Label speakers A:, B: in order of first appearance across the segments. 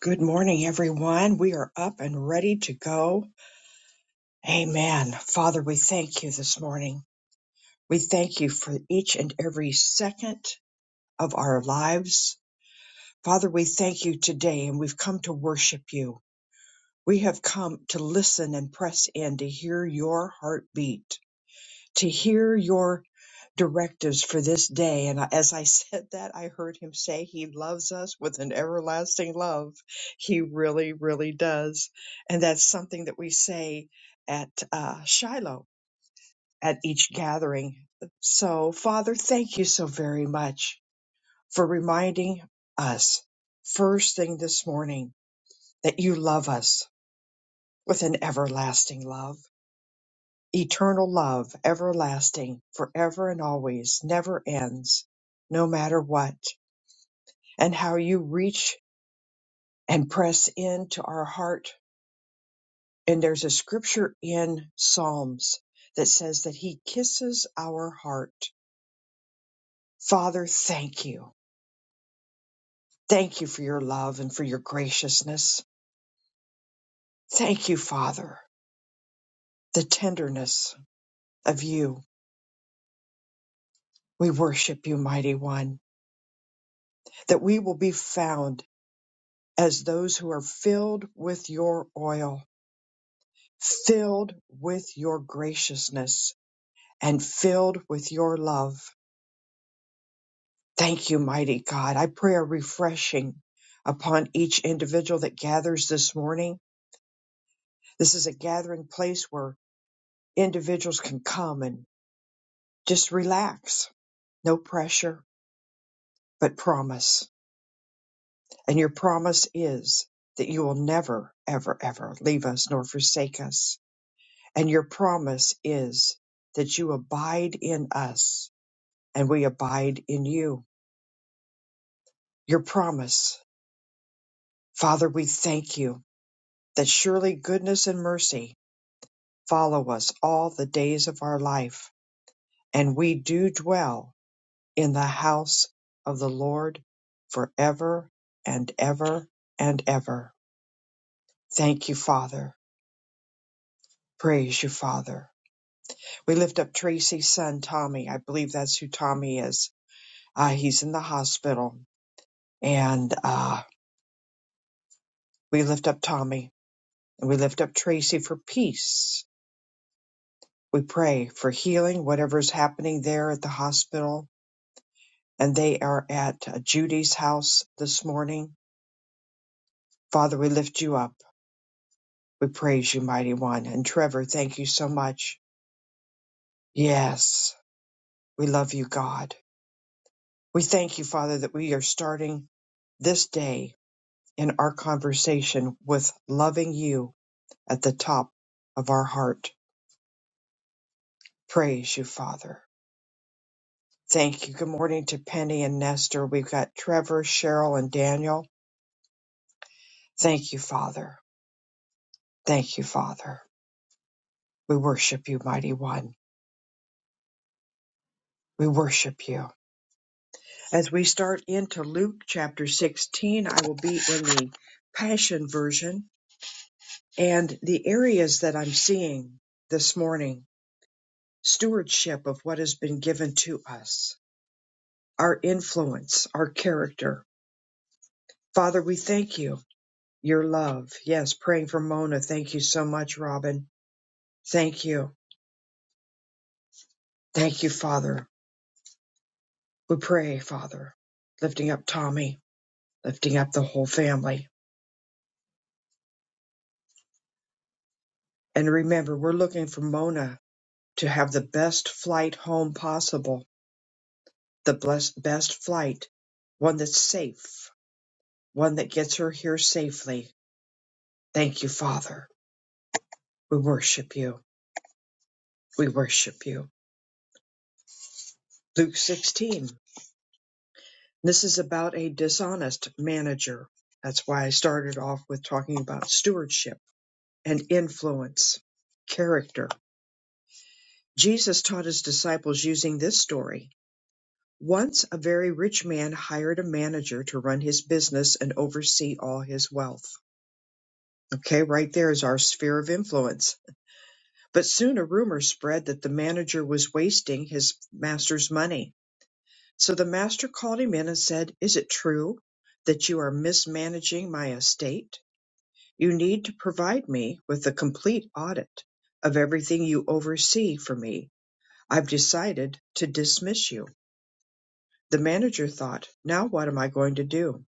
A: Good morning, everyone. We are up and ready to go. Amen. Father, we thank you this morning. We thank you for each and every second of our lives. Father, we thank you today, and we've come to worship you. We have come to listen and press in to hear your heartbeat, to hear your directives for this day. And as I said that, I heard him say he loves us with an everlasting love. He really, really does. And that's something that we say at uh, Shiloh at each gathering. So, Father, thank you so very much for reminding us first thing this morning that you love us with an everlasting love eternal love, everlasting, forever and always, never ends, no matter what, and how you reach and press into our heart. And there's a scripture in Psalms that says that He kisses our heart. Father, thank you. Thank you for your love and for your graciousness. Thank you, Father, the tenderness of you. We worship you, mighty one, that we will be found as those who are filled with your oil, filled with your graciousness, and filled with your love. Thank you, mighty God. I pray a refreshing upon each individual that gathers this morning. This is a gathering place where individuals can come and just relax. No pressure, but promise. And your promise is that you will never, ever, ever leave us nor forsake us And your promise is that you abide in us and we abide in you. Your promise, Father, we thank you that surely goodness and mercy follow us all the days of our life, and we do dwell in the house of the Lord forever and ever and ever. Thank you, Father. Praise you, Father. We lift up Tracy's son, Tommy. I believe that's who Tommy is. Ah, he's in the hospital And uh, we lift up Tommy and we lift up Tracy for peace. We pray for healing, whatever's happening there at the hospital. And they are at uh, Judy's house this morning. Father, we lift you up. We praise you, mighty one. And Trevor, thank you so much. Yes, we love you, God. We thank you, Father, that we are starting this day in our conversation with loving you at the top of our heart. Praise you, Father. Thank you. Good morning to Penny and Nestor. We've got Trevor, Cheryl, and Daniel. Thank you, Father. Thank you, Father. We worship you, Mighty One. We worship you. As we start into Luke chapter 16, I will be in the Passion Version. And the areas that I'm seeing this morning stewardship of what has been given to us, our influence, our character. Father, we thank you. Your love. Yes, praying for Mona. Thank you so much, Robin Thank you. Thank you, Father. We pray, Father, lifting up Tommy, lifting up the whole family. And remember, we're looking for Mona to have the best flight home possible, the blessed, best flight, one that's safe, one that gets her here safely. Thank you, Father. We worship you. We worship you. Luke 16. This is about a dishonest manager. That's why I started off with talking about stewardship and influence, character. Jesus taught his disciples using this story. Once a very rich man hired a manager to run his business and oversee all his wealth. Okay, right there is our sphere of influence. But soon a rumor spread that the manager was wasting his master's money. So the master called him in and said, Is it true that you are mismanaging my estate? You need to provide me with a complete audit of everything you oversee for me I've decided to dismiss you. The manager thought, now what am I going to do?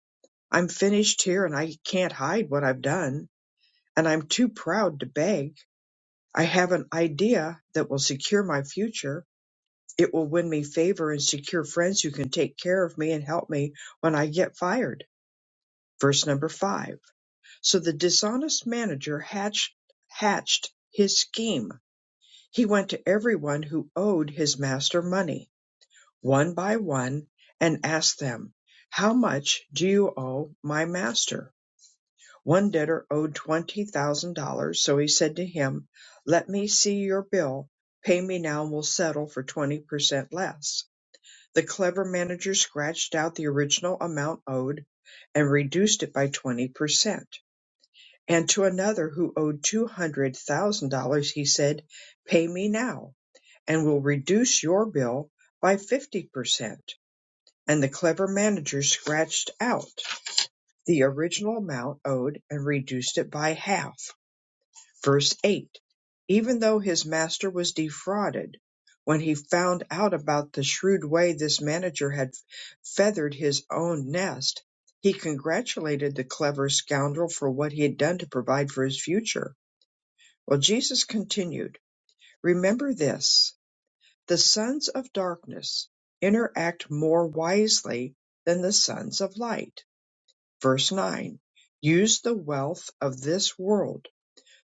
A: I'm finished here and I can't hide what I've done, and I'm too proud to beg. I have an idea that will secure my future. It will win me favor and secure friends who can take care of me and help me when I get fired. Verse number five. So the dishonest manager hatched, hatched his scheme. He went to everyone who owed his master money one by one and asked them, How much do you owe my master? One debtor owed twenty thousand dollars, so he said to him, Let me see your bill. Pay me now and we'll settle for twenty percent less. The clever manager scratched out the original amount owed and reduced it by twenty percent. And to another who owed two hundred thousand dollars, he said, Pay me now, and we'll reduce your bill by fifty percent and the clever manager scratched out the original amount owed and reduced it by half. Verse 8 Even though his master was defrauded, when he found out about the shrewd way this manager had feathered his own nest, he congratulated the clever scoundrel for what he had done to provide for his future. Well, Jesus continued, Remember this the sons of darkness interact more wisely than the sons of light Verse 9 Use the wealth of this world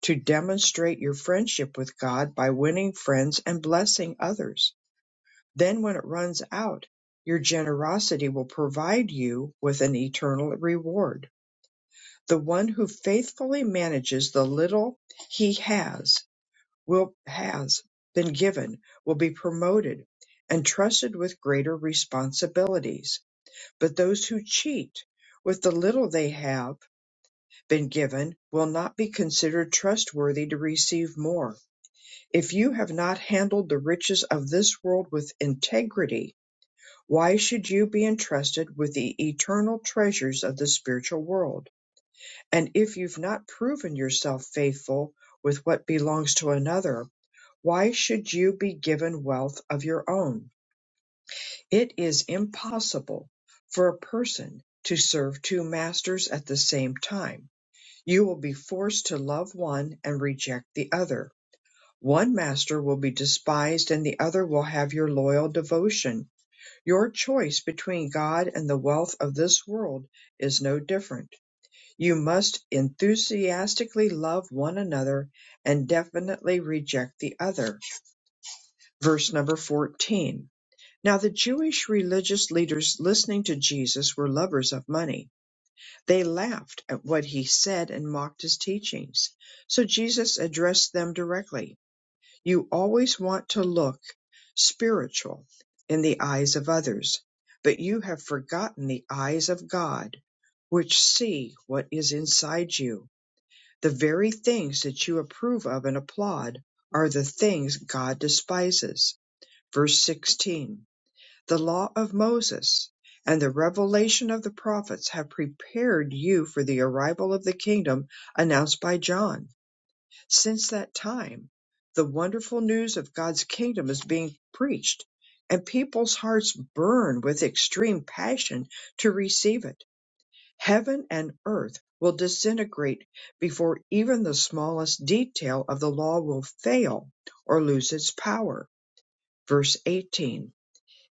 A: to demonstrate your friendship with God by winning friends and blessing others. Then, when it runs out, your generosity will provide you with an eternal reward. The one who faithfully manages the little he has will has been given will be promoted and trusted with greater responsibilities. But those who cheat with the little they have been given will not be considered trustworthy to receive more. If you have not handled the riches of this world with integrity, why should you be entrusted with the eternal treasures of the spiritual world? And if you've not proven yourself faithful with what belongs to another, why should you be given wealth of your own? It is impossible for a person to serve two masters at the same time You will be forced to love one and reject the other. One master will be despised and the other will have your loyal devotion. Your choice between God and the wealth of this world is no different. You must enthusiastically love one another and definitely reject the other. Verse number 14. Now the Jewish religious leaders listening to Jesus were lovers of money they laughed at what he said and mocked his teachings. So Jesus addressed them directly. You always want to look spiritual in the eyes of others, but you have forgotten the eyes of God, which see what is inside you. The very things that you approve of and applaud are the things God despises. Verse 16 the law of Moses and the revelation of the prophets have prepared you for the arrival of the kingdom announced by John. Since that time, the wonderful news of God's kingdom is being preached, and people's hearts burn with extreme passion to receive it. Heaven and earth will disintegrate before even the smallest detail of the law will fail or lose its power. Verse 18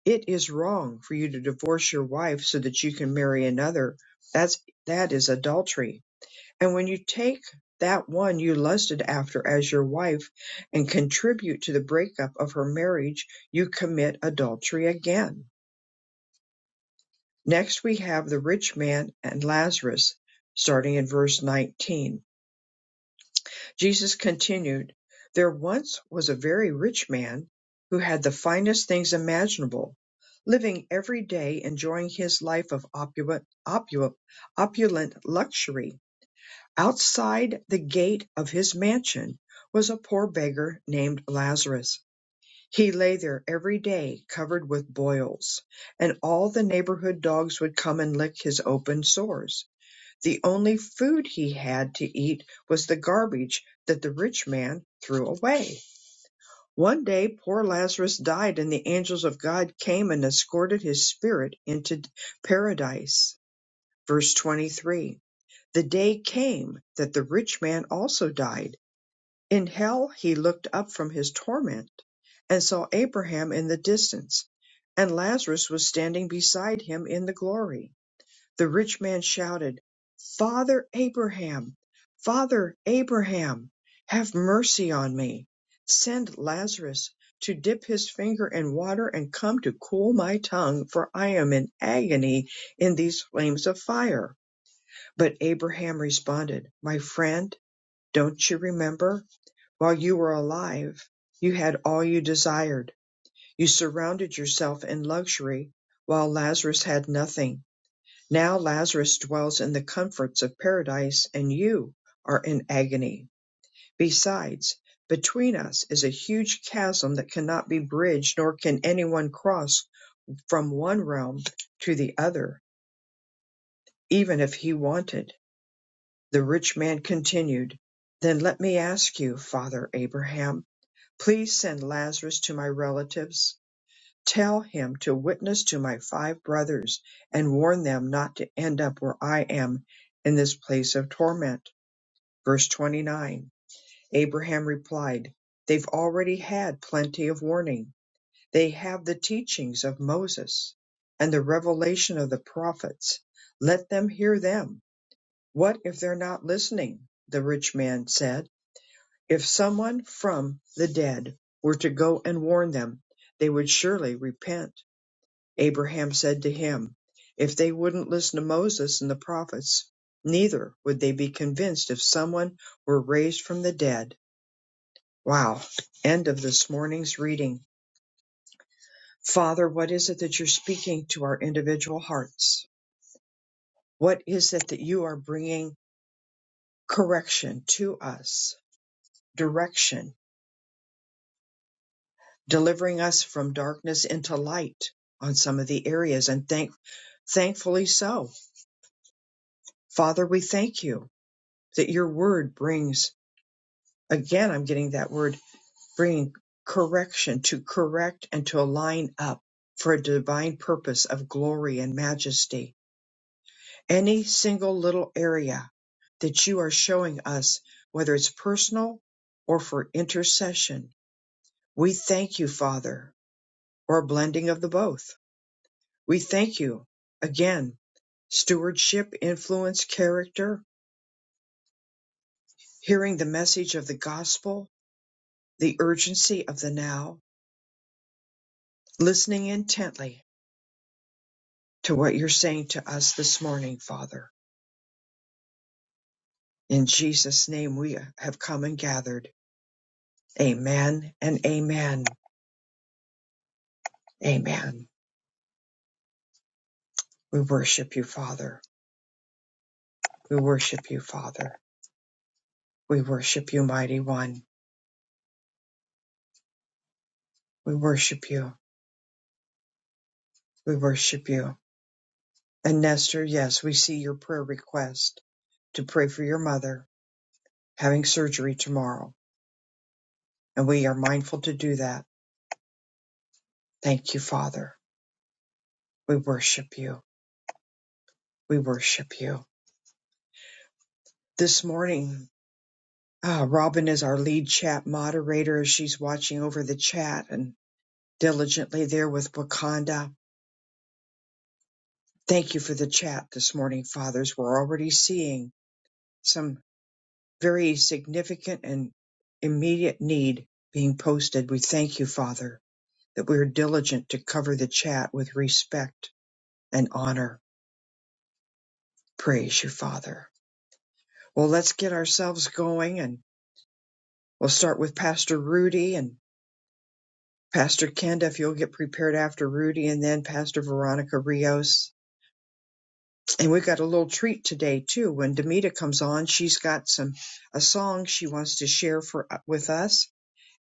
A: it is wrong for you to divorce your wife so that you can marry another. That's that is adultery. And when you take that one you lusted after as your wife and contribute to the breakup of her marriage, you commit adultery again. Next we have the rich man and Lazarus starting in verse 19. Jesus continued, There once was a very rich man who had the finest things imaginable, living every day enjoying his life of opulent, opulent, opulent luxury. Outside the gate of his mansion was a poor beggar named Lazarus. He lay there every day covered with boils, and all the neighborhood dogs would come and lick his open sores the only food he had to eat was the garbage that the rich man threw away. One day poor Lazarus died, and the angels of God came and escorted his spirit into paradise. Verse 23 The day came that the rich man also died. In hell he looked up from his torment and saw Abraham in the distance, and Lazarus was standing beside him in the glory. The rich man shouted, Father Abraham, Father Abraham, have mercy on me. Send Lazarus to dip his finger in water and come to cool my tongue, for I am in agony in these flames of fire. But Abraham responded, My friend, don't you remember? While you were alive, you had all you desired. You surrounded yourself in luxury, while Lazarus had nothing now Lazarus dwells in the comforts of paradise, and you are in agony. Besides, between us is a huge chasm that cannot be bridged, nor can anyone cross from one realm to the other, even if he wanted. The rich man continued, Then let me ask you, father Abraham, please send Lazarus to my relatives Tell him to witness to my five brothers and warn them not to end up where I am in this place of torment. Verse 29 Abraham replied, They've already had plenty of warning. They have the teachings of Moses and the revelation of the prophets. Let them hear them. What if they're not listening? The rich man said. If someone from the dead were to go and warn them, they would surely repent. Abraham said to him, If they wouldn't listen to Moses and the prophets, neither would they be convinced if someone were raised from the dead. Wow. End of this morning's reading. Father, what is it that you're speaking to our individual hearts? What is it that you are bringing correction to us, direction, delivering us from darkness into light on some of the areas? And thank, thankfully so. Father, we thank you that your word brings Again, I'm getting that word bringing correction to correct and to align up for a divine purpose of glory and majesty. Any single little area that you are showing us, whether it's personal or for intercession, we thank you, Father, or a blending of the both. We thank you again, stewardship, influence, character, hearing the message of the gospel, the urgency of the now, listening intently to what you're saying to us this morning, Father. In Jesus' name, we have come and gathered. Amen and amen. Amen. We worship you, Father. We worship you, Father. We worship you, Mighty One. We worship you. We worship you. And Nestor, yes, we see your prayer request to pray for your mother having surgery tomorrow. And we are mindful to do that. Thank you, Father. We worship you. We worship you. This morning, Ah, Robin is our lead chat moderator as she's watching over the chat and diligently there with Wakanda. Thank you for the chat this morning, fathers. We're already seeing some very significant and immediate need being posted. We thank you, Father, that we are diligent to cover the chat with respect and honor. Praise you, Father. Well, let's get ourselves going and we'll start with Pastor Rudy. and. Pastor Kenda, if you'll get prepared after Rudy and then Pastor Veronica Rios. And we've got a little treat today too. When Demita comes on, she's got some a song she wants to share for uh, with us.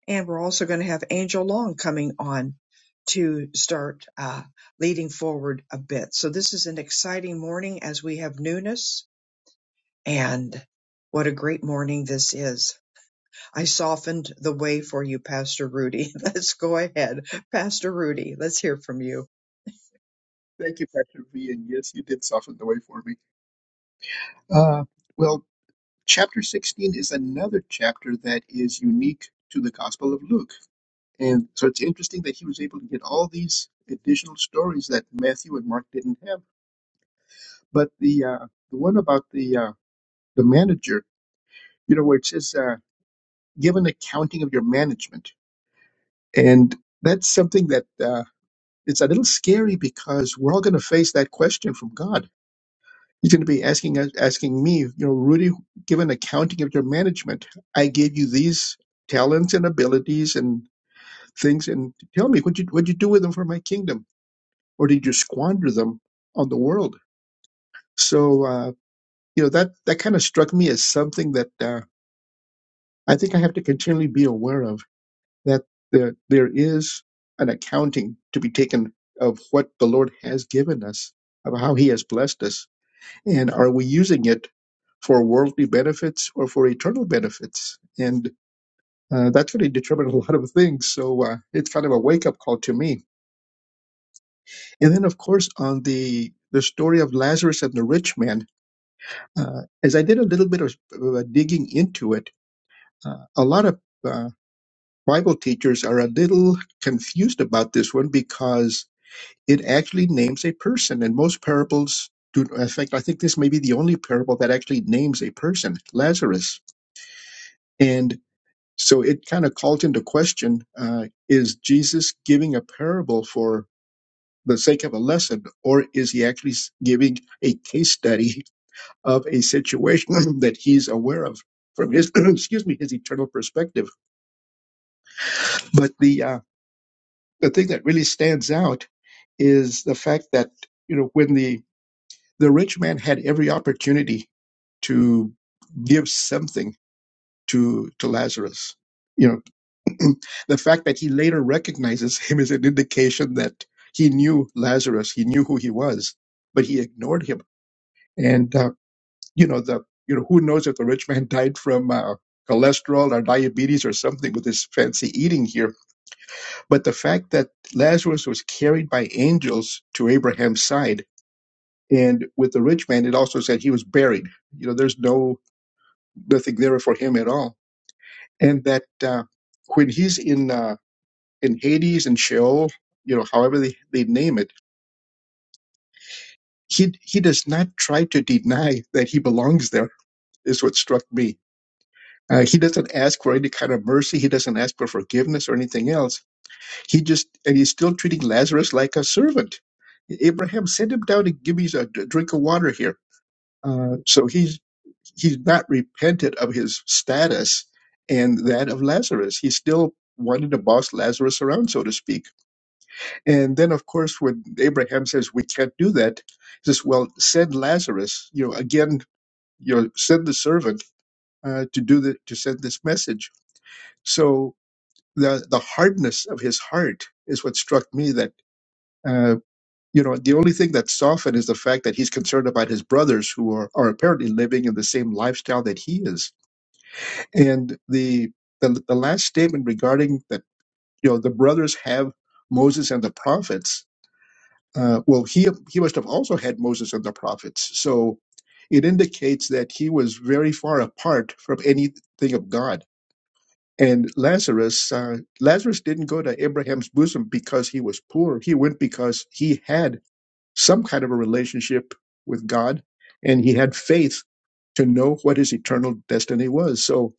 A: And we're also going to have Angel Long coming on to start uh, leading forward a bit. So this is an exciting morning as we have newness and what a great morning this is. I softened the way for you, Pastor Rudy. Let's go ahead. Pastor Rudy, let's hear from you.
B: Thank you, Pastor V. And yes, you did soften the way for me. Uh, well, chapter 16 is another chapter that is unique to the Gospel of Luke. And so it's interesting that he was able to get all these additional stories that Matthew and Mark didn't have. But the uh, the one about the uh, the manager, you know, where it says, uh, give an accounting of your management. And that's something that uh, it's a little scary because we're all going to face that question from God He's going to be asking us, asking me, you know, Rudy, give an accounting of your management. I gave you these talents and abilities and things, and tell me what you what you do with them for my kingdom, or did you squander them on the world? So, uh, you know, that that kind of struck me as something that uh, I think I have to continually be aware of that there, there is an accounting to be taken of what the Lord has given us, of how He has blessed us And are we using it for worldly benefits or for eternal benefits? And uh, that's going to determine a lot of things. So uh, it's kind of a wake up call to me. And then, of course, on the the story of Lazarus and the rich man, uh, as I did a little bit of uh, digging into it, uh, a lot of uh, Bible teachers are a little confused about this one because it actually names a person, and most parables do. In fact, I think this may be the only parable that actually names a person, Lazarus And so it kind of called into question uh, is Jesus giving a parable for the sake of a lesson, or is he actually s- giving a case study of a situation that he's aware of from his, excuse me, his eternal perspective? But the, uh, the thing that really stands out is the fact that, you know, when the, the rich man had every opportunity to give something to, to Lazarus, you know. And the fact that he later recognizes him is an indication that he knew Lazarus, he knew who he was, but he ignored him. And uh, you know the you know who knows if the rich man died from uh, cholesterol or diabetes or something with his fancy eating here, but the fact that Lazarus was carried by angels to Abraham's side. And with the rich man, it also said he was buried. You know, there's no nothing there for him at all. And that uh, when he's in uh, in Hades and Sheol, you know, however they, they name it, he he does not try to deny that he belongs there. Is what struck me. Uh, he doesn't ask for any kind of mercy. He doesn't ask for forgiveness or anything else. He just and he's still treating Lazarus like a servant. Abraham, send him down and give me a drink of water here. Uh, so he's he's not repented of his status and that of Lazarus. He still wanted to boss Lazarus around, so to speak And then, of course, when Abraham says, We can't do that, he says, Well, send Lazarus, you know, again, you know, send the servant uh, to do the, to send this message. So the, the hardness of his heart is what struck me that, uh, you know, the only thing that softened is the fact that he's concerned about his brothers who are, are apparently living in the same lifestyle that he is. And the, the, the last statement regarding that, you know, the brothers have Moses and the prophets Uh, well, he he must have also had Moses and the prophets. So it indicates that he was very far apart from anything of God. And Lazarus, uh, Lazarus didn't go to Abraham's bosom because he was poor. He went because he had some kind of a relationship with God, and he had faith to know what his eternal destiny was. So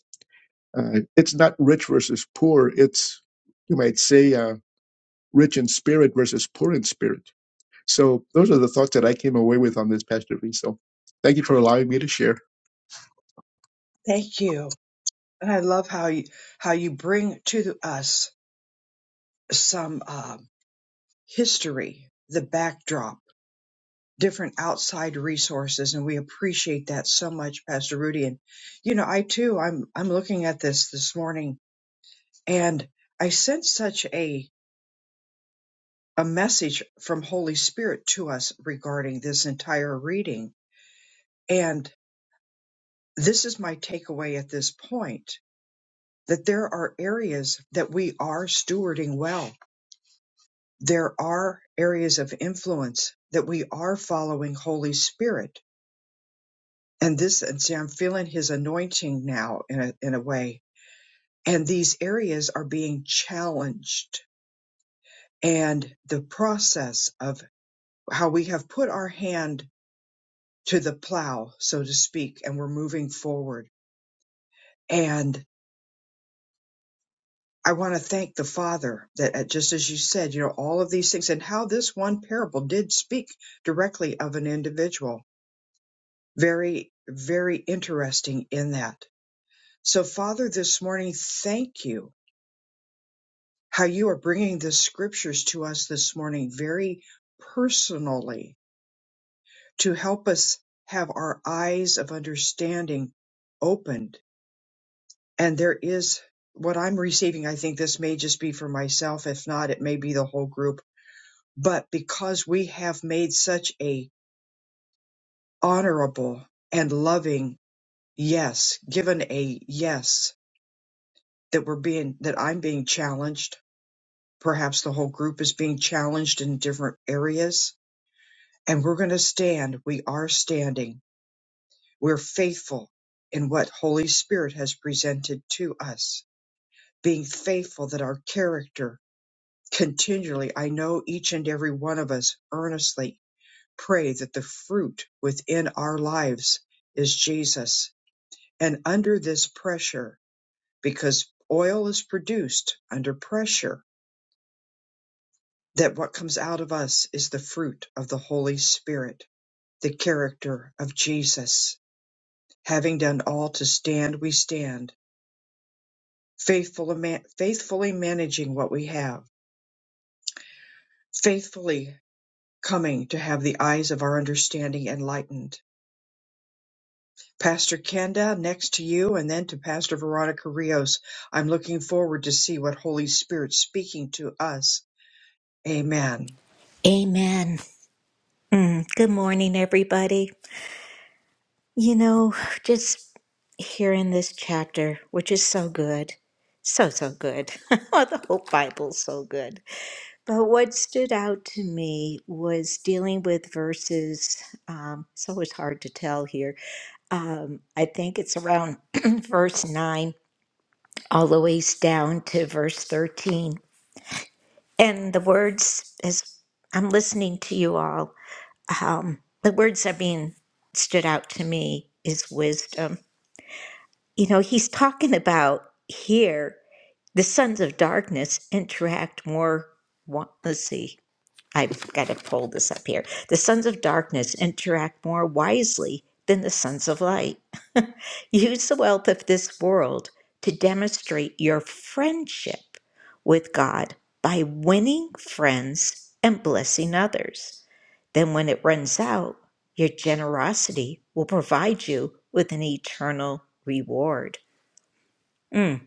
B: uh, it's not rich versus poor. It's you might say uh, rich in spirit versus poor in spirit. So those are the thoughts that I came away with on this, Pastor V. So thank you for allowing me to share.
A: Thank you. And I love how you, how you bring to us some um, history, the backdrop. different outside resources and we appreciate that so much pastor rudy and you know i too i'm i'm looking at this this morning and i sense such a a message from holy spirit to us regarding this entire reading and this is my takeaway at this point that there are areas that we are stewarding well there are areas of influence that we are following holy spirit and this and see i'm feeling his anointing now in a, in a way and these areas are being challenged and the process of how we have put our hand to the plow so to speak and we're moving forward and i want to thank the father that uh, just as you said you know all of these things and how this one parable did speak directly of an individual very very interesting in that so father this morning thank you how you are bringing the scriptures to us this morning very personally to help us have our eyes of understanding opened. And there is what I'm receiving. I think this may just be for myself. If not, it may be the whole group. But because we have made such a honorable and loving yes, given a yes that we're being, that I'm being challenged, perhaps the whole group is being challenged in different areas and we're going to stand. We are standing. We're faithful in what Holy Spirit has presented to us, being faithful that our character continually, I know each and every one of us earnestly pray that the fruit within our lives is Jesus. And under this pressure, because oil is produced under pressure, that what comes out of us is the fruit of the Holy Spirit, the character of Jesus Having done all to stand, we stand, faithfully, ma- faithfully managing what we have, faithfully coming to have the eyes of our understanding enlightened. Pastor Kenda, next to you, and then to Pastor Veronica Rios. I'm looking forward to see what Holy Spirit's speaking to us. Amen.
C: Amen. Mm, good morning, everybody. You know, just hearing this chapter, which is so good, so, so good. Oh, the whole Bible's so good. But what stood out to me was dealing with verses, um, so it's always hard to tell here. Um, I think it's around verse 9 all the way down to verse 13. And the words, as I'm listening to you all, um, the words that being stood out to me is wisdom. You know, he's talking about here the sons of darkness interact more. wa- Let's see. I've got to pull this up here. The sons of darkness interact more wisely than the sons of light. Use the wealth of this world to demonstrate your friendship with God by winning friends and blessing others. Then, when it runs out, your generosity will provide you with an eternal reward. Mm,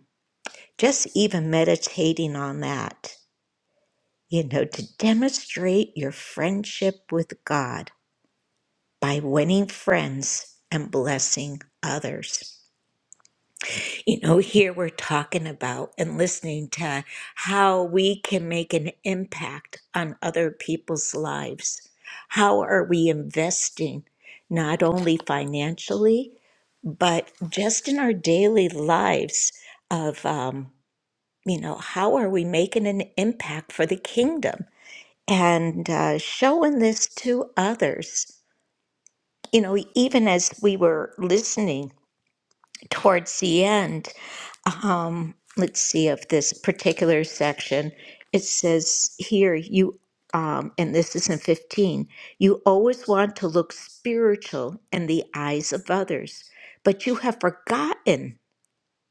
C: just even meditating on that you know, to demonstrate your friendship with God by winning friends and blessing others. You know, here we're talking about and listening to how we can make an impact on other people's lives. How are we investing not only financially, but just in our daily lives of, um, you know, how are we making an impact for the kingdom? and uh, showing this to others. You know, even as we were listening towards the end, um, let's see of this particular section, it says here, you, um, and this is in 15, you always want to look spiritual in the eyes of others, but you have forgotten.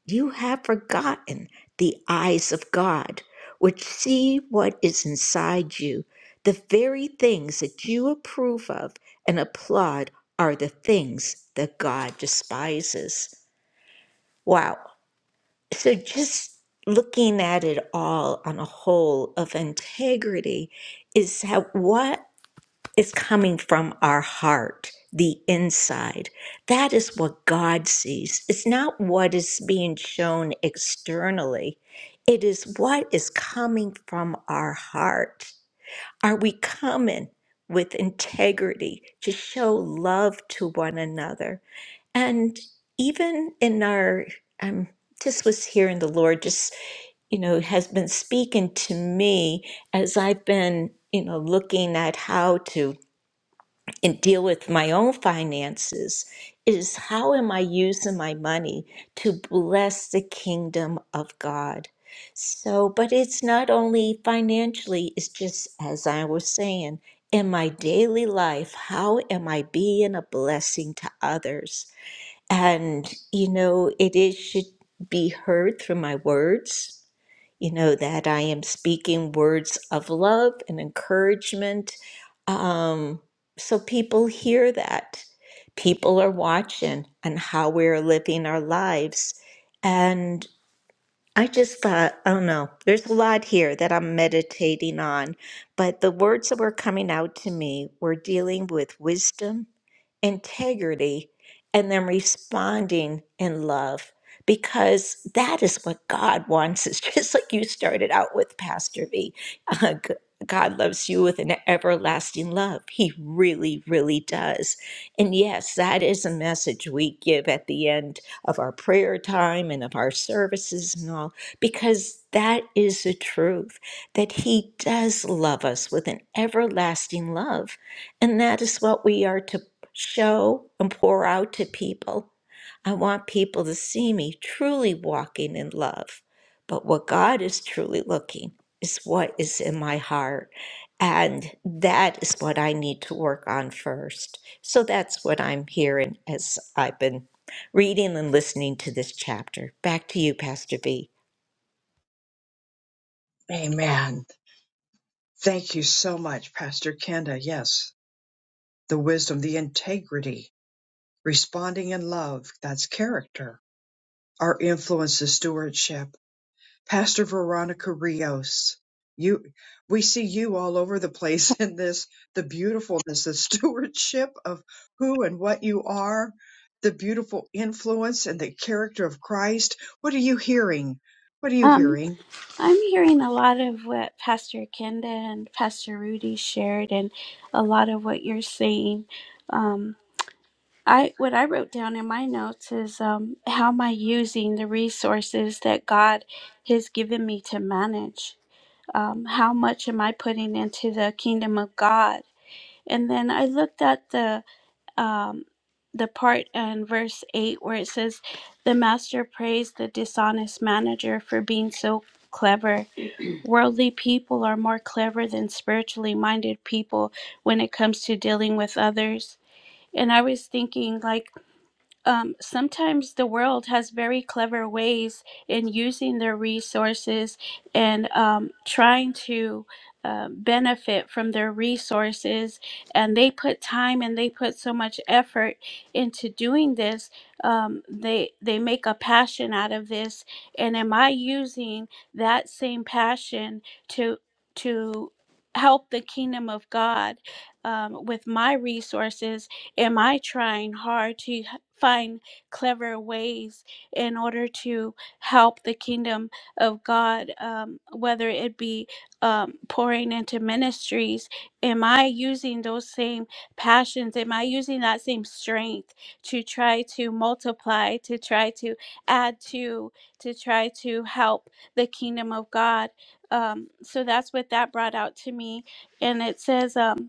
C: You have forgotten the eyes of God, which see what is inside you. The very things that you approve of and applaud are the things that God despises. Wow. So just looking at it all on a whole of integrity is how, what it's coming from our heart, the inside. That is what God sees. It's not what is being shown externally, it is what is coming from our heart. Are we coming with integrity to show love to one another? And even in our, um, just was hearing the Lord just, you know, has been speaking to me as I've been, you know, looking at how to and deal with my own finances is how am I using my money to bless the kingdom of God? So, but it's not only financially, it's just as I was saying, in my daily life, how am I being a blessing to others? And, you know, it is, should be heard through my words, you know, that I am speaking words of love and encouragement. Um, so people hear that. People are watching and how we're living our lives. And I just thought, oh no, there's a lot here that I'm meditating on. But the words that were coming out to me were dealing with wisdom integrity and then responding in love because that is what God wants. It's just like you started out with, Pastor V. Uh, g- God loves you with an everlasting love. He really, really does. And yes, that is a message we give at the end of our prayer time and of our services and all, because that is the truth that He does love us with an everlasting love. And that is what we are to show and pour out to people. I want people to see me truly walking in love. But what God is truly looking is what is in my heart. And that is what I need to work on first. So that's what I'm hearing as I've been reading and listening to this chapter. Back to you, Pastor V.
A: Amen. Thank you so much, Pastor Kenda. Yes, the wisdom, the integrity, responding in love. That's character. Our influence is stewardship Pastor Veronica Rios. You, we see you all over the place in this, the beautifulness, the stewardship of who and what you are, the beautiful influence and the character of Christ. What are you hearing? What are you
D: Um,
A: hearing?
D: I'm hearing a lot of what Pastor Kenda and Pastor Rudy shared, and a lot of what you're saying. Um, I what I wrote down in my notes is um, how am I using the resources that God has given me to manage? Um, how much am I putting into the kingdom of God? And then I looked at the um, the part in verse eight where it says, "The master praised the dishonest manager for being so clever." Worldly people are more clever than spiritually minded people when it comes to dealing with others. And I was thinking, like, um, sometimes the world has very clever ways in using their resources and um, trying to uh, benefit from their resources. And they put time and they put so much effort into doing this. Um, they they make a passion out of this. And am I using that same passion to to help the kingdom of God um, with my resources? Am I trying hard to? find clever ways in order to help the kingdom of God, um, whether it be um, pouring into ministries. Am I using those same passions? Am I using that same strength to try to multiply, to try to add to, to try to help the kingdom of God? Um, so that's what that brought out to me. And it says, um,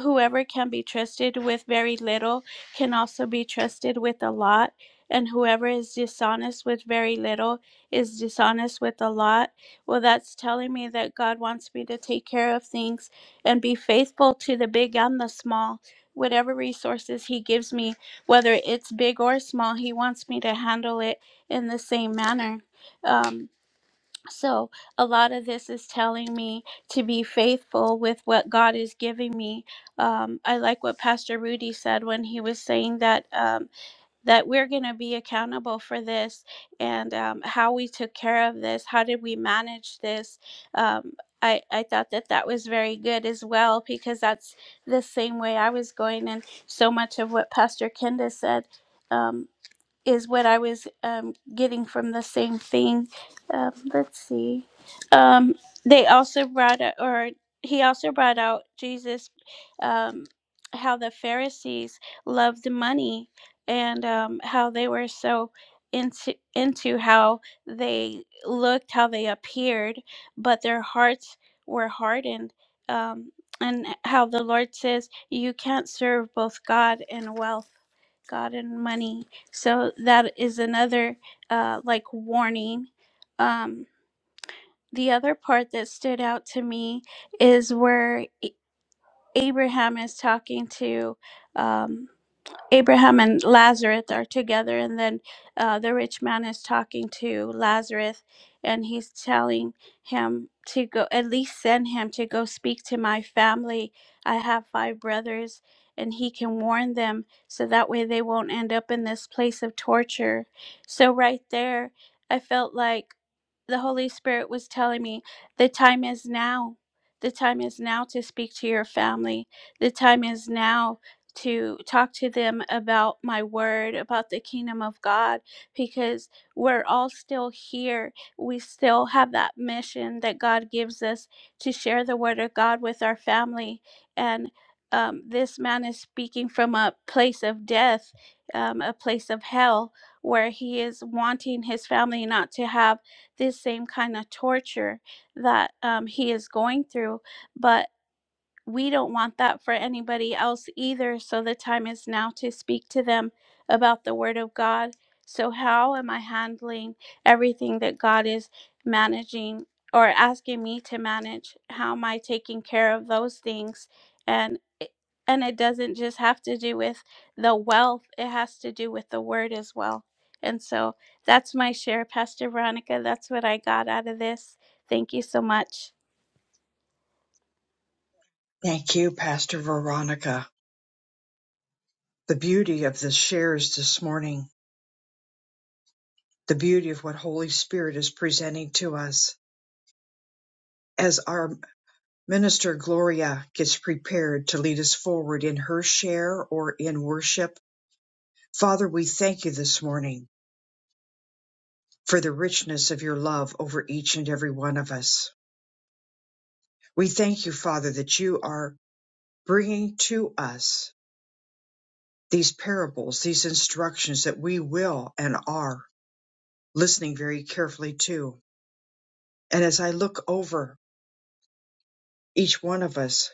D: whoever can be trusted with very little can also be trusted with a lot, and whoever is dishonest with very little is dishonest with a lot. Well, that's telling me that God wants me to take care of things and be faithful to the big and the small. Whatever resources He gives me, whether it's big or small, He wants me to handle it in the same manner. Um, so, a lot of this is telling me to be faithful with what God is giving me. Um, I like what Pastor Rudy said when he was saying that um, that we're going to be accountable for this and um, how we took care of this. How did we manage this? Um, I, I thought that that was very good as well because that's the same way I was going, and so much of what Pastor Kenda said. Um, is what I was um, getting from the same thing. Um, let's see. Um, they also brought out, or he also brought out Jesus, um, how the Pharisees loved money and um, how they were so into into how they looked, how they appeared, but their hearts were hardened. Um, and how the Lord says, you can't serve both God and wealth, God and money. So that is another uh, like warning. Um, the other part that stood out to me is where A- Abraham is talking to. Um, Abraham and Lazarus are together, and then uh, the rich man is talking to Lazarus, and he's telling him to go at least send him to go speak to my family. I have five brothers, and he can warn them so that way they won't end up in this place of torture. So, right there, I felt like the Holy Spirit was telling me the time is now. The time is now to speak to your family. The time is now to talk to them about my word, about the kingdom of God, because we're all still here. We still have that mission that God gives us to share the word of God with our family. And um, this man is speaking from a place of death, um, a place of hell, where he is wanting his family not to have this same kind of torture that um, he is going through. But we don't want that for anybody else either. So the time is now to speak to them about the Word of God. So, how am I handling everything that God is managing or asking me to manage? How am I taking care of those things? And it- and it doesn't just have to do with the wealth, it has to do with the word as well. And so that's my share, Pastor Veronica. That's what I got out of this. Thank you so much.
A: Thank you, Pastor Veronica. The beauty of the shares this morning, the beauty of what Holy Spirit is presenting to us as our minister Gloria gets prepared to lead us forward in her share or in worship Father, we thank you this morning for the richness of your love over each and every one of us. We thank you, Father, that you are bringing to us these parables, these instructions that we will and are listening very carefully to. And as I look over each one of us,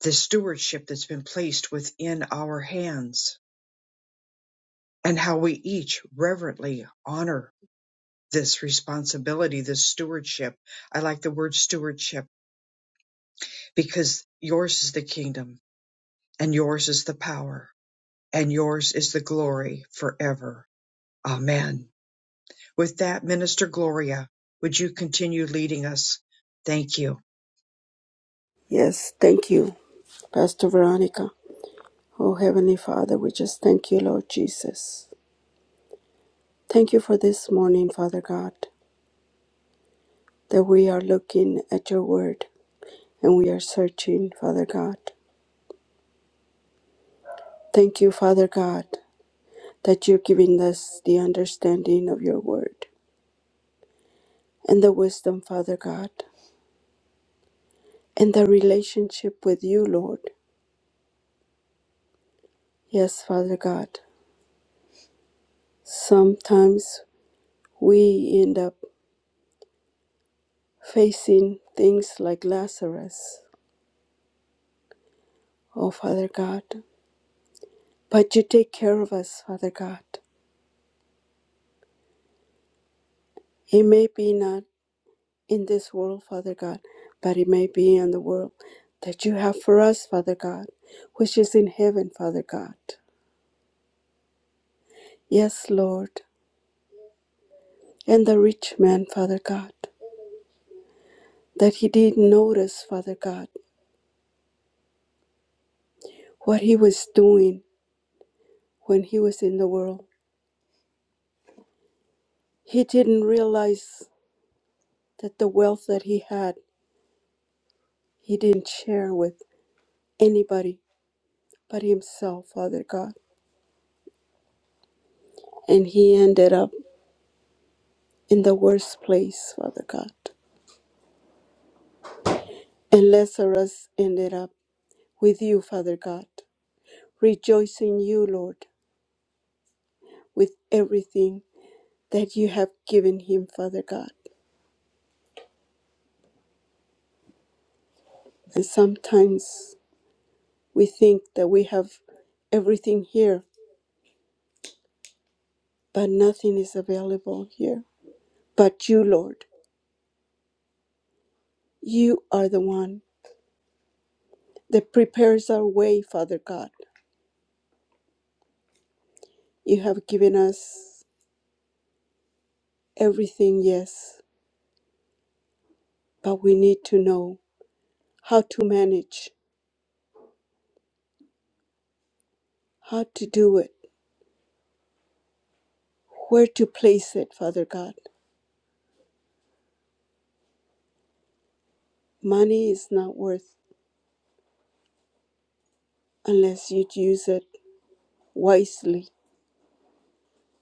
A: the stewardship that's been placed within our hands and how we each reverently honor this responsibility, this stewardship. I like the word stewardship because yours is the kingdom and yours is the power and yours is the glory forever. Amen. With that, Minister Gloria, would you continue leading us? Thank you.
D: Yes, thank you, Pastor Veronica. Oh, Heavenly Father, we just thank you, Lord Jesus. Thank you for this morning, Father God, that we are looking at your word and we are searching, Father God. Thank you, Father God, that you're giving us the understanding of your word and the wisdom, Father God, and the relationship with you, Lord. Yes, Father God. Sometimes we end up facing things like Lazarus, oh Father God. But you take care of us, Father God. It may be not in this world, Father God, but it may be in the world that you have for us, Father God, which is in heaven, Father God. Yes, Lord. And the rich man, Father God, that he didn't notice, Father God, what he was doing when he was in the world. He didn't realize that the wealth that he had, he didn't share with anybody but himself, Father God. And he ended up in the worst place, Father God. And Lazarus ended up with you, Father God. Rejoice in you, Lord, with everything that you have given him, Father God. And sometimes we think that we have everything here, but nothing is available here. But you, Lord, you are the one that prepares our way, Father God. You have given us everything, yes, but we need to know how to manage how to do it, where to place it, Father God. Money is not worth unless you use it wisely.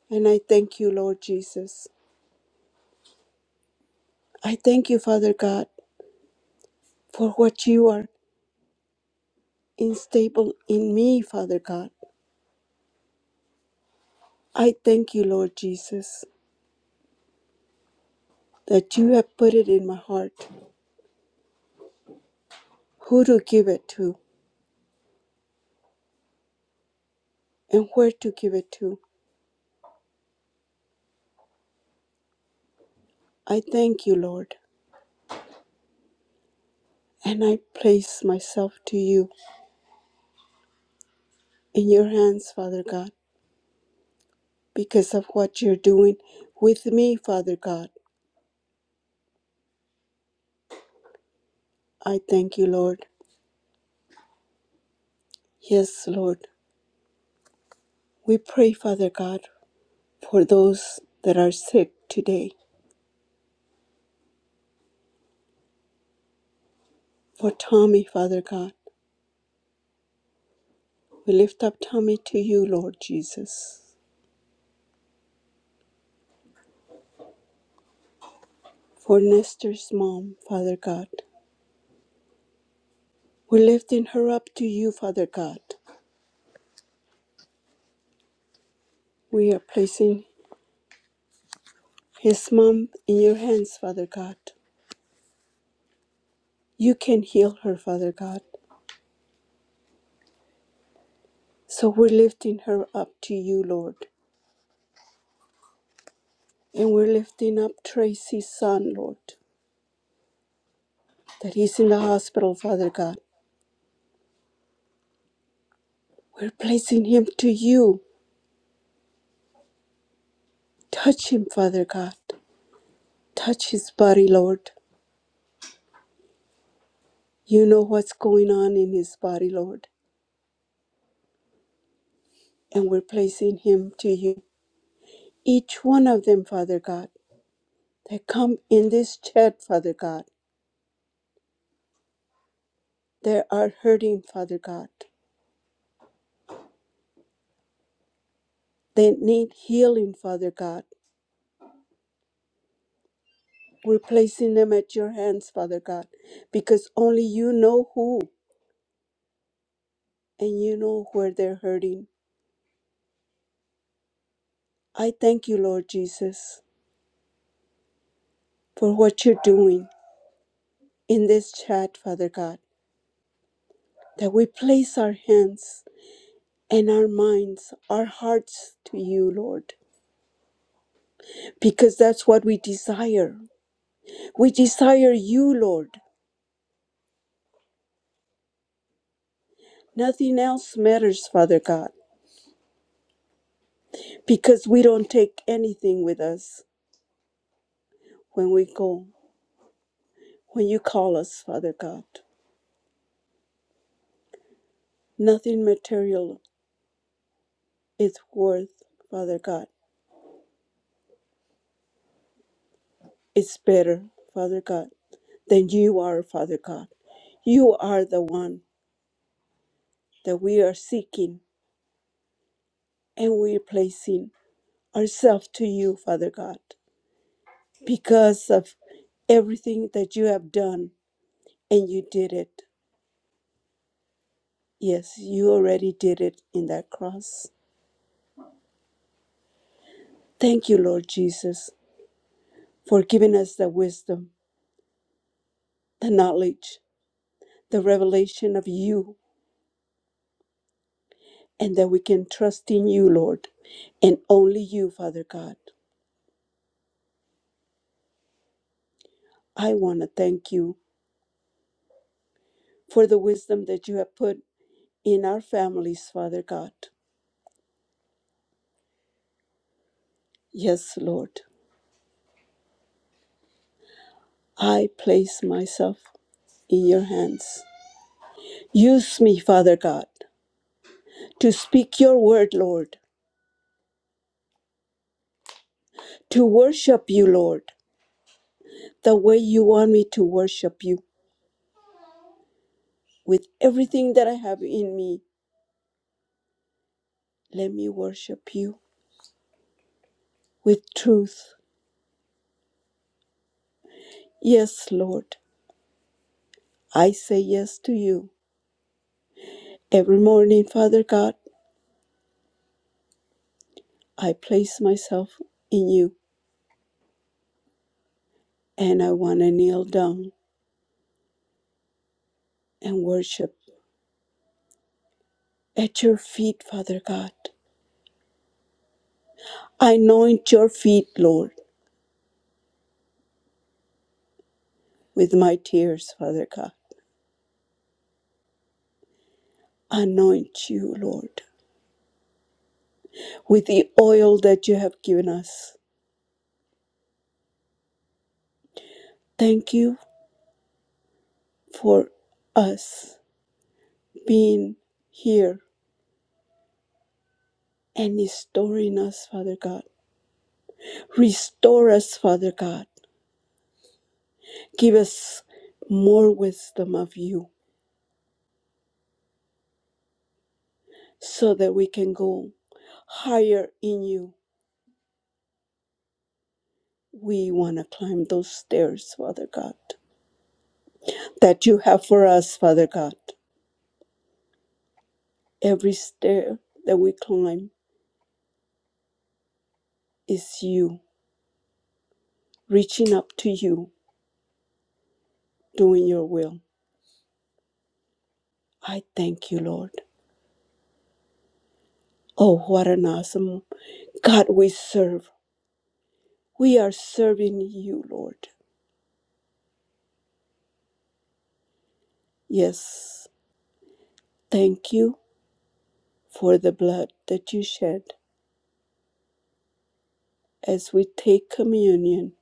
D: And I thank you, Lord Jesus. I thank you, Father God, for what you are instable in me, Father God. I thank you, Lord Jesus, that you have put it in my heart who to give it to and where to give it to. I thank you, Lord, and I place myself to you in your hands, Father God. because of what you're doing with me, Father God. I thank you, Lord. Yes, Lord. We pray, Father God, for those that are sick today. For Tommy, Father God. We lift up Tommy to you, Lord Jesus. For Nestor's mom, Father God. We're lifting her up to you, Father God. We are placing his mom in your hands, Father God. You can heal her, Father God. So we're lifting her up to you, Lord. And we're lifting up Tracy's son, Lord, that he's in the hospital, Father God. We're placing him to you. Touch him, Father God. Touch his body, Lord. You know what's going on in his body, Lord. And we're placing him to you. Each one of them, Father God, that come in this chat, Father God, they are hurting, Father God. They need healing, Father God. We're placing them at your hands, Father God, because only you know who. and you know where they're hurting. I thank you, Lord Jesus, for what you're doing in this chat, Father God, that we place our hands and our minds, our hearts to you, Lord, because that's what we desire. We desire you, Lord. Nothing else matters, Father God, because we don't take anything with us when we go, when you call us, Father God. Nothing material is worth, Father God is better, Father God, than you are, Father God. You are the one that we are seeking and we are placing ourselves to you, Father God, because of everything that you have done and you did it. Yes, you already did it in that cross. Thank you, Lord Jesus, for giving us the wisdom, the knowledge, the revelation of you, and that we can trust in you, Lord, and only you, Father God. I want to thank you for the wisdom that you have put in our families, Father God. Yes, Lord, I place myself in your hands. Use me, Father God, to speak your word, Lord, to worship you, Lord, the way you want me to worship you. With everything that I have in me, let me worship you with truth. Yes, Lord, I say yes to you. Every morning, Father God, I place myself in you. and I want to kneel down and worship at your feet, Father God. Anoint your feet, Lord, with my tears, Father God. Anoint you, Lord, with the oil that you have given us. Thank you for us being here and restoring us, Father God. Restore us, Father God. Give us more wisdom of you so that we can go higher in you We want to climb those stairs, Father God, that you have for us, Father God. Every stair that we climb is you, reaching up to you, doing your will. I thank you, Lord. Oh, what an awesome God we serve. We are serving you, Lord. Yes, thank you for the blood that you shed as we take communion.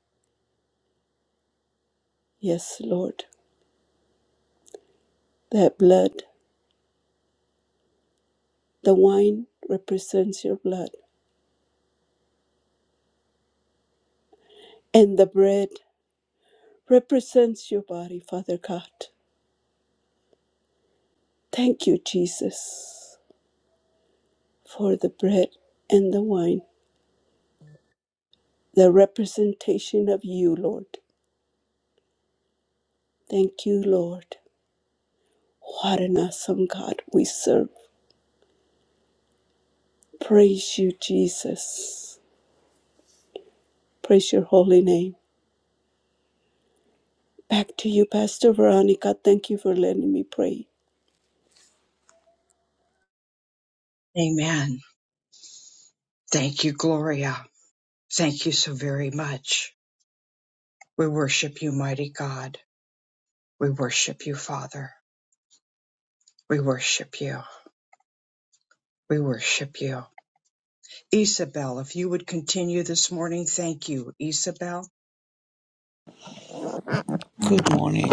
D: Yes, Lord, that blood, the wine represents your blood, and the bread represents your body, Father God. Thank you, Jesus, for the bread and the wine, the representation of you, Lord. Thank you, Lord. What an awesome God we serve. Praise you, Jesus. Praise your holy name. Back to you, Pastor Veronica. Thank you for letting me pray.
A: Amen. Thank you, Gloria. Thank you so very much. We worship you, mighty God. We worship you, Father. We worship you. We worship you. Isabel, if you would continue this morning, thank you, Isabel.
E: Good morning.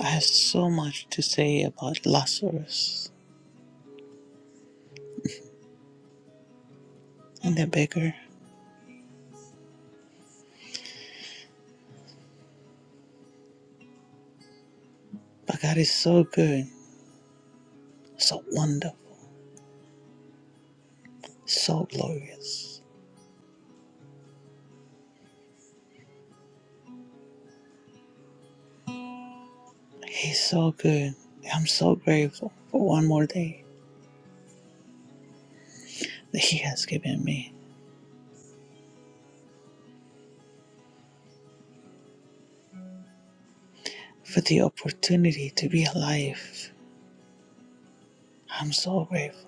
E: I have so much to say about Lazarus and the beggar, but God is so good, so wonderful, so glorious. He's so good. I'm so grateful for one more day that He has given me, for the opportunity to be alive. I'm so grateful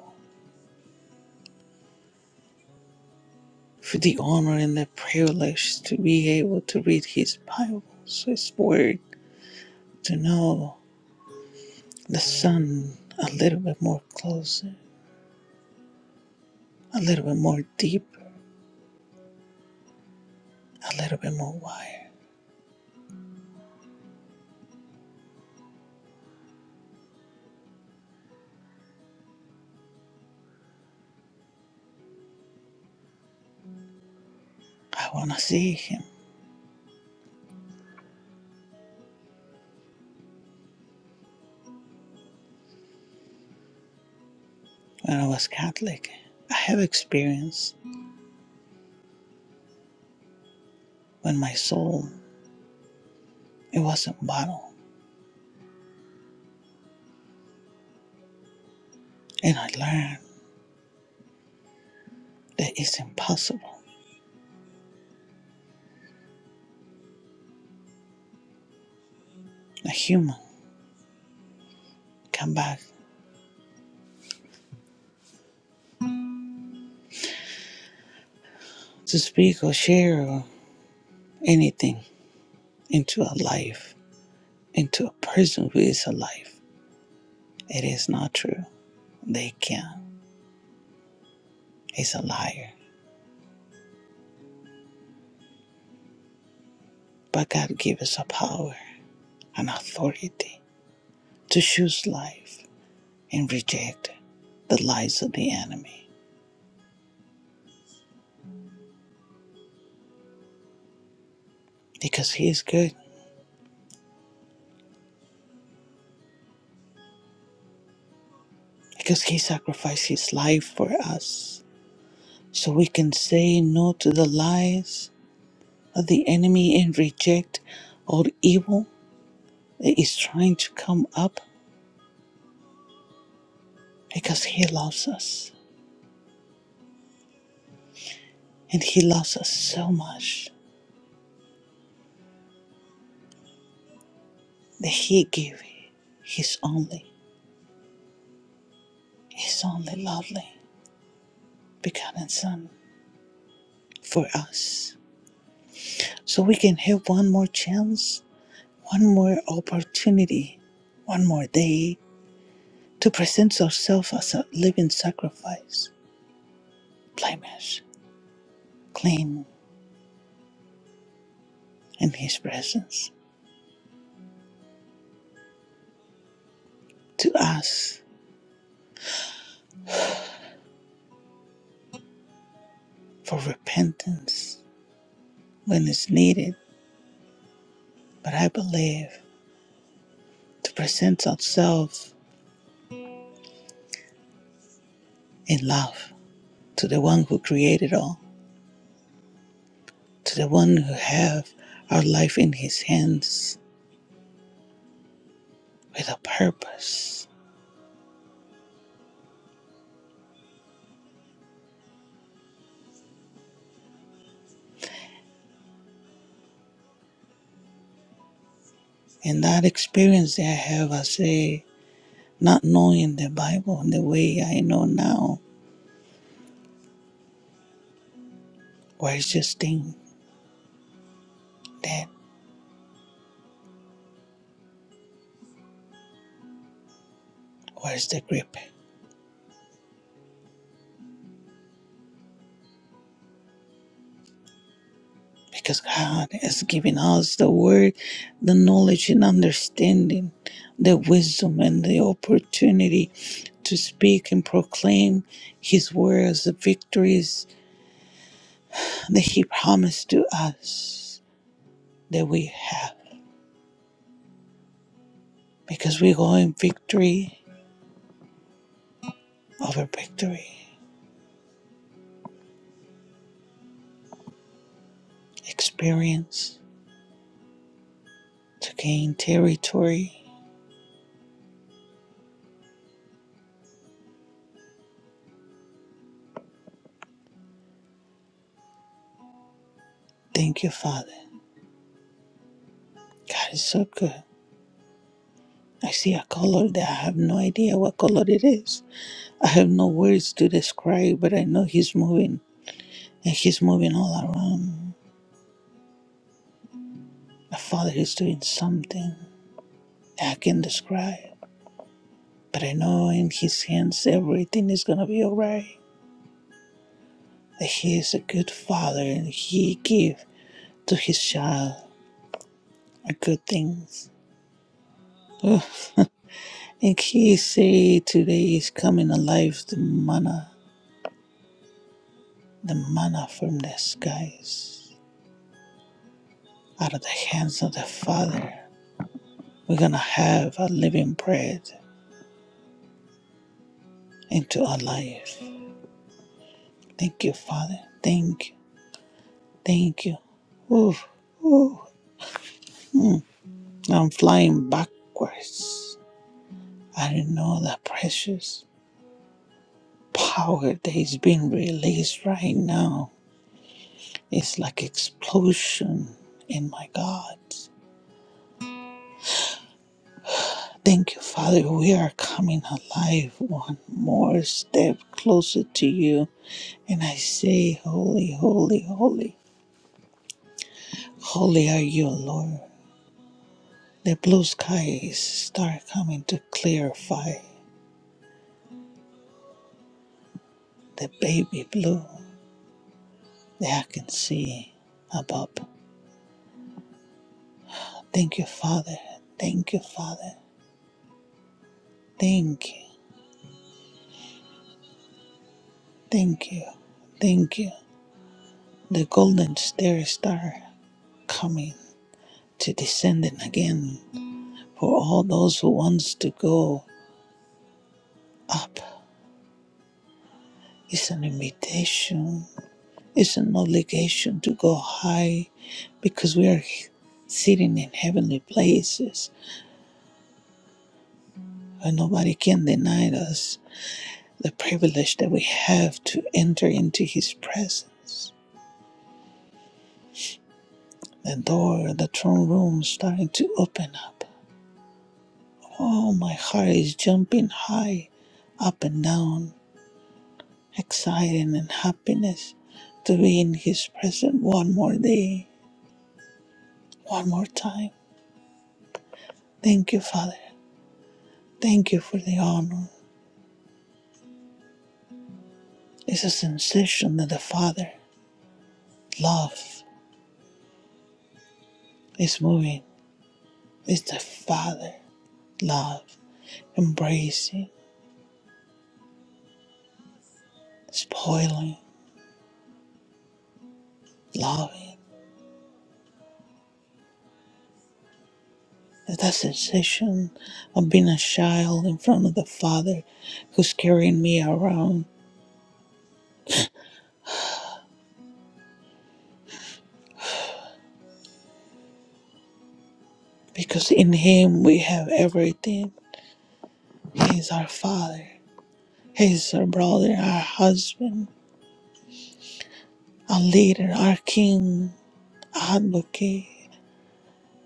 E: for the honor and the privilege to be able to read His Bible, His Word, to know the Son a little bit more closer, a little bit more deep a little bit more wired. I want to see him. When I was Catholic, I have experience when my soul it wasn't bottled, and I learned that it's impossible a human come back to speak or share or anything into a life, into a person who is alive. It is not true. They can. It's a liar. But God gave us a power, and authority to choose life and reject the lies of the enemy. because He is good, because He sacrificed His life for us. So we can say no to the lies of the enemy and reject all evil that is trying to come up because He loves us. And He loves us so much that He gave His only, His only lovely begotten Son for us. So we can have one more chance, one more opportunity, one more day to present yourself as a living sacrifice, blemish, clean in His presence, to ask for repentance when it's needed, but I believe to present ourselves in love to the one who created all, to the one who have our life in His hands with a purpose. And that experience that I have as a not knowing the Bible in the way I know now, where it's just thing that. Where's the grip? Because God has given us the word, the knowledge and understanding, the wisdom and the opportunity to speak and proclaim His words, the victories that He promised to us that we have. Because we go in victory over victory, experience to gain territory. Thank you, Father. God is so good. I see a color that I have no idea what color it is I have no words to describe, but I know He's moving, and He's moving all around. My Father is doing something I can describe, but I know in His hands everything is gonna be alright. That He is a good Father, and He give to His child a good things. And He say today is coming alive the manna, the manna from the skies, out of the hands of the Father. We're gonna have a living bread into our lives. Thank you, Father. Thank you. Thank you. Ooh, ooh. I'm flying backwards. I don't know the precious power that is being released right now. It's like explosion in my God. Thank you, Father. We are coming alive one more step closer to you. And I say, Holy, holy, holy. Holy are you, Lord. The blue skies start coming to clarify the baby blue that I can see above. Thank you, Father. Thank you, Father. Thank you. Thank you. Thank you. The golden stairs start coming to descending again for all those who wants to go up. It's an invitation. It's an obligation to go high because we are sitting in heavenly places And nobody can deny us the privilege that we have to enter into His presence. The door, the throne room starting to open up. Oh, my heart is jumping high, up and down, excited and happiness to be in His presence one more day, one more time. Thank you, Father. Thank you for the honor. It's a sensation that the Father love is moving. It's the Father love embracing spoiling, loving. It's that sensation of being a child in front of the Father who's carrying me around. Because in Him we have everything. He is our Father, He is our brother, our husband, our leader, our King, advocate,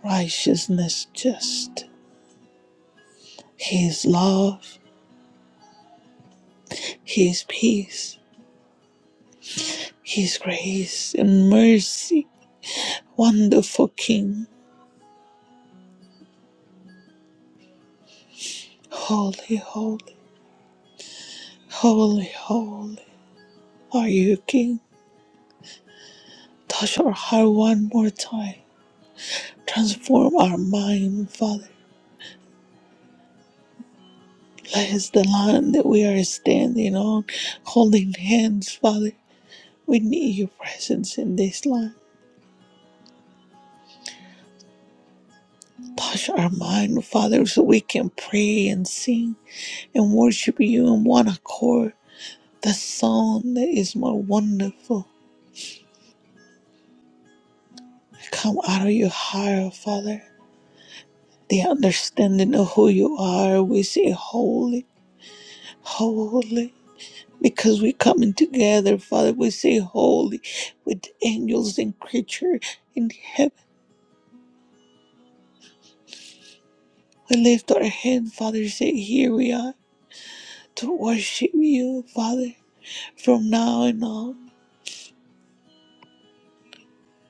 E: righteousness, just. He is love, He is peace, He is grace and mercy. Wonderful King, holy, holy, holy, holy. Are you king? Touch our heart one more time. Transform our mind, Father. Bless the land that we are standing on, holding hands, Father. We need your presence in this land. Touch our mind, Father, so we can pray and sing and worship you in one accord. The song that is more wonderful. Come out of your heart, Father. The understanding of who you are, we say, Holy, holy. because we're coming together, Father. We say holy with angels and creature in heaven. We lift our hand, Father, say, Here we are to worship you, Father, from now and on.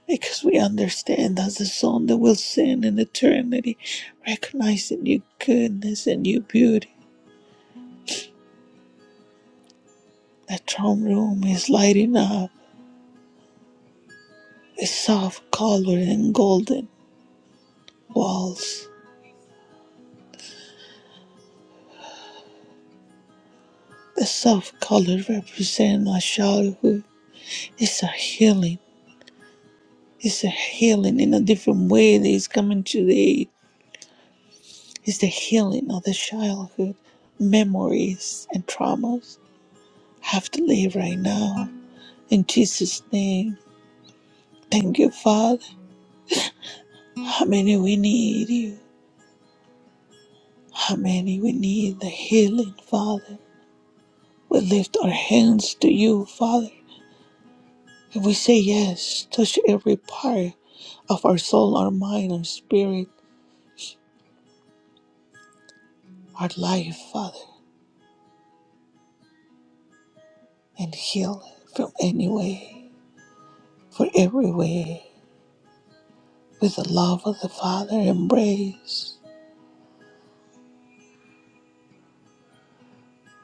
E: Because we understand as the song that will sing in eternity, recognizing your goodness and your beauty. That throne room is lighting up with soft color and golden walls. The soft color represent my childhood. It's a healing. It's a healing in a different way that is coming today. It's the healing of the childhood memories and traumas have to live right now. In Jesus' name, thank you, Father. How many we need you? How many we need the healing, Father? We lift our hands to you, Father, and we say yes. Touch every part of our soul, our mind, our spirit, our life, Father, and heal it from any way. for every way, with the love of the Father embrace.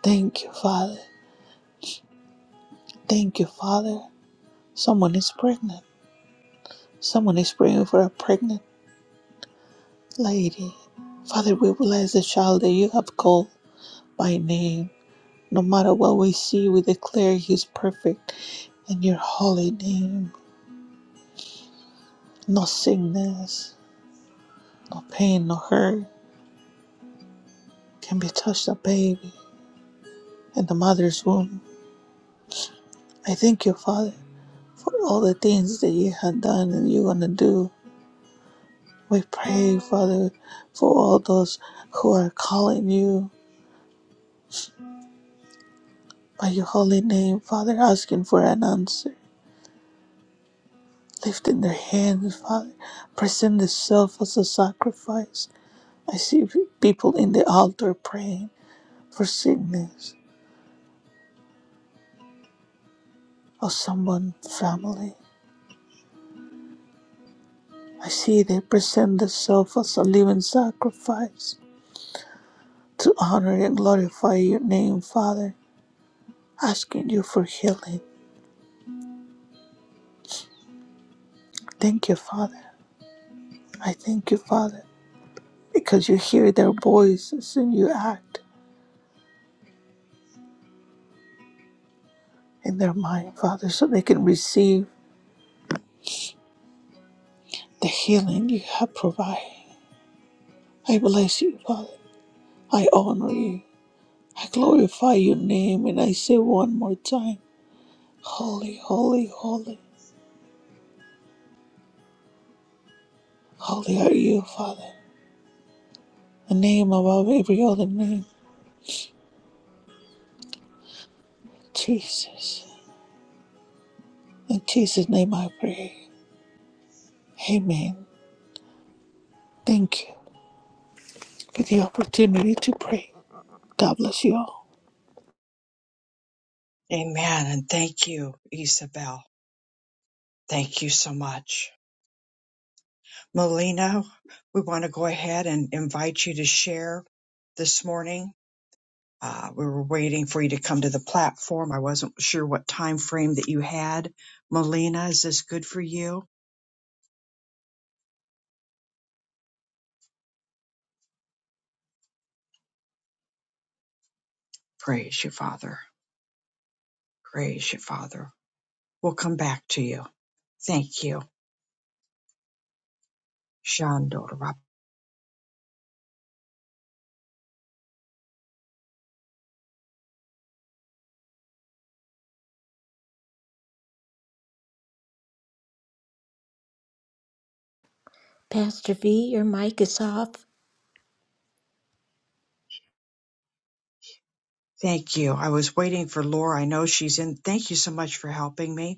E: Thank you, Father. Thank you, Father. Someone is pregnant. Someone is praying for a pregnant lady. Father, we bless the child that you have called by name. No matter what we see, we declare he is perfect in your holy name. No sickness, no pain, no hurt can be touched a baby in the mother's womb. I thank you, Father, for all the things that you have done and you're going to do We pray, Father, for all those who are calling you by your holy name, Father, asking for an answer, lifting their hands, Father, present themselves as a sacrifice. I see people in the altar praying for sickness of someone, family. I see they present themselves as a living sacrifice to honor and glorify your name, Father, asking you for healing. Thank you, Father. I thank you, Father because you hear their voices and you act in their mind, Father, so they can receive the healing you have provided. I bless you, Father. I honor you. I glorify your name and I say one more time, Holy, holy, holy, holy are you, Father. The name above every other name, Jesus. In Jesus' name I pray. Amen. Thank you for the opportunity to pray. God bless you all.
A: Amen. And thank you, Isabel. Thank you so much. Melina, we want to go ahead and invite you to share this morning. Uh, we were waiting for you to come to the platform. I wasn't sure what time frame that you had. Melina, is this good for you? Praise you, Father. Praise you, Father. We'll come back to you. Thank you. Shandorab.
C: Pastor V, your mic is off.
A: Thank you. I was waiting for Laura. I know she's in. Thank you so much for helping me.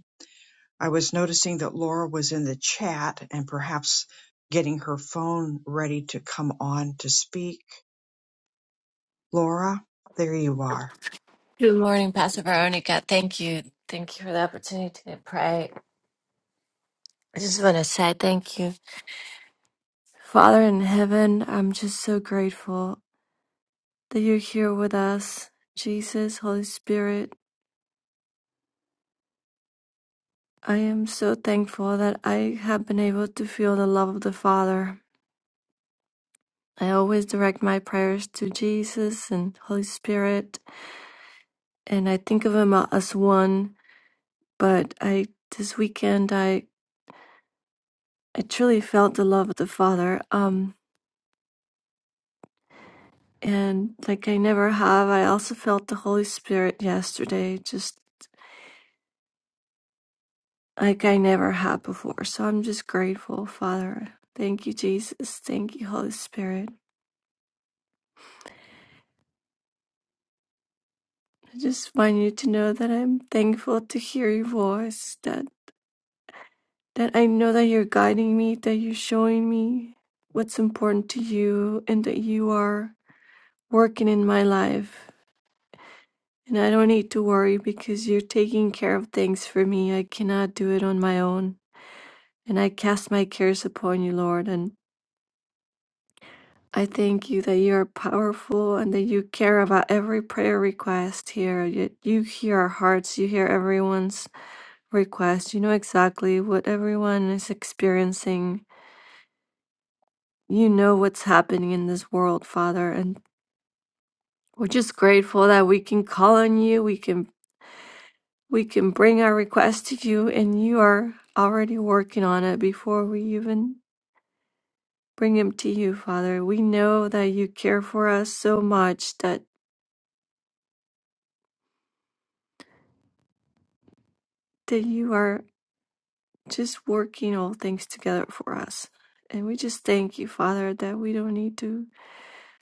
A: I was noticing that Laura was in the chat and perhaps getting her phone ready to come on to speak. Laura, there you are.
F: Good morning, Pastor Veronica. Thank you. Thank you for the opportunity to pray. I just want to say thank you. Father in heaven, I'm just so grateful that you're here with us. Jesus, Holy Spirit, I am so thankful that I have been able to feel the love of the Father. I always direct my prayers to Jesus and Holy Spirit, and I think of Him as one. But I, this weekend, I, I truly felt the love of the Father. Um, and like I never have. I also felt the Holy Spirit yesterday, just like I never had before. So I'm just grateful, Father. Thank you, Jesus. Thank you, Holy Spirit. I just want you to know that I'm thankful to hear your voice, that, that I know that you're guiding me, that you're showing me what's important to you, and that you are working in my life. And I don't need to worry because you're taking care of things for me. I cannot do it on my own. And I cast my cares upon you, Lord. And I thank you that you are powerful and that you care about every prayer request here. You, you hear our hearts, you hear everyone's request. You know exactly what everyone is experiencing. You know what's happening in this world, Father. And we're just grateful that we can call on you. We can we can bring our request to you and you are already working on it before we even bring him to you, Father. We know that you care for us so much that, that you are just working all things together for us. And we just thank you, Father, that we don't need to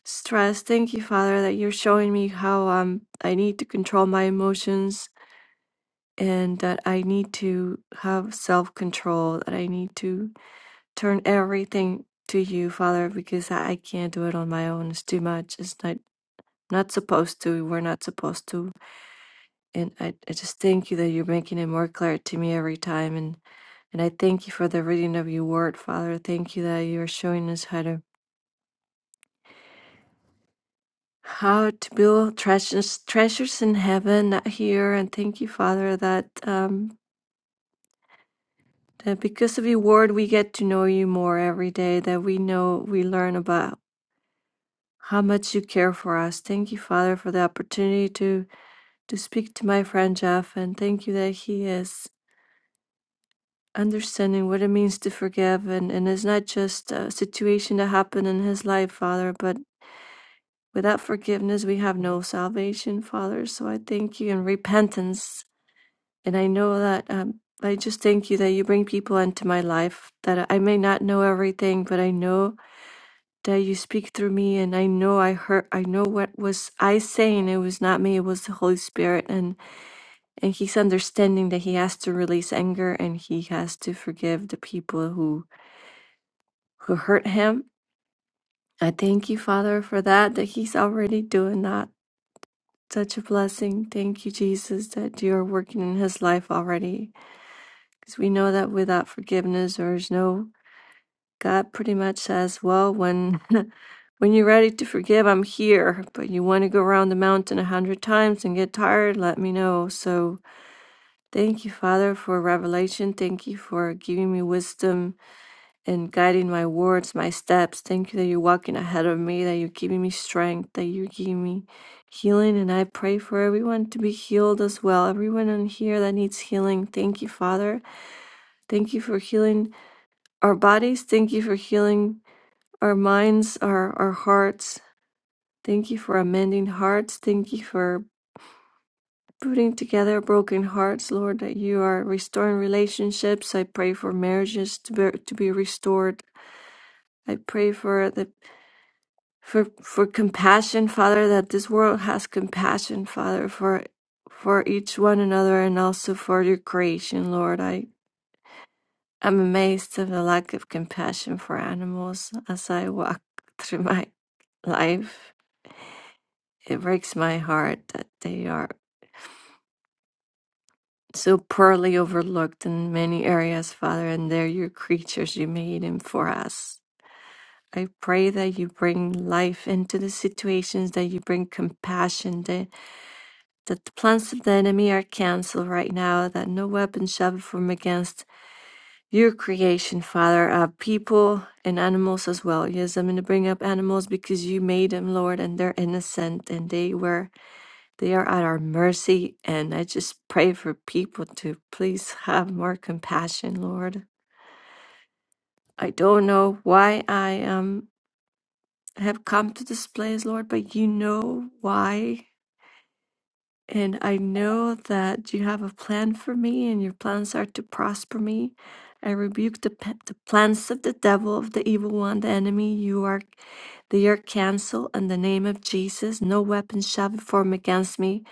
F: stress. Thank you, Father, that you're showing me how um, I need to control my emotions and that I need to have self control, that I need to turn everything to you, Father, because I I can't do it on my own. It's too much. It's not, not supposed to. We're not supposed to And I, I just thank you that you're making it more clear to me every time. And, and I thank you for the reading of your word, Father. Thank you that you are showing us how to how to build treasures treasures in heaven, not here. And thank you, Father, that um that because of your word we get to know you more every day, that we know we learn about how much you care for us. Thank you, Father, for the opportunity to to speak to my friend Jeff and thank you that he is understanding what it means to forgive and, and it's not just a situation that happened in his life father but without forgiveness we have no salvation father so i thank you in repentance and i know that um, i just thank you that you bring people into my life that i may not know everything but i know that you speak through me and i know i heard i know what was i saying it was not me it was the holy spirit and and he's understanding that he has to release anger and he has to forgive the people who who hurt him. I thank you, Father, for that, that he's already doing that. Such a blessing. Thank you, Jesus, that you're working in his life already. Because we know that without forgiveness, there's no. God pretty much says, well, when. When you're ready to forgive, I'm here. But you want to go around the mountain a hundred times and get tired, let me know. So thank you, Father, for revelation. Thank you for giving me wisdom and guiding my words, my steps. Thank you that you're walking ahead of me, that you're giving me strength, that you're giving me healing. And I pray for everyone to be healed as well. Everyone in here that needs healing. Thank you, Father. Thank you for healing our bodies. Thank you for healing our minds, our, our hearts. Thank you for amending hearts. Thank you for putting together broken hearts, Lord, that you are restoring relationships. I pray for marriages to be, to be restored. I pray for the for for compassion, Father, that this world has compassion, Father, for for each one another and also for your creation, Lord. I am amazed at the lack of compassion for animals as I walk through my life. It breaks my heart that they are so poorly overlooked in many areas, Father, and they're your creatures you made them for us. I pray that you bring life into the situations, that you bring compassion, that. that the plans of the enemy are canceled right now, that no weapon shall be formed against your creation, Father, uh, people and animals as well. Yes, I'm going to bring up animals because you made them, Lord, and they're innocent and they were, they are at our mercy. And I just pray for people to please have more compassion, Lord. I don't know why I um, have come to this place, Lord, but you know why And I know that you have a plan for me, and your plans are to prosper me. I rebuke the, pe- the plans of the devil, of the evil one, the enemy. You are, they are canceled in the name of Jesus. No weapon shall be formed against me,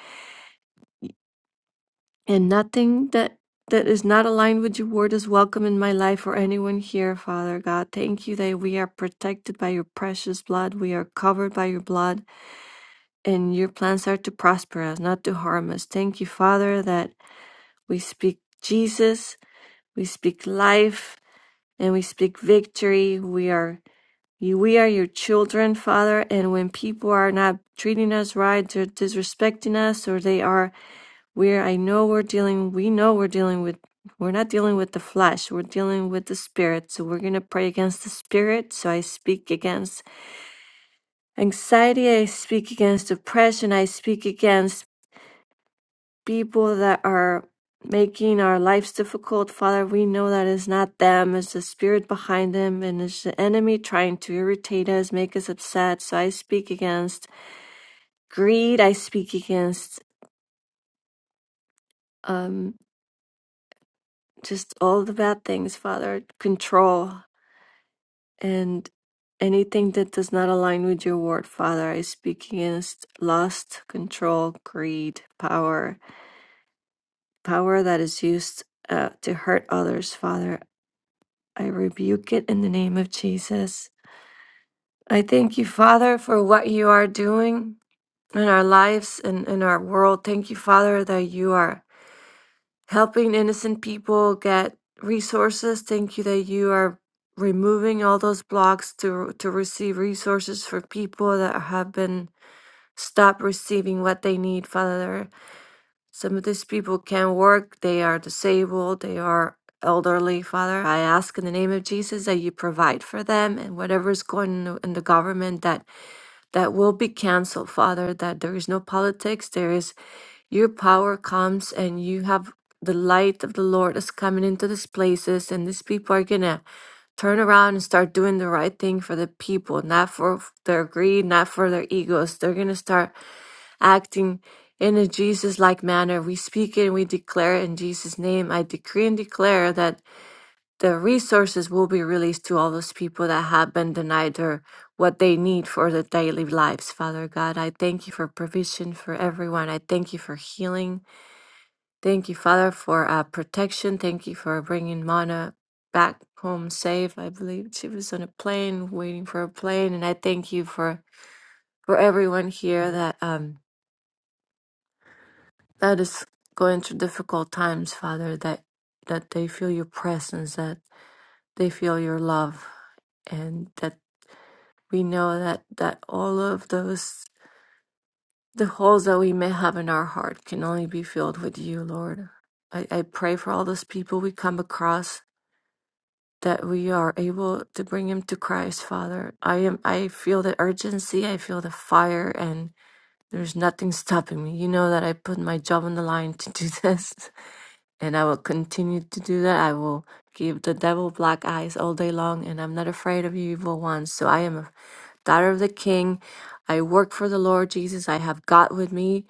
F: and nothing that that is not aligned with your word is welcome in my life or anyone here, Father God. Thank you that we are protected by your precious blood. We are covered by your blood, and your plans are to prosper us, not to harm us. Thank you, Father, that. We speak Jesus, we speak life, and we speak victory. We are we are your children, Father, and when people are not treating us right, they're disrespecting us, or they are where I know we're dealing, we know we're dealing with we're not dealing with the flesh, we're dealing with the spirit. So we're gonna pray against the spirit. So I speak against anxiety, I speak against depression, I speak against people that are making our lives difficult, Father, we know that it's not them, it's the spirit behind them, and it's the enemy trying to irritate us, make us upset. So I speak against greed, I speak against um, just all the bad things, Father, control, and anything that does not align with your word, Father. I speak against lust, control, greed, power, power that is used. Uh, to hurt others, Father, I rebuke it in the name of Jesus. I thank you, Father, for what you are doing in our lives and in our world. Thank you, Father, that you are helping innocent people get resources. Thank you that you are removing all those blocks to to receive resources for people that have been stopped receiving what they need, Father. Some of these people can't work, they are disabled, they are elderly, Father. I ask in the name of Jesus that you provide for them and whatever is going in the, in the government that that will be canceled, Father, that there is no politics, there is your power comes and you have the light of the Lord is coming into these places, and these people are gonna turn around and start doing the right thing for the people, not for f- their greed, not for their egos. They're gonna start acting in a Jesus like manner. We speak it and we declare it in Jesus' name. I decree and declare that the resources will be released to all those people that have been denied their what they need for their daily lives, Father God. I thank you for provision for everyone. I thank you for healing. Thank you, Father, for uh, protection. Thank you for bringing Mana back home safe. I believe she was on a plane, waiting for a plane. And I thank you for, for everyone here that um, That is going through difficult times, Father, that, that they feel your presence, that they feel your love, and that we know that, that all of those, the holes that we may have in our heart can only be filled with you, Lord. I, I pray for all those people we come across that we are able to bring him to Christ, Father. I am I feel the urgency, I feel the fire and there's nothing stopping me. You know that I put my job on the line to do this. And I will continue to do that. I will give the devil black eyes all day long, and I'm not afraid of evil ones. So I am a daughter of the king. I work for the Lord Jesus. I have God with me,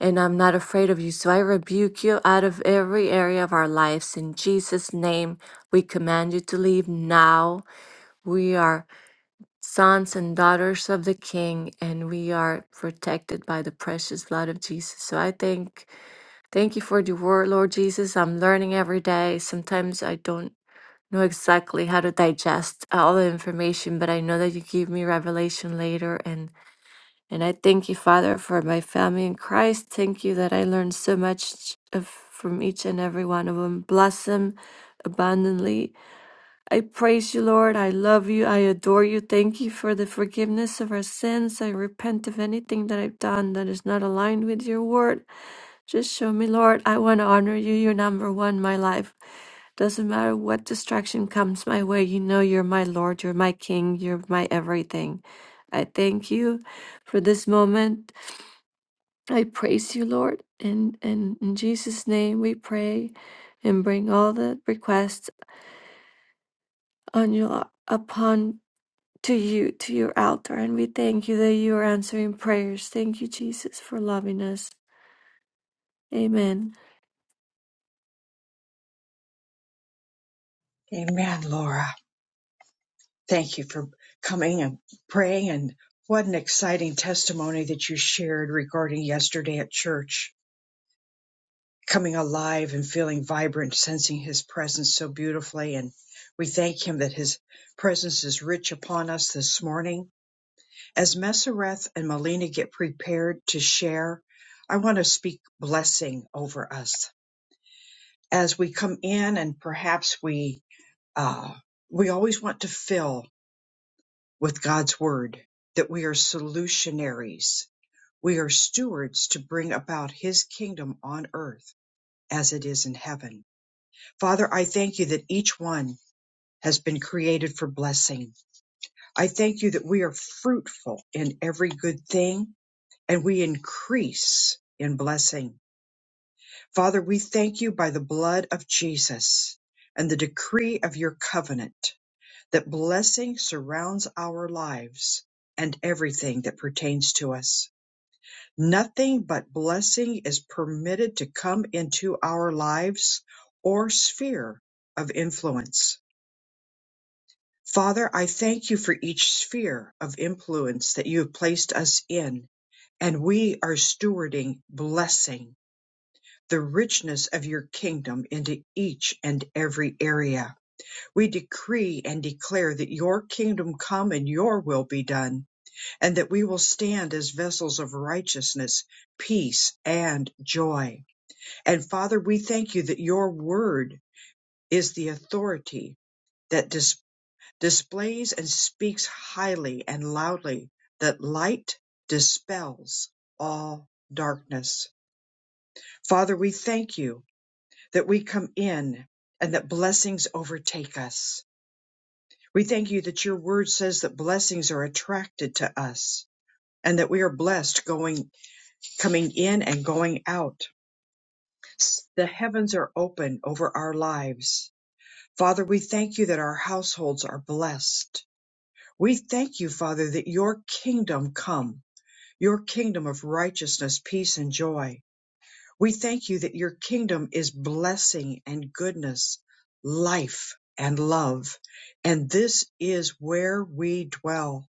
F: and I'm not afraid of you. So I rebuke you out of every area of our lives. In Jesus' name, we command you to leave now. We are sons and daughters of the king, and we are protected by the precious blood of Jesus. So I thank Thank you for the word, Lord Jesus. I'm learning every day. Sometimes I don't know exactly how to digest all the information, but I know that you give me revelation later. And, and I thank you, Father, for my family in Christ. Thank you that I learned so much of, from each and every one of them. Bless them abundantly I praise you, Lord. I love you. I adore you. Thank you for the forgiveness of our sins. I repent of anything that I've done that is not aligned with your word. Just show me, Lord. I want to honor you. You're number one in my life. Doesn't matter what distraction comes my way, you know you're my Lord, you're my King, you're my everything. I thank you for this moment. I praise you, Lord. And, and in Jesus' name we pray and bring all the requests on your upon to you, to your altar, and we thank you that you are answering prayers. Thank you, Jesus, for loving us. Amen.
A: Amen, Laura. Thank you for coming and praying. And what an exciting testimony that you shared regarding yesterday at church, coming alive and feeling vibrant, sensing his presence so beautifully. And we thank him that his presence is rich upon us this morning As Mesereth and Melina get prepared to share, I want to speak blessing over us as we come in, and perhaps we uh, we always want to fill with God's word that we are solutionaries, we are stewards to bring about His kingdom on earth as it is in heaven. Father, I thank you that each one has been created for blessing. I thank you that we are fruitful in every good thing and we increase in blessing. Father, we thank you by the blood of Jesus and the decree of your covenant that blessing surrounds our lives and everything that pertains to us. Nothing but blessing is permitted to come into our lives or sphere of influence. Father, I thank you for each sphere of influence that you have placed us in, and we are stewarding blessing the richness of your kingdom into each and every area. We decree and declare that your kingdom come and your will be done, and that we will stand as vessels of righteousness, peace, and joy. And Father, we thank you that your word is the authority that dis- displays and speaks highly and loudly, that light dispels all darkness. Father, we thank you. that we come in and that blessings overtake us. We thank you that your word says that blessings are attracted to us and that we are blessed going, coming in and going out. The heavens are open over our lives. Father, we thank you that our households are blessed. We thank you, Father, that your kingdom come, your kingdom of righteousness, peace, and joy We thank you that your kingdom is blessing and goodness, life and love. And this is where we dwell.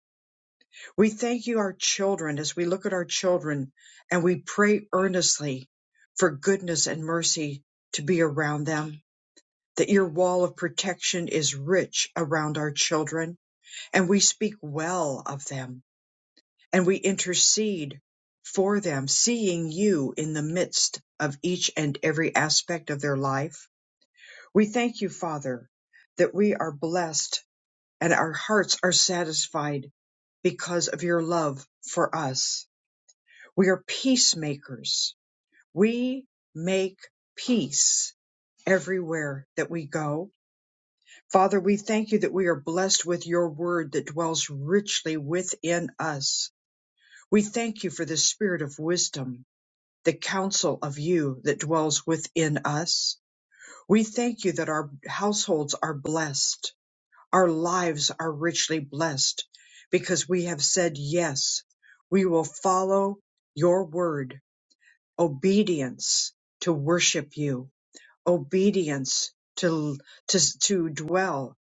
A: We thank you, our children, as we look at our children and we pray earnestly for goodness and mercy to be around them. That your wall of protection is rich around our children, and we speak well of them and we intercede for them, seeing you in the midst of each and every aspect of their life. We thank you, Father, that we are blessed and our hearts are satisfied because of your love for us. We are peacemakers. We make peace everywhere that we go. Father, we thank you that we are blessed with your word that dwells richly within us. We thank you for the spirit of wisdom the counsel of you that dwells within us. We thank you that our households are blessed, our lives are richly blessed, because we have said, Yes, we will follow your word, obedience to worship you, obedience to, to, to dwell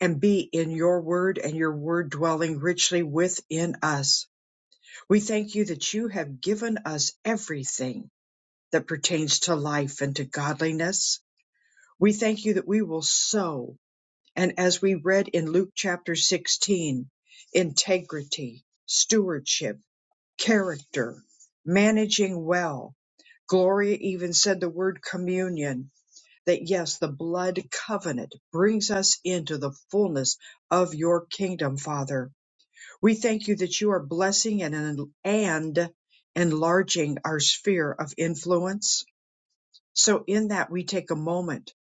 A: and be in your word and your word dwelling richly within us. We thank you that you have given us everything that pertains to life and to godliness. We thank you that we will sow. And as we read in Luke chapter 16, integrity, stewardship, character, managing well. Gloria even said the word communion, that yes, the blood covenant brings us into the fullness of your kingdom, Father. We thank you that you are blessing and, and enlarging our sphere of influence so, in that, we take a moment.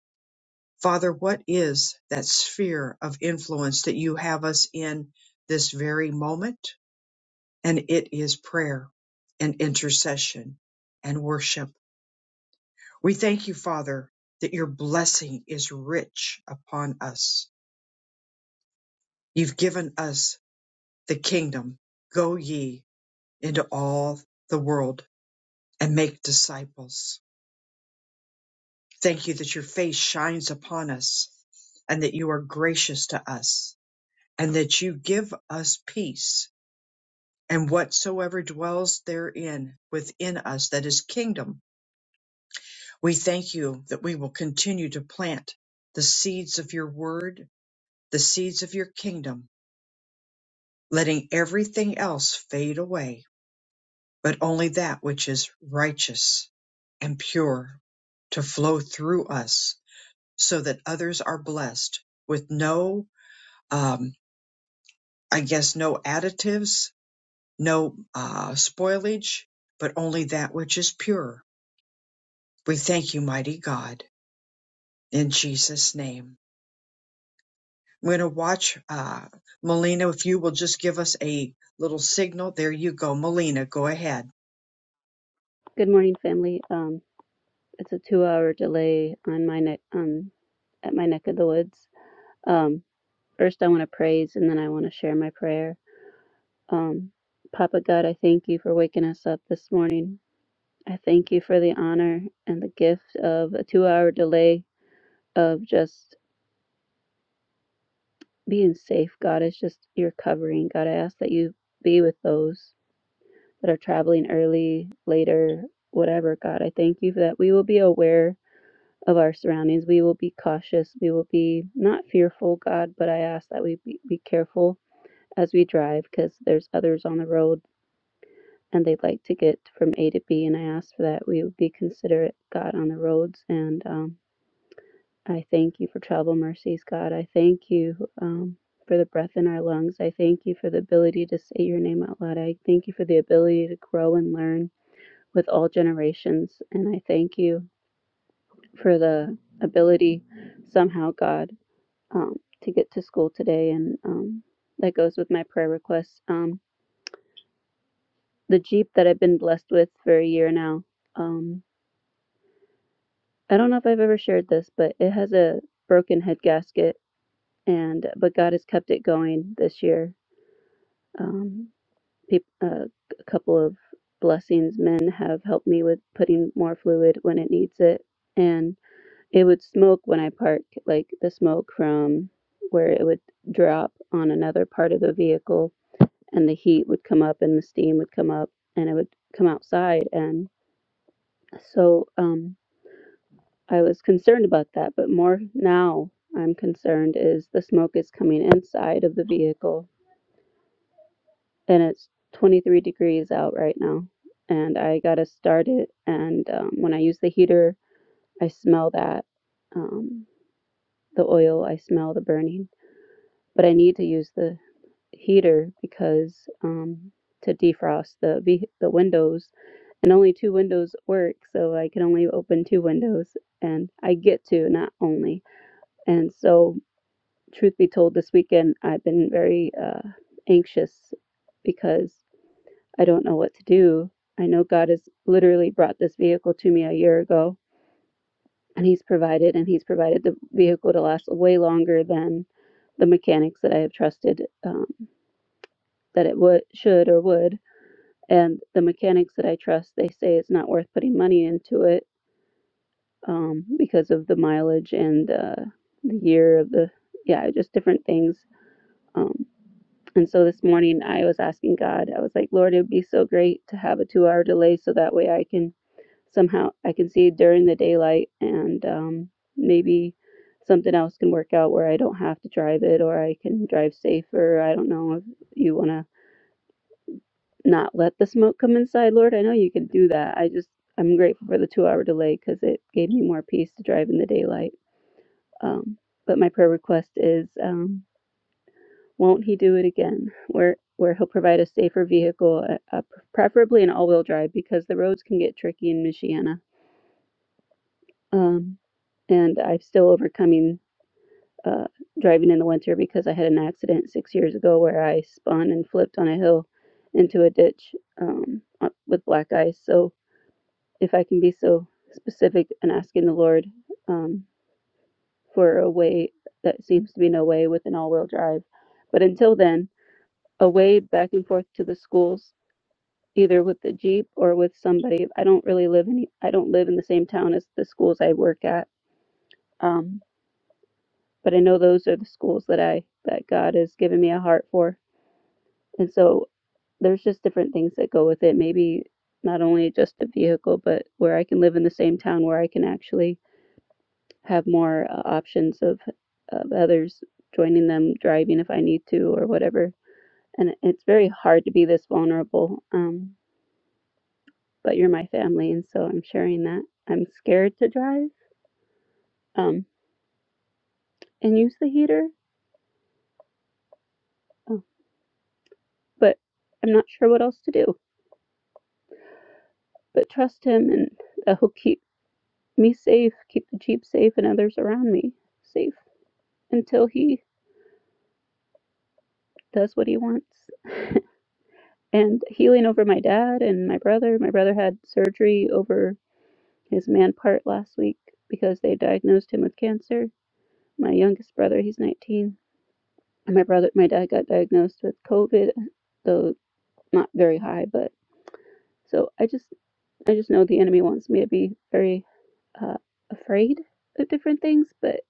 A: Father, what is that sphere of influence that you have us in this very moment? And it is prayer and intercession and worship. We thank you, Father, that your blessing is rich upon us. You've given us the kingdom. Go ye into all the world and make disciples. Thank you that your face shines upon us and that you are gracious to us and that you give us peace and whatsoever dwells therein within us that is kingdom. We thank you that we will continue to plant the seeds of your word, the seeds of your kingdom, letting everything else fade away, but only that which is righteous and pure to flow through us so that others are blessed with no, um, I guess, no additives, no uh, spoilage, but only that which is pure. We thank you, mighty God, in Jesus' name. I'm going to watch uh, Melina. If you will just give us a little signal, there you go, Melina. Go ahead.
G: Good morning, family. Um, it's a two-hour delay on my neck, um, at my neck of the woods. Um, first, I want to praise, and then I want to share my prayer. Um, Papa God, I thank you for waking us up this morning. I thank you for the honor and the gift of a two-hour delay of just being safe. God, it's just your covering. God, I ask that you be with those that are traveling early, later, whatever. God, I thank you for that. We will be aware of our surroundings. We will be cautious. We will be not fearful, God, but I ask that we be, be careful as we drive because there's others on the road and they'd like to get from A to B. And I ask for that we would be considerate, God, on the roads. And um, I thank you for travel mercies, God. I thank you um, for the breath in our lungs. I thank you for the ability to say your name out loud. I thank you for the ability to grow and learn with all generations. And I thank you for the ability somehow, God. um, to get to school today, and um, that goes with my prayer request. Um, the Jeep that I've been blessed with for a year now. Um, I don't know if I've ever shared this, but it has a broken head gasket, and but God has kept it going this year. Um, peop uh, a couple of blessings men have helped me with putting more fluid when it needs it, and it would smoke when I park, like the smoke from where it would drop on another part of the vehicle and the heat would come up and the steam would come up and it would come outside and so um I was concerned about that but more now I'm concerned is the smoke is coming inside of the vehicle and it's 23 degrees out right now and I got to start it and um, when I use the heater I smell that um the oil I smell the burning but I need to use the heater because um, to defrost the ve- the windows, and only two windows work, so I can only open two windows, and I get to not only. And so, truth be told, this weekend I've been very uh, anxious because I don't know what to do. I know God has literally brought this vehicle to me a year ago, and He's provided, and He's provided the vehicle to last way longer than the mechanics that I have trusted um, that it would should or would and the mechanics that I trust, they say it's not worth putting money into it um, because of the mileage and uh, the year of the, yeah, just different things. Um, and so this morning I was asking God, I was like, Lord, it would be so great to have a two hour delay so that way I can somehow, I can see during the daylight and um, maybe something else can work out where I don't have to drive it or I can drive safer. I don't know if you want to not let the smoke come inside, Lord. I know you can do that. I just, I'm grateful for the two hour delay because it gave me more peace to drive in the daylight. Um, but my prayer request is, um, won't he do it again? Where, where he'll provide a safer vehicle, uh, uh, preferably an all wheel drive because the roads can get tricky in Michiana. Um, and I'm still overcoming uh, driving in the winter because I had an accident six years ago where I spun and flipped on a hill into a ditch um, uh, with black ice. So if I can be so specific and asking the Lord um, for a way that seems to be no way with an all wheel drive. But until then, a way back and forth to the schools, either with the Jeep or with somebody. I don't really live any, I don't live in the same town as the schools I work at. Um, but I know those are the schools that I, that God has given me a heart for. And so there's just different things that go with it. Maybe not only just the vehicle, but where I can live in the same town where I can actually have more uh, options of, of others joining them driving if I need to or whatever. And it's very hard to be this vulnerable, um, but you're my family, and so I'm sharing that. I'm scared to drive um, and use the heater, oh, but I'm not sure what else to do. But trust him, and that he'll keep me safe, keep the Jeep safe, and others around me safe until he does what he wants. And healing over my dad and my brother. My brother had surgery over his man part last week because they diagnosed him with cancer. My youngest brother, he's 19. my brother, my dad got diagnosed with COVID, though not very high. But so I just, I just know the enemy wants me to be very uh, afraid of different things. But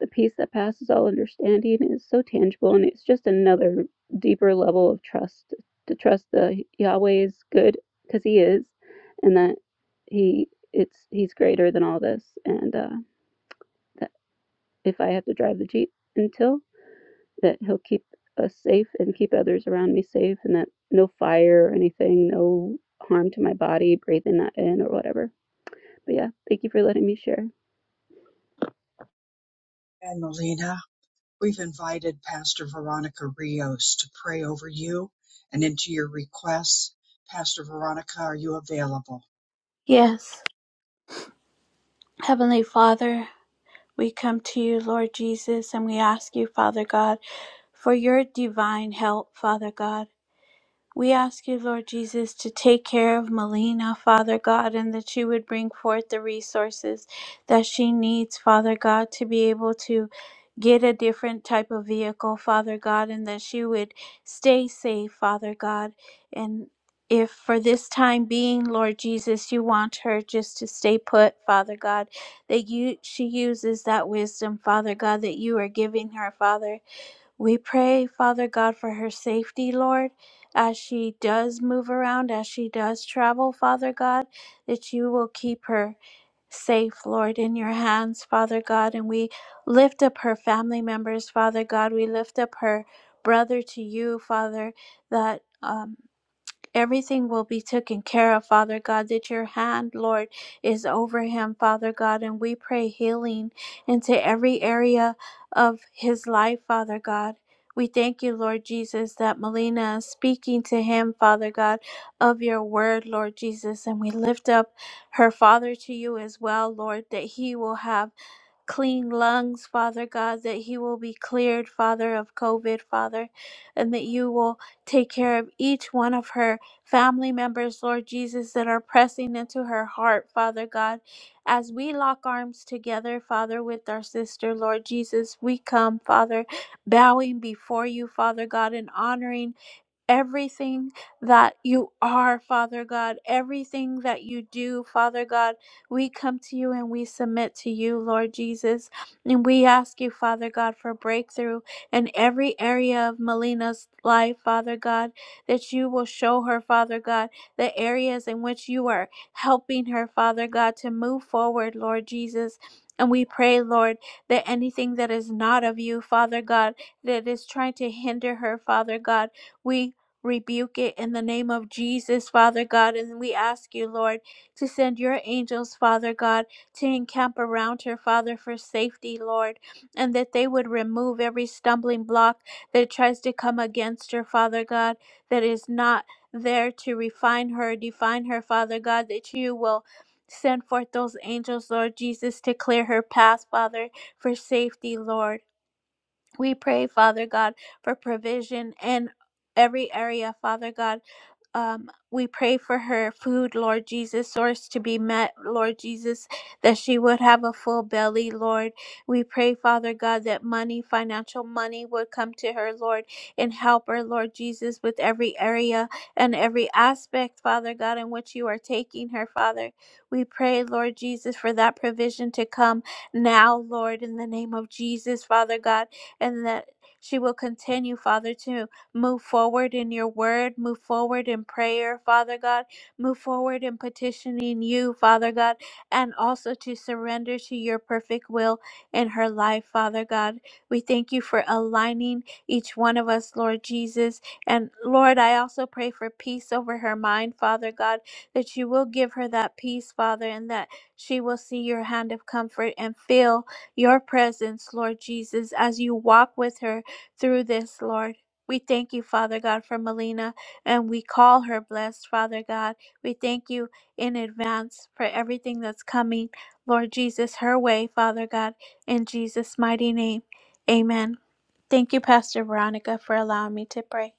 G: the peace that passes all understanding is so tangible, and it's just another deeper level of trust to trust that Yahweh is good because He is, and that He it's He's greater than all this, and uh, if I have to drive the Jeep until that he'll keep us safe and keep others around me safe and that no fire or anything, no harm to my body, breathing that in or whatever. But yeah, thank you for letting me share.
A: And Melina, we've invited Pastor Veronica Rios to pray over you and into your requests. Pastor Veronica, are you available?
D: Yes, Heavenly Father, we come to you, Lord Jesus, and we ask you, Father God, for your divine help, Father God. We ask you, Lord Jesus, to take care of Melina, Father God, and that you would bring forth the resources that she needs, Father God, to be able to get a different type of vehicle, Father God, and that she would stay safe, Father God. And if for this time being, Lord Jesus, you want her just to stay put, Father God, that you she uses that wisdom, Father God, that you are giving her, Father we pray, Father God, for her safety, Lord, as she does move around, as she does travel, Father God, that you will keep her safe, Lord, in your hands, Father God. And we lift up her family members, Father God. We lift up her brother to you, Father, that. um. Everything will be taken care of, Father God, that your hand, Lord, is over him, Father God. And we pray healing into every area of his life, Father God. We thank you, Lord Jesus, that Melina is speaking to him, Father God, of your word, Lord Jesus. And we lift up her father to you as well, Lord, that he will have clean lungs, Father God, that he will be cleared, Father, of COVID, Father, and that you will take care of each one of her family members, Lord Jesus, that are pressing into her heart, Father God. As we lock arms together, Father, with our sister, Lord Jesus, we come, Father, bowing before you, Father God, and honoring everything that you are, Father God, everything that you do, Father God. We come to you and we submit to you, Lord Jesus. And we ask you, Father God, for breakthrough in every area of Melina's life, Father God, that you will show her, Father God, the areas in which you are helping her, Father God, to move forward, Lord Jesus. And we pray, Lord, that anything that is not of you, Father God, that is trying to hinder her, Father God, we rebuke it in the name of Jesus, Father God. And we ask you, Lord, to send your angels, Father God, to encamp around her, Father, for safety, Lord, and that they would remove every stumbling block that tries to come against her, Father God, that is not there to refine her, define her, Father God, that you will. Send forth those angels, Lord Jesus, to clear her path, Father, for safety, Lord. We pray, Father God, for provision in every area, Father God um, we pray for her food, Lord Jesus, source to be met, Lord Jesus, that she would have a full belly, Lord. We pray, Father God, that money, financial money, would come to her, Lord, and help her, Lord Jesus, with every area and every aspect, Father God, in which you are taking her, Father. We pray, Lord Jesus, for that provision to come now, Lord, in the name of Jesus, Father God, and that she will continue, Father, to. Move forward in your word. Move forward in prayer, Father God. Move forward in petitioning you, Father God, and also to surrender to your perfect will in her life, Father God. We thank you for aligning each one of us, Lord Jesus. And Lord, I also pray for peace over her mind, Father God, that you will give her that peace, Father, and that she will see your hand of comfort and feel your presence, Lord Jesus, as you walk with her through this, Lord. We thank you, Father God, for Melina, and we call her blessed, Father God. We thank you in advance for everything that's coming, Lord Jesus, her way, Father God, in Jesus' mighty name. Amen. Thank you, Pastor Veronica, for allowing me to pray.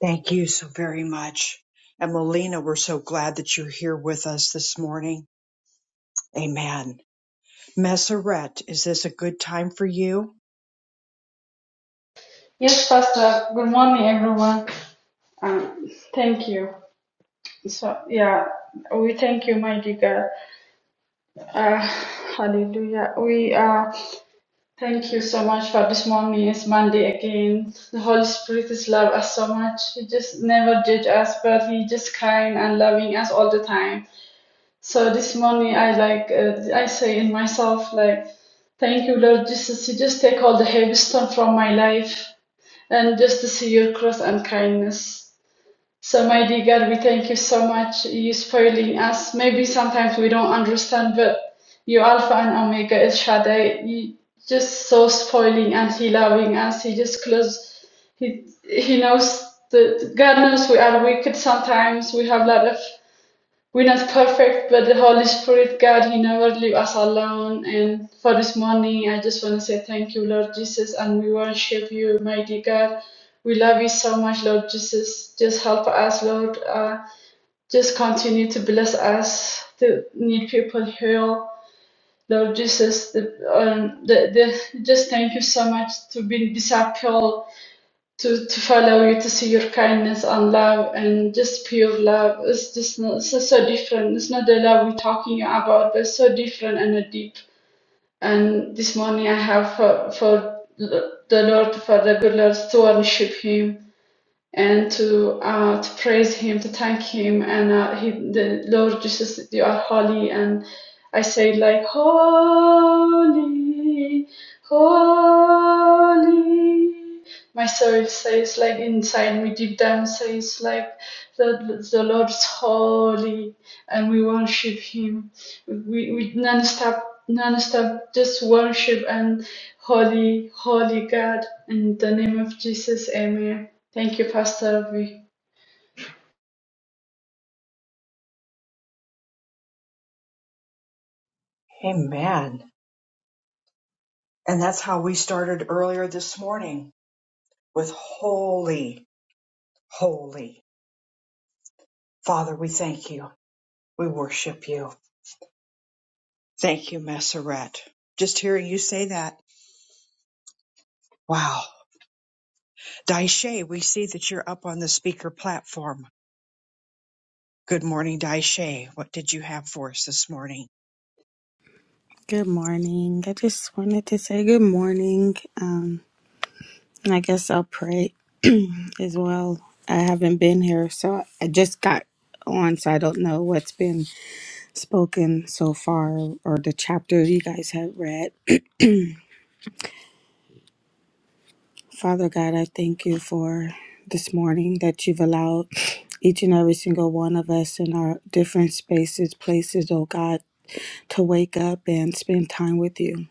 A: Thank you so very much. And Melina, we're so glad that you're here with us this morning. Amen. Messeret, is this a good time for you?
H: Yes, Pastor. Good morning, everyone. Um, thank you. So, yeah, we thank you, mighty God. Uh, hallelujah. We uh, thank you so much for this morning. It's Monday again. The Holy Spirit is love us so much. He just never judge us, but He just kind and loving us all the time. So this morning, I like uh, I say in myself like, thank you, Lord Jesus. You just take all the heavy stone from my life and just to see your cross and kindness. So, mighty God, we thank you so much. You spoiling us. Maybe sometimes we don't understand, but you Alpha and Omega, El Shaddai, you just so spoiling and He loving us. He just close. He He knows that God knows we are wicked. Sometimes we have a lot of we're not perfect, but the Holy Spirit, God, He never leave us alone. And for this morning, I just want to say thank you, Lord Jesus, and we worship you, mighty God. We love you so much, Lord Jesus. Just help us, Lord. Uh, just continue to bless us, to need people healed. Lord Jesus, the, um, the, the, just thank you so much to be disciple to, to follow you, to see your kindness and love and just pure love. It's just not, so, so different. It's not the love we're talking about, but it's so different and deep. And this morning I have for, for the Lord, for the good Lord, to worship Him and to uh, to praise Him, to thank Him, and uh, he, the Lord Jesus, you are holy, and I say like holy, holy. My soul says like inside me, deep down says like the the Lord is holy, and we worship Him. We we non-stop non-stop just worship and holy holy God in the name of Jesus, Amen. Thank you, Pastor V.
A: Amen. And that's how we started earlier this morning with holy, holy. Father, we thank you. We worship you. Thank you, Messeret. Just hearing you say that. Wow. Daishe, we see that you're up on the speaker platform. Good morning, Daishe. What did you have for us this morning?
I: Good morning. I just wanted to say good morning. Um, and I guess I'll pray as well. I haven't been here, so I just got on, so I don't know what's been spoken so far or the chapter you guys have read. Father God, I thank you for this morning that you've allowed each and every single one of us in our different spaces, places, oh God, to wake up and spend time with you.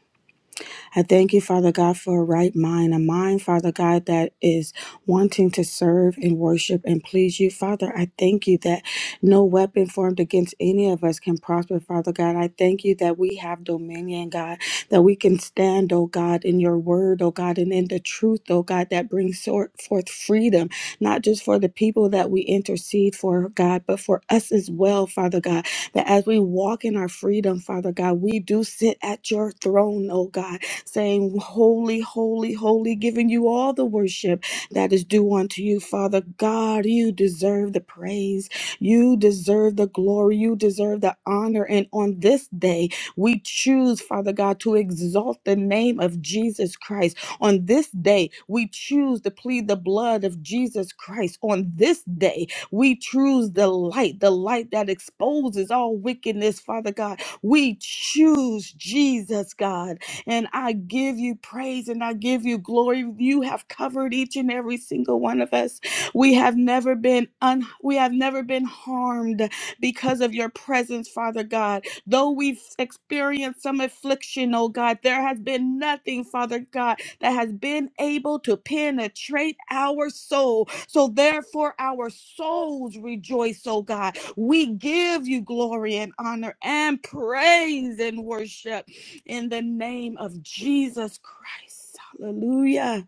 I: I thank you, Father God, for a right mind, a mind, Father God, that is wanting to serve and worship and please you. Father, I thank you that no weapon formed against any of us can prosper, Father God. I thank you that we have dominion, God, that we can stand, oh God, in your word, oh God, and in the truth, oh God, that brings sor- forth freedom, not just for the people that we intercede for, God, but for us as well, Father God, that as we walk in our freedom, Father God, we do sit at your throne, oh God saying, Holy, holy, holy, giving you all the worship that is due unto you, Father God. You deserve the praise. You deserve the glory. You deserve the honor. And on this day, we choose, Father God, to exalt the name of Jesus Christ. On this day, we choose to plead the blood of Jesus Christ. On this day, we choose the light, the light that exposes all wickedness, Father God. We choose Jesus, God. And I give you praise and I give you glory. You have covered each and every single one of us. We have never been un- we have never been harmed because of your presence, Father God. Though we've experienced some affliction, oh God, there has been nothing, Father God, that has been able to penetrate our soul. So therefore, our souls rejoice, oh God. We give you glory and honor and praise and worship in the name of Jesus Christ. Hallelujah.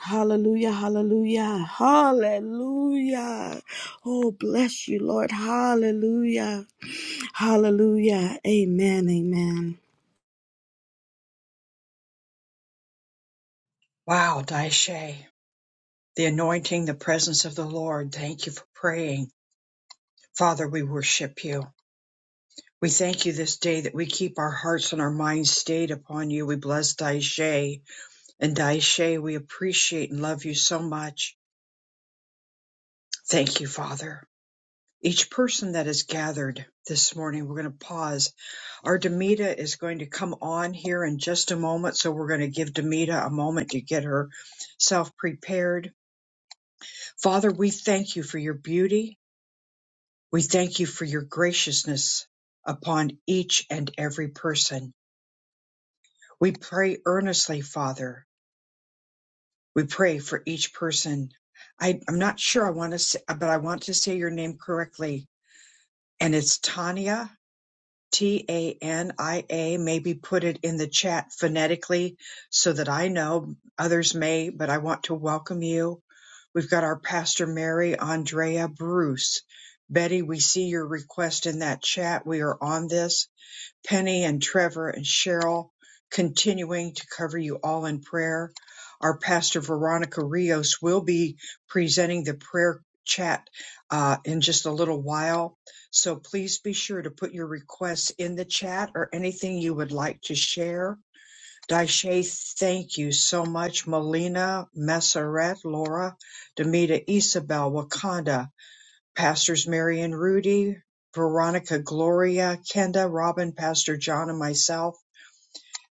I: Hallelujah. Hallelujah. Hallelujah. Oh, bless you, Lord. Hallelujah. Hallelujah. Amen. Amen.
A: Wow, Daishe. The anointing, the presence of the Lord. Thank you for praying. Father, we worship you. We thank you this day that we keep our hearts and our minds stayed upon you. We bless Daishe. And Daishe, we appreciate and love you so much. Thank you, Father. Each person that is gathered this morning, we're going to pause. Our Demita is going to come on here in just a moment, so we're going to give Demita a moment to get herself prepared. Father, we thank you for your beauty. We thank you for your graciousness upon each and every person. We pray earnestly, Father. We pray for each person. I, I'm not sure I want to say, but I want to say your name correctly. And it's Tania, T A N I A. Maybe put it in the chat phonetically so that I know others may, but I want to welcome you. We've got our Pastor Mary, Andrea, Bruce. Betty, we see your request in that chat. We are on this. Penny and Trevor and Cheryl continuing to cover you all in prayer. Our pastor Veronica Rios will be presenting the prayer chat uh, in just a little while. So please be sure to put your requests in the chat or anything you would like to share. Daisha, thank you so much. Melina, Messeret, Laura, Demita, Isabel, Wakanda, Pastors Mary and Rudy, Veronica, Gloria, Kenda, Robin, Pastor John, and myself.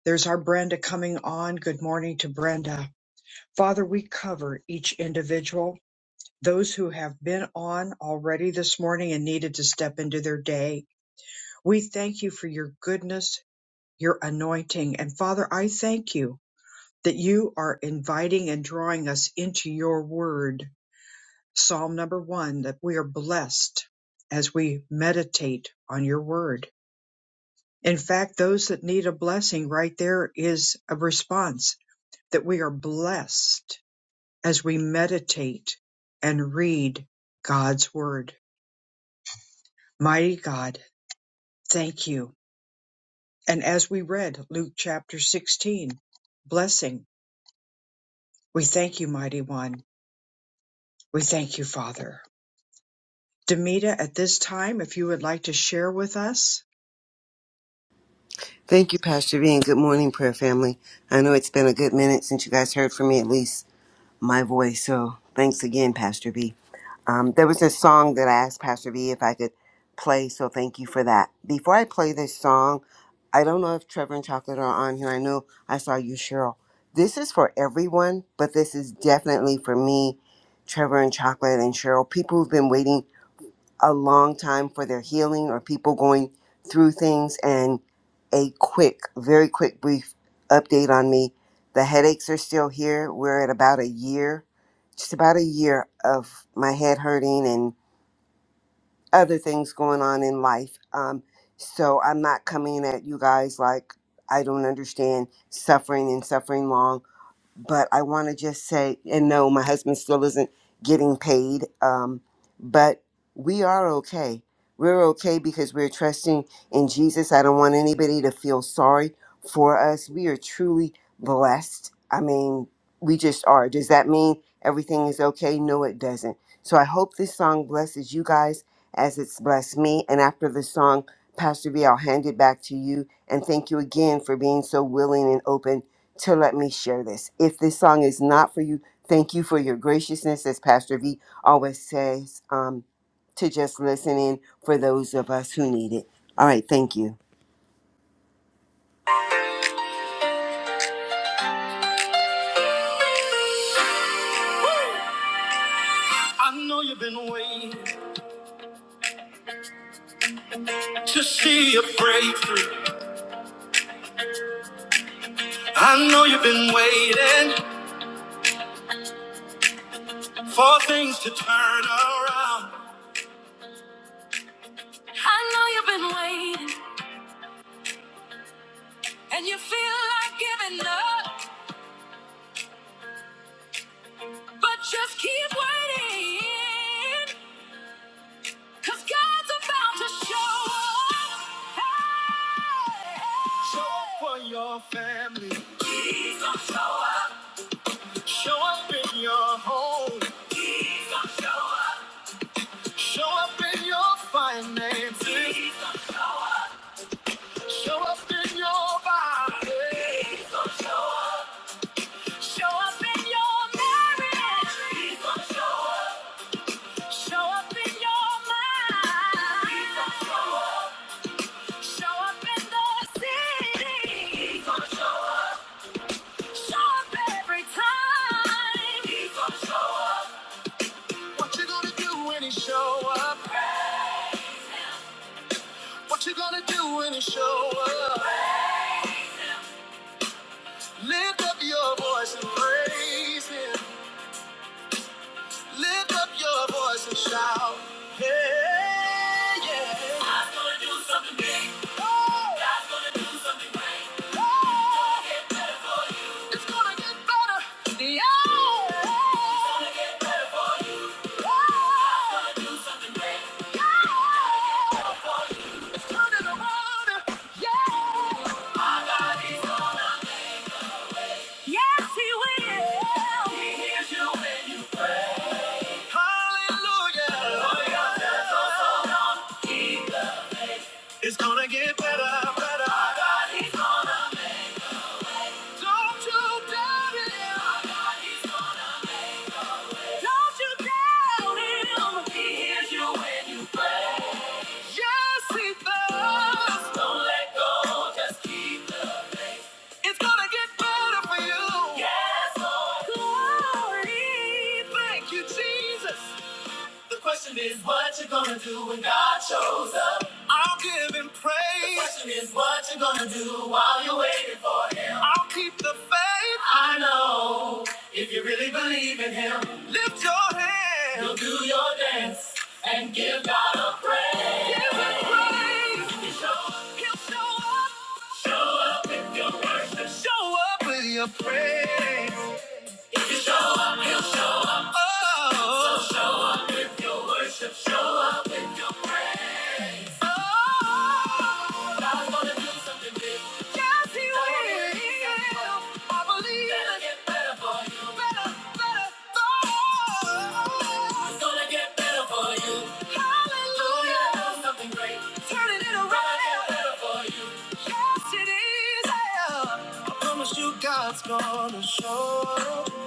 A: There's our Brenda coming on. Good morning to Brenda. Father, we cover each individual, those who have been on already this morning and needed to step into their day. We thank you for your goodness, your anointing. And Father, I thank you that you are inviting and drawing us into your word Psalm number one, that we are blessed as we meditate on your word. In fact, those that need a blessing right there is a response that we are blessed as we meditate and read God's word. Mighty God, thank you. And as we read Luke chapter 16, blessing, we thank you, mighty one. We thank you, Father. Demita, at this time, if you would like to share with us.
J: Thank you, Pastor V, and good morning, prayer family. I know it's been a good minute since you guys heard from me, at least my voice. So thanks again, Pastor V. Um, there was a song that I asked Pastor V if I could play, so thank you for that. Before I play this song, I don't know if Trevor and Chocolate are on here. I know I saw you, Cheryl. This is for everyone, but this is definitely for me, Trevor and Chocolate and Cheryl, people who've been waiting a long time for their healing or people going through things and a quick very quick brief update on me the headaches are still here we're at about a year just about a year of my head hurting and other things going on in life um, so i'm not coming at you guys like i don't understand suffering and suffering long but I want to just say, and no, my husband still isn't getting paid, um, but we are okay. We're okay because we're trusting in Jesus. I don't want anybody to feel sorry for us. We are truly blessed. I mean, we just are. Does that mean everything is okay? No, it doesn't. So I hope this song blesses you guys as it's blessed me. And after the song, Pastor V, I'll hand it back to you. And thank you again for being so willing and open to let me share this. If this song is not for you, thank you for your graciousness, as Pastor V always says, um, to just listen in for those of us who need it. All right, thank you. I know you've been waiting to see a breakthrough. I know you've been waiting for things to turn around. I know you've been waiting and you feel like giving up, but just keep waiting. Cause God's about to show up. Show up for your family. Jesus, show up. Show up in your home. Show up in your finances. Show up in your body. Show up in your marriage. Jesus, show up. Show up in your mind. Jesus, show up. Show up in the city. Jesus show up. What you gonna do when he show up? What you gonna do when he show up? Lift up your voice and praise him. Lift up your voice and shout. Hey, yeah. Oh, oh, it's gonna get better. Yeah. It's gonna get better for you. Oh, yeah. Turn it around. Yeah. Yes, he will. He hears you when you. Hallelujah. Oh, yeah, that's all. It's gonna get better, better. My God, Don't you doubt him. Don't you doubt him. Yes, he does. It's gonna get better for you. Yes. Glory. Thank you, Jesus. God shows up. I'll give him praise. The question is what you are gonna do while you're waiting for him. I'll keep the faith. I know if you really believe in him. Lift your hand. You'll do your dance and give God a praise. Give him praise. He'll show up. Show up with your worship. Show up with your praise. Oh, so show up. yes, he will. I believe it. God's gonna show up.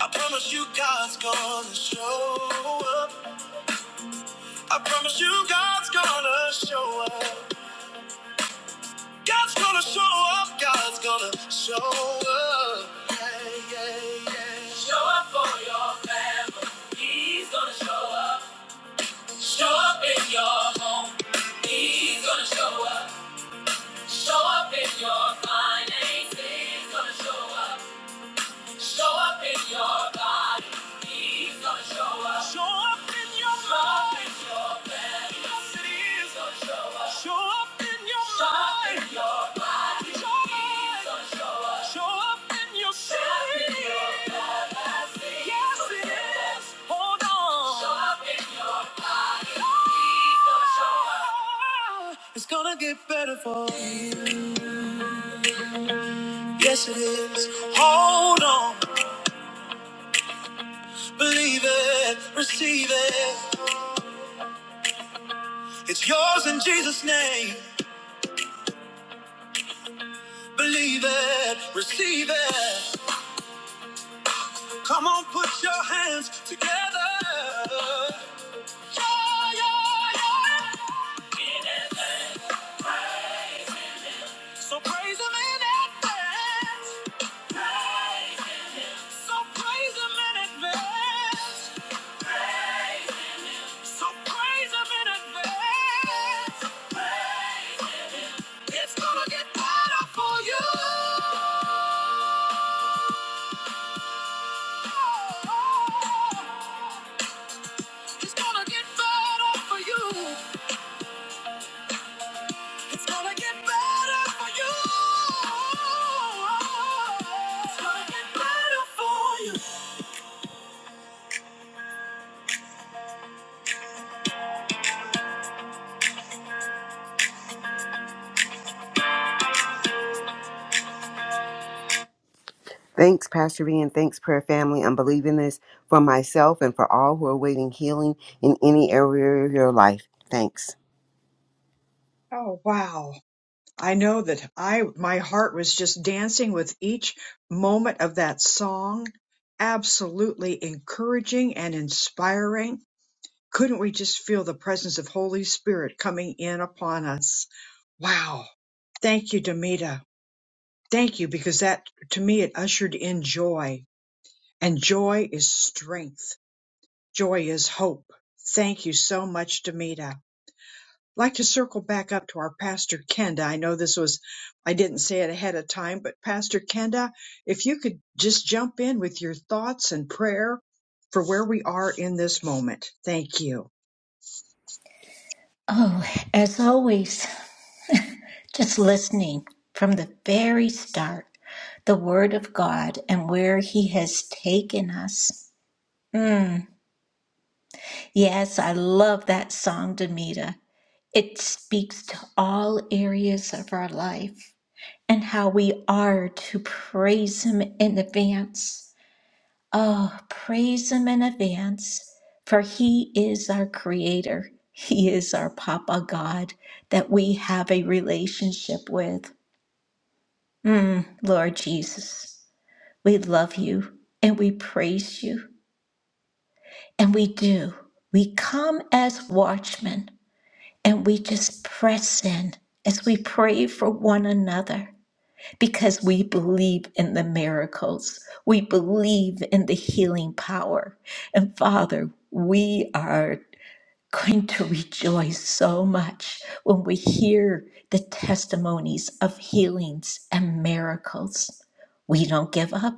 J: I promise you God's gonna show up. I promise you God's gonna show up. God's gonna show up. God's gonna show up. Yeah, yeah, yeah. Show up for your family. He's gonna show up. Show up in your home. He's gonna show up. Show up in your finances. He's gonna show up. Show up in your body. He's gonna show up. Show up in your mind. Yes, it is. Show up in your mind. Show up Show up Yes, Show up, show up. It's gonna get better for you. Yes, it is. Hold on. Believe it. Receive it. It's yours in Jesus' name. Believe it. Receive it. Come on, put your hands together. Yeah, yeah, yeah. So praise him in advance. Praise. So praise him in advance. Praise. So praise him in advance. Praise. It's gonna get better for you. It's gonna get better for you. It's gonna get better for you. It's gonna get better for you. Thanks, Pastor V, and thanks, prayer family. I'm believing this for myself and for all who are waiting healing in any area of your life. Thanks.
A: Oh, wow. I know that I my heart was just dancing with each moment of that song. Absolutely encouraging and inspiring. Couldn't we just feel the presence of Holy Spirit coming in upon us? Wow. Thank you, Demita. Thank you because that to me it ushered in joy and joy is strength. Joy is hope. Thank you so much, Demita like to circle back up to our pastor Kenda. I know this was, I didn't say it ahead of time, but Pastor Kenda, if you could just jump in with your thoughts and prayer for where we are in this moment. Thank you.
C: Oh, as always, Just listening from the very start, the Word of God and where He has taken us. Mm, yes, I love that song, Demita. It speaks to all areas of our life and how we are to praise Him in advance. Oh, praise Him in advance, for He is our Creator. He is our Papa God that we have a relationship with. Mm, Lord Jesus, we love you and we praise you and we do. We come as watchmen and we just press in as we pray for one another because we believe in the miracles. We believe in the healing power. And Father, we are going to rejoice so much when we hear the testimonies of healings and miracles. We don't give up.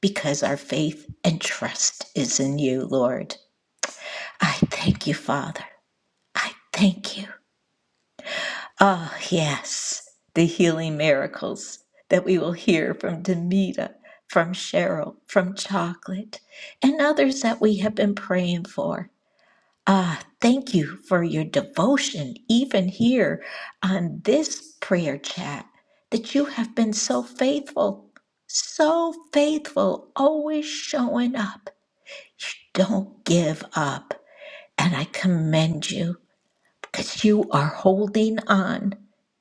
C: because our faith and trust is in you, Lord. I thank you, Father. I thank you. Oh, yes, the healing miracles that we will hear from Demita, from Cheryl, from Chocolate, and others that we have been praying for. Ah, thank you for your devotion, even here on this prayer chat, that you have been so faithful, so faithful, always showing up Don't give up. And I commend you because you are holding on.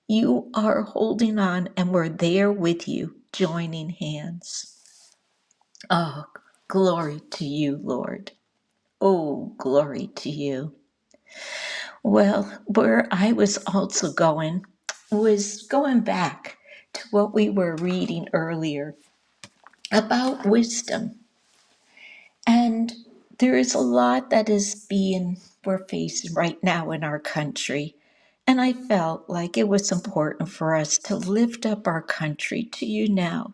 C: You are holding on, and we're there with you, joining hands. Oh, glory to you, Lord. Oh, glory to you. Well, where I was also going was going back to what we were reading earlier about wisdom And there is a lot that is being we're facing right now in our country. And I felt like it was important for us to lift up our country to you now,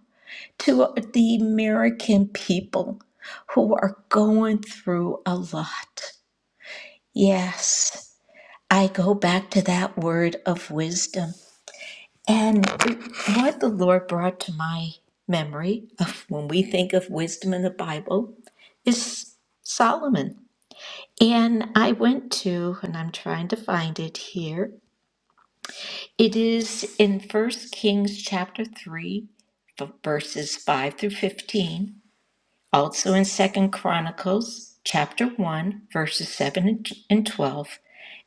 C: to the American people who are going through a lot. Yes, I go back to that word of wisdom. And what the Lord brought to my memory of when we think of wisdom in the Bible is Solomon. And I went to, and I'm trying to find it here. It is in First Kings chapter 3, v- verses 5 through 15. Also in Second Chronicles chapter 1, verses 7 and t- and 12.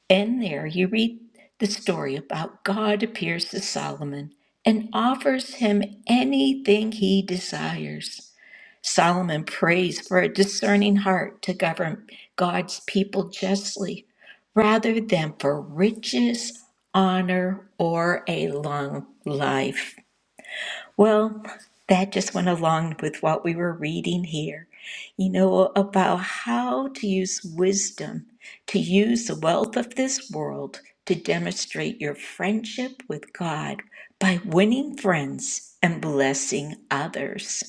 C: And there you read the story about God appears to Solomon and offers him anything he desires. Solomon prays for a discerning heart to govern God's people justly rather than for riches, honor, or a long life. Well, that just went along with what we were reading here, you know, about how to use wisdom, to use the wealth of this world to demonstrate your friendship with God by winning friends and blessing others.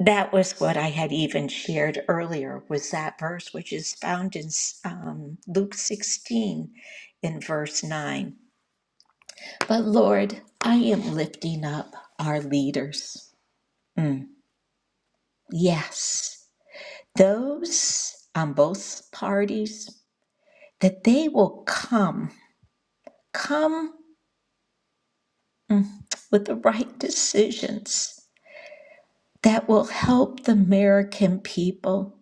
C: That was what I had even shared earlier was that verse which is found in um, Luke 16 in verse 9. But Lord, I am lifting up our leaders. Mm, yes, those on both parties, that they will come, come with the right decisions that will help the American people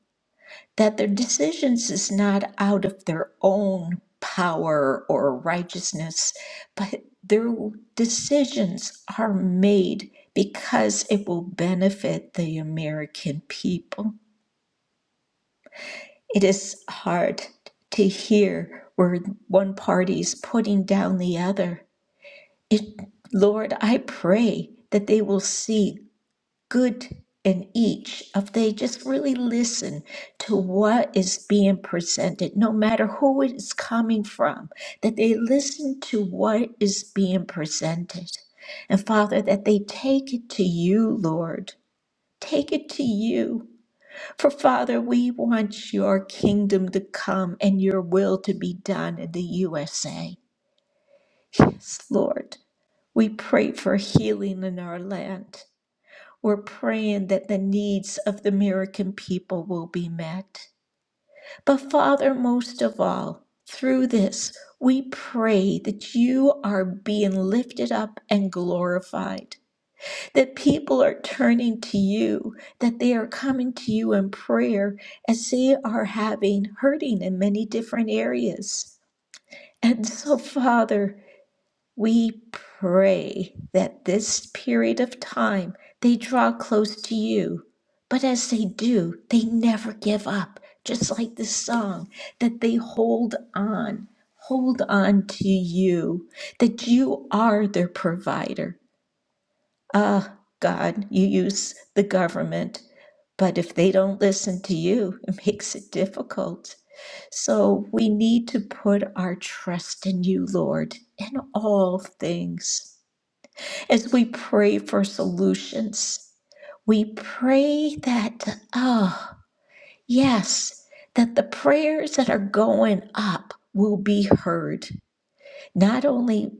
C: that their decisions is not out of their own power or righteousness, but their decisions are made because it will benefit the American people. It is hard to hear where one party is putting down the other. It, Lord, I pray that they will see good in each if they just really listen to what is being presented no matter who it is coming from that they listen to what is being presented and father that they take it to you lord take it to you for father we want your kingdom to come and your will to be done in the usa yes lord we pray for healing in our land we're praying that the needs of the American people will be met. But Father, most of all, through this, we pray that you are being lifted up and glorified, that people are turning to you, that they are coming to you in prayer as they are having hurting in many different areas. And so, Father, we pray that this period of time they draw close to you, but as they do, they never give up, just like the song, that they hold on, hold on to you, that you are their provider. Ah, God, you use the government, but if they don't listen to you, it makes it difficult. So we need to put our trust in you, Lord, in all things as we pray for solutions. We pray that, oh, yes, that the prayers that are going up will be heard, not only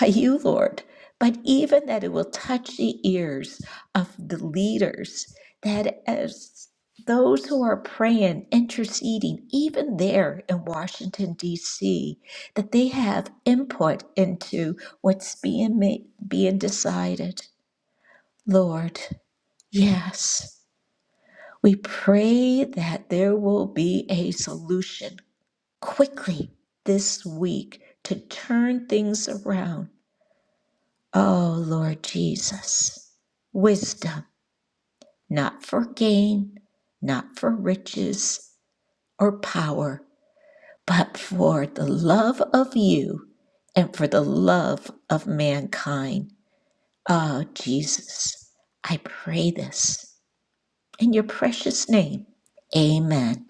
C: by you, Lord, but even that it will touch the ears of the leaders, that as those who are praying, interceding, even there in Washington, D.C., that they have input into what's being made, being decided. Lord, yes, we pray that there will be a solution quickly this week to turn things around. Oh, Lord Jesus, wisdom, not for gain, not for riches or power, but for the love of you and for the love of mankind. Oh, Jesus, I pray this. In your precious name, amen.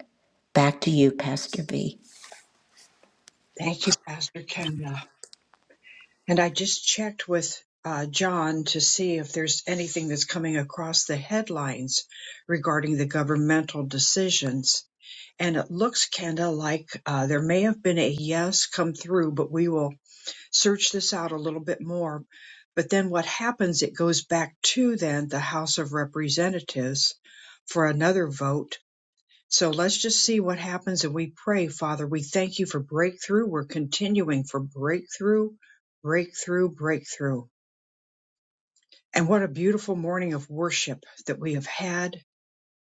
C: Back to you, Pastor V.
A: Thank you, Pastor Kenda. And I just checked with uh, John to see if there's anything that's coming across the headlines regarding the governmental decisions. And it looks, Kenda, like uh, there may have been a yes come through, but we will search this out a little bit more. But then what happens, it goes back to then the House of Representatives for another vote. So let's just see what happens. And we pray, Father, we thank you for breakthrough. We're continuing for breakthrough, breakthrough, breakthrough. And what a beautiful morning of worship that we have had.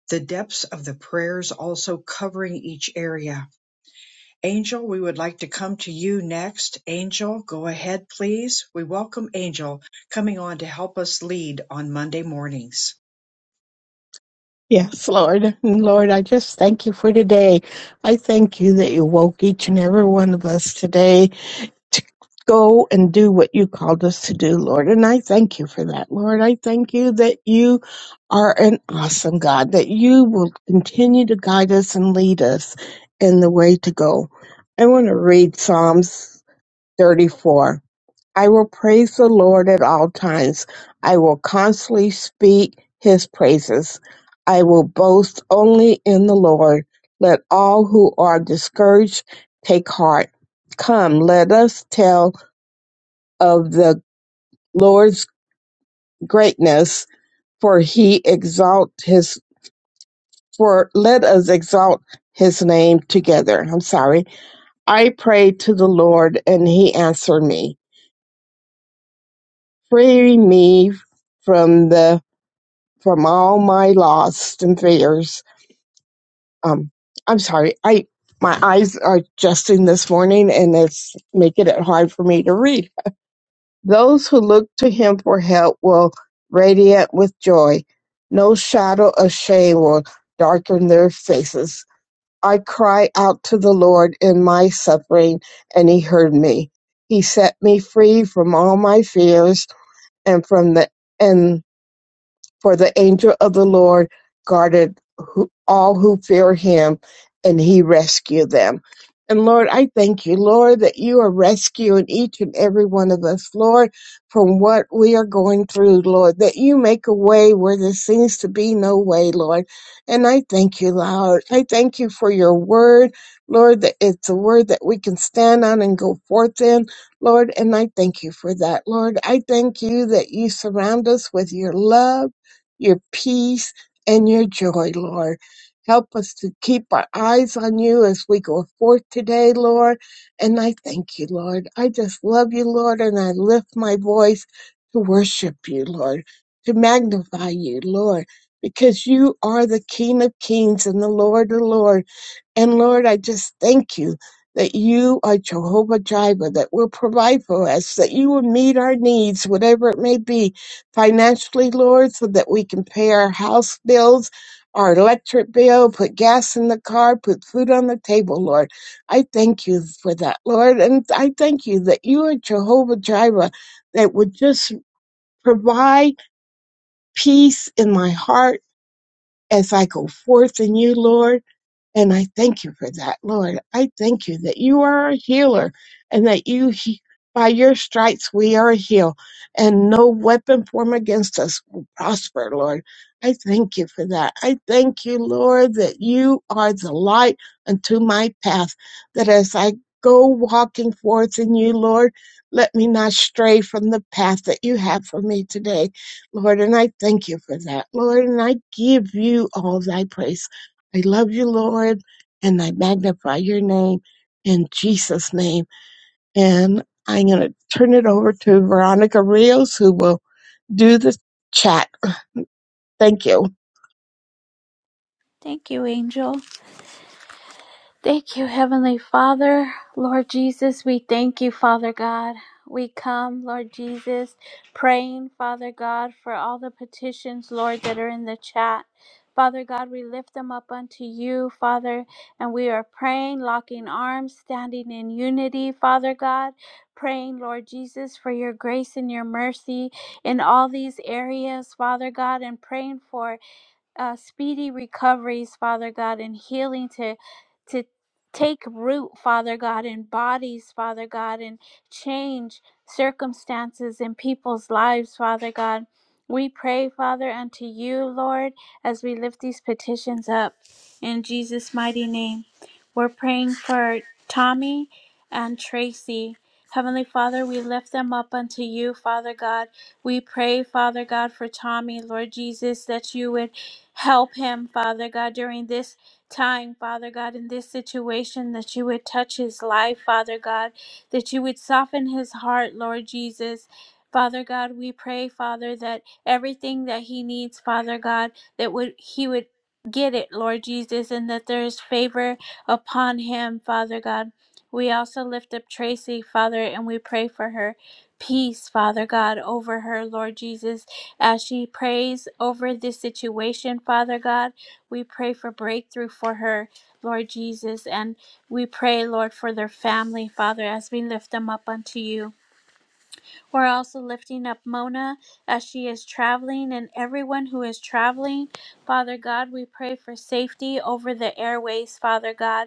A: The depths of the prayers also covering each area Angel, we would like to come to you next. Angel, go ahead, please. We welcome Angel coming on to help us lead on Monday mornings.
K: Yes, Lord. Lord, I just thank you for today. I thank you that you woke each and every one of us today to go and do what you called us to do, Lord. And I thank you for that, Lord. I thank you that you are an awesome God, that you will continue to guide us and lead us in the way to go. I want to read Psalms 34. I will praise the Lord at all times. I will constantly speak his praises. I will boast only in the Lord. Let all who are discouraged take heart. Come, let us tell of the Lord's greatness, for he exalt his for let us exalt his name together. I'm sorry. I prayed to the Lord and he answered me, freeing me from the from all my lost and fears. Um, I'm sorry, I my eyes are adjusting this morning, and it's making it hard for me to read. Those who look to Him for help will radiate with joy. No shadow of shame will darken their faces. I cry out to the Lord in my suffering, and He heard me. He set me free from all my fears and from the and. For the angel of the Lord guarded who, all who fear him, and he rescued them. And Lord, I thank you, Lord, that you are rescuing each and every one of us, Lord, from what we are going through, Lord, that you make a way where there seems to be no way, Lord. And I thank you, Lord. I thank you for your word, Lord, that it's a word that we can stand on and go forth in, Lord. And I thank you for that, Lord. I thank you that you surround us with your love your peace, and your joy, Lord. Help us to keep our eyes on you as we go forth today, Lord. And I thank you, Lord. I just love you, Lord, and I lift my voice to worship you, Lord, to magnify you, Lord, because you are the King of kings and the Lord of lords. And Lord, I just thank you that you are Jehovah Jireh, that will provide for us, that you will meet our needs, whatever it may be, financially, Lord, so that we can pay our house bills, our electric bill, put gas in the car, put food on the table, Lord. I thank you for that, Lord. And I thank you that you are Jehovah Jireh, that would just provide peace in my heart as I go forth in you, Lord. And I thank you for that, Lord. I thank you that you are a healer and that you, he- by your stripes, we are healed and no weapon formed against us will prosper, Lord. I thank you for that. I thank you, Lord, that you are the light unto my path, that as I go walking forth in you, Lord, let me not stray from the path that you have for me today, Lord. And I thank you for that, Lord. And I give you all thy praise. I love you, Lord, and I magnify your name in Jesus' name. And I'm going to turn it over to Veronica Rios, who will do the chat. Thank you.
D: Thank you, Angel. Thank you, Heavenly Father. Lord Jesus, we thank you, Father God. We come, Lord Jesus, praying, Father God, for all the petitions, Lord, that are in the chat. Father God, we lift them up unto you, Father, and we are praying, locking arms, standing in unity, Father God, praying, Lord Jesus, for your grace and your mercy in all these areas, Father God, and praying for uh, speedy recoveries, Father God, and healing to to take root, Father God, in bodies, Father God, and change circumstances in people's lives, Father God. We pray, Father, unto you, Lord, as we lift these petitions up in Jesus' mighty name. We're praying for Tommy and Tracy. Heavenly Father, we lift them up unto you, Father God. We pray, Father God, for Tommy, Lord Jesus, that you would Help him, Father God, during this time, Father God, in this situation, that you would touch his life, Father God, that you would soften his heart, Lord Jesus. Father God, we pray, Father, that everything that he needs, Father God, that would he would get it, Lord Jesus, and that there is favor upon him, Father God. We also lift up Tracy, Father, and we pray for her peace, Father God, over her, Lord Jesus as she prays over this situation, Father God, we pray for breakthrough for her, Lord Jesus, and we pray, Lord, for their family, Father, as we lift them up unto you. We're also lifting up Mona as she is traveling and everyone who is traveling. Father God, we pray for safety over the airways, Father God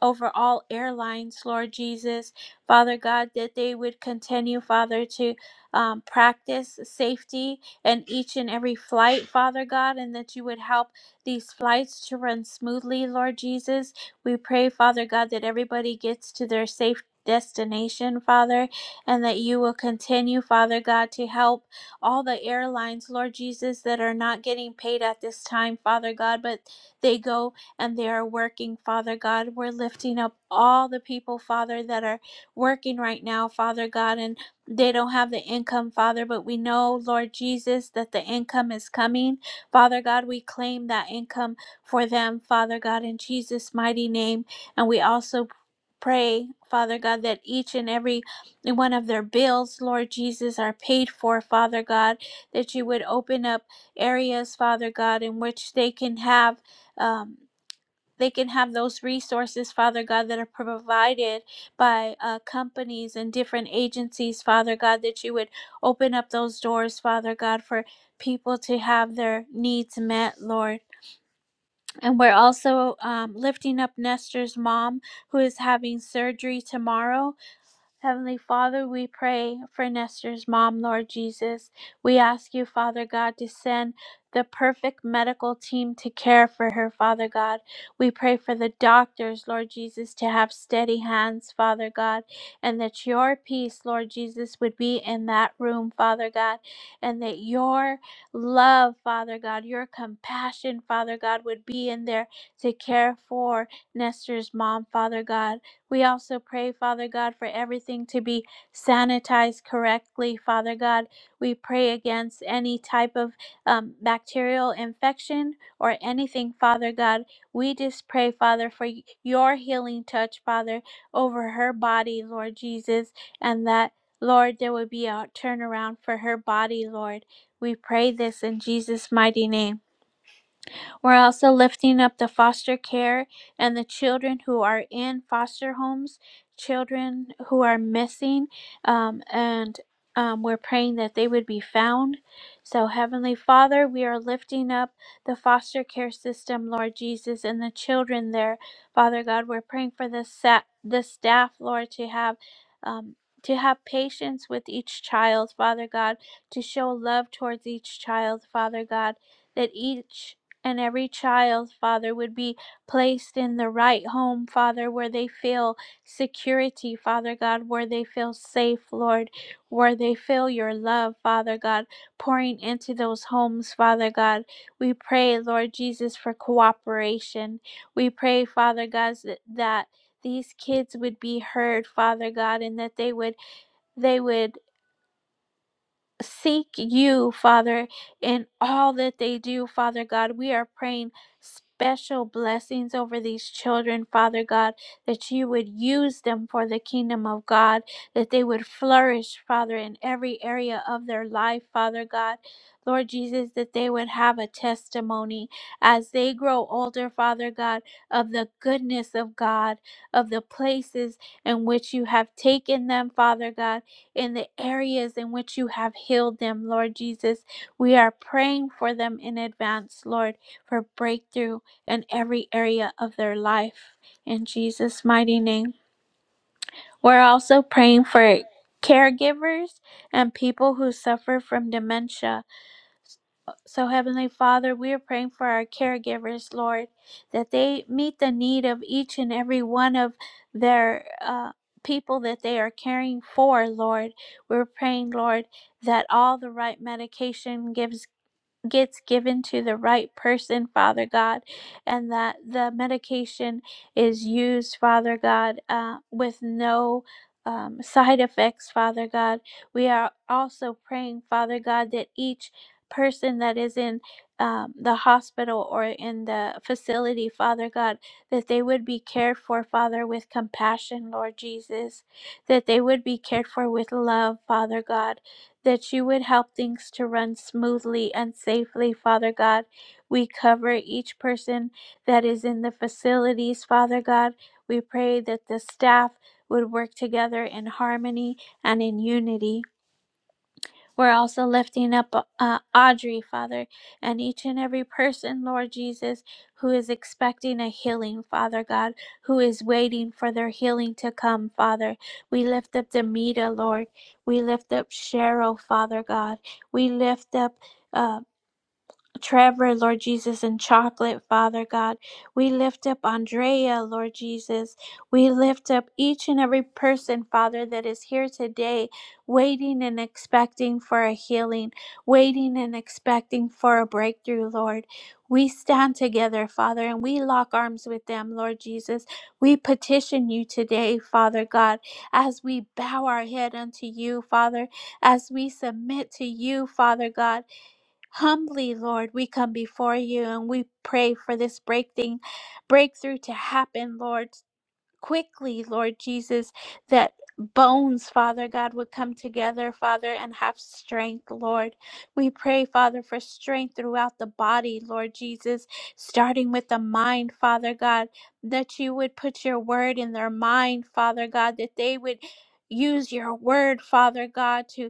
D: over all airlines, Lord Jesus. Father God, that they would continue, Father, to um, practice safety in each and every flight, Father God, and that you would help these flights to run smoothly, Lord Jesus. We pray, Father God, that everybody gets to their safe destination, Father, and that you will continue, Father God, to help all the airlines, Lord Jesus, that are not getting paid at this time, Father God, but they go and they are working, Father God. We're lifting up all the people, Father, that are working right now, Father God, and they don't have the income, Father, but we know, Lord Jesus, that the income is coming. Father God, we claim that income for them, Father God, in Jesus' mighty name. And we also pray, Father God, that each and every one of their bills, Lord Jesus, are paid for, Father God, that you would open up areas, Father God, in which they can have. Um, they can have those resources, Father God, that are provided by uh, companies and different agencies, Father God, that you would open up those doors, Father God, for people to have their needs met, Lord. And we're also um, lifting up Nestor's mom, who is having surgery tomorrow Heavenly Father, we pray for Nestor's mom, Lord Jesus. We ask you, Father God, to send the perfect medical team to care for her, Father God. We pray for the doctors, Lord Jesus, to have steady hands, Father God, and that your peace, Lord Jesus, would be in that room, Father God, and that your love, Father God, your compassion, Father God, would be in there to care for Nestor's mom, Father God. We also pray, Father God, for everything to be sanitized correctly, Father God. We pray against any type of um, bacterial infection or anything, Father God. We just pray, Father, for y- your healing touch, Father, over her body, Lord Jesus, and that, Lord, there would be a turnaround for her body, Lord. We pray this in Jesus' mighty name. We're also lifting up the foster care and the children who are in foster homes, children who are missing, um, and um, we're praying that they would be found. So, Heavenly Father, we are lifting up the foster care system, Lord Jesus, and the children there. Father God, we're praying for the, sa- the staff, Lord, to have. Um, to have patience with each child, Father God, to show love towards each child, Father God, that each and every child, Father, would be placed in the right home, Father, where they feel security, Father God, where they feel safe, Lord, where they feel your love, Father God, pouring into those homes, Father God. We pray, Lord Jesus, for cooperation. We pray, Father God, that that these kids would be heard, Father God, and that they would they would seek you, Father, in all that they do, Father God. We are praying special blessings over these children, Father God, that you would use them for the kingdom of God, that they would flourish, Father, in every area of their life, Father God. Lord Jesus, that they would have a testimony as they grow older, Father God, of the goodness of God, of the places in which you have taken them, Father God in the areas in which you have healed them, Lord Jesus. We are praying for them in advance, Lord, for breakthrough in every area of their life. In Jesus' mighty name. We're also praying for caregivers and people who suffer from dementia so, Heavenly Father, we are praying for our caregivers, Lord, that they meet the need of each and every one of their uh, people that they are caring for, Lord. We're praying, Lord, that all the right medication gives gets given to the right person, Father God, and that the medication is used, Father God, uh, with no um, side effects, Father God. We are also praying, Father God, that each person that is in um, the hospital or in the facility, Father God, that they would be cared for, Father, with compassion, Lord Jesus, that they would be cared for with love, Father God that you would help things to run smoothly and safely, Father God. We cover each person that is in the facilities, Father God. We pray that the staff would work together in harmony and in unity. We're also lifting up uh, Audrey, Father, and each and every person, Lord Jesus, who is expecting a healing, Father God, who is waiting for their healing to come, Father. We lift up Demita, Lord. We lift up Cheryl, Father God. We lift up. uh, Trevor, Lord Jesus, and Chocolate, Father God. We lift up Andrea, Lord Jesus. We lift up each and every person, Father, that is here today, waiting and expecting for a healing, waiting and expecting for a breakthrough, Lord. We stand together, Father, and we lock arms with them, Lord Jesus. We petition you today, Father God, as we bow our head unto you, Father, as we submit to you, Father God Humbly, Lord, we come before you and we pray for this breakthing, breakthrough to happen, Lord quickly, Lord Jesus, that bones, Father God, would come together, Father, and have strength, Lord. We pray, Father, for strength throughout the body, Lord Jesus, starting with the mind, Father God, that you would put your word in their mind, Father God, that they would use your word, Father God, to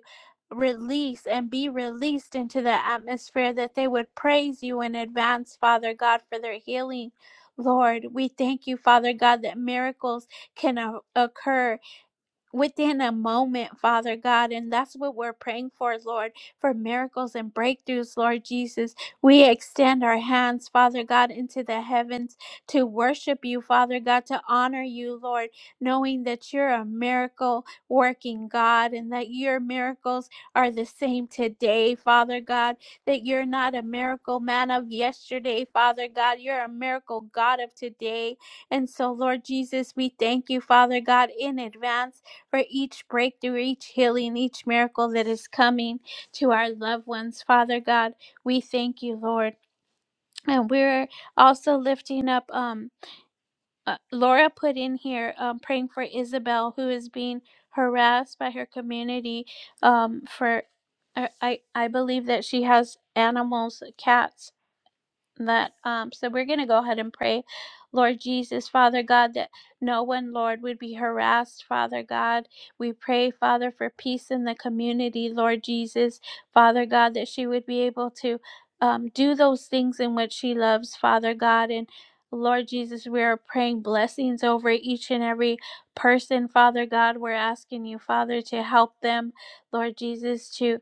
D: release and be released into the atmosphere that they would praise you in advance father god for their healing Lord, we thank you, Father God, that miracles can o- occur within a moment, Father God. And that's what we're praying for, Lord, for miracles and breakthroughs, Lord Jesus. We extend our hands, Father God, into the heavens to worship you, Father God, to honor you, Lord, knowing that you're a miracle working God and that your miracles are the same today, Father God, that you're not a miracle man of yesterday, Father God. You're a miracle God of today. And so, Lord Jesus, we thank you, Father God, in advance for each breakthrough, each healing, each miracle that is coming to our loved ones. Father God, we thank you, Lord. And we're also lifting up, um, uh, Laura put in here, um, praying for Isabel, who is being harassed by her community um, for, I, I I believe that she has animals, cats, that um so we're going to go ahead and pray lord jesus father god that no one lord would be harassed father god we pray father for peace in the community lord jesus father god that she would be able to um, do those things in which she loves father god and Lord Jesus, we are praying blessings over each and every person, Father God. We're asking you, Father, to help them, Lord Jesus, to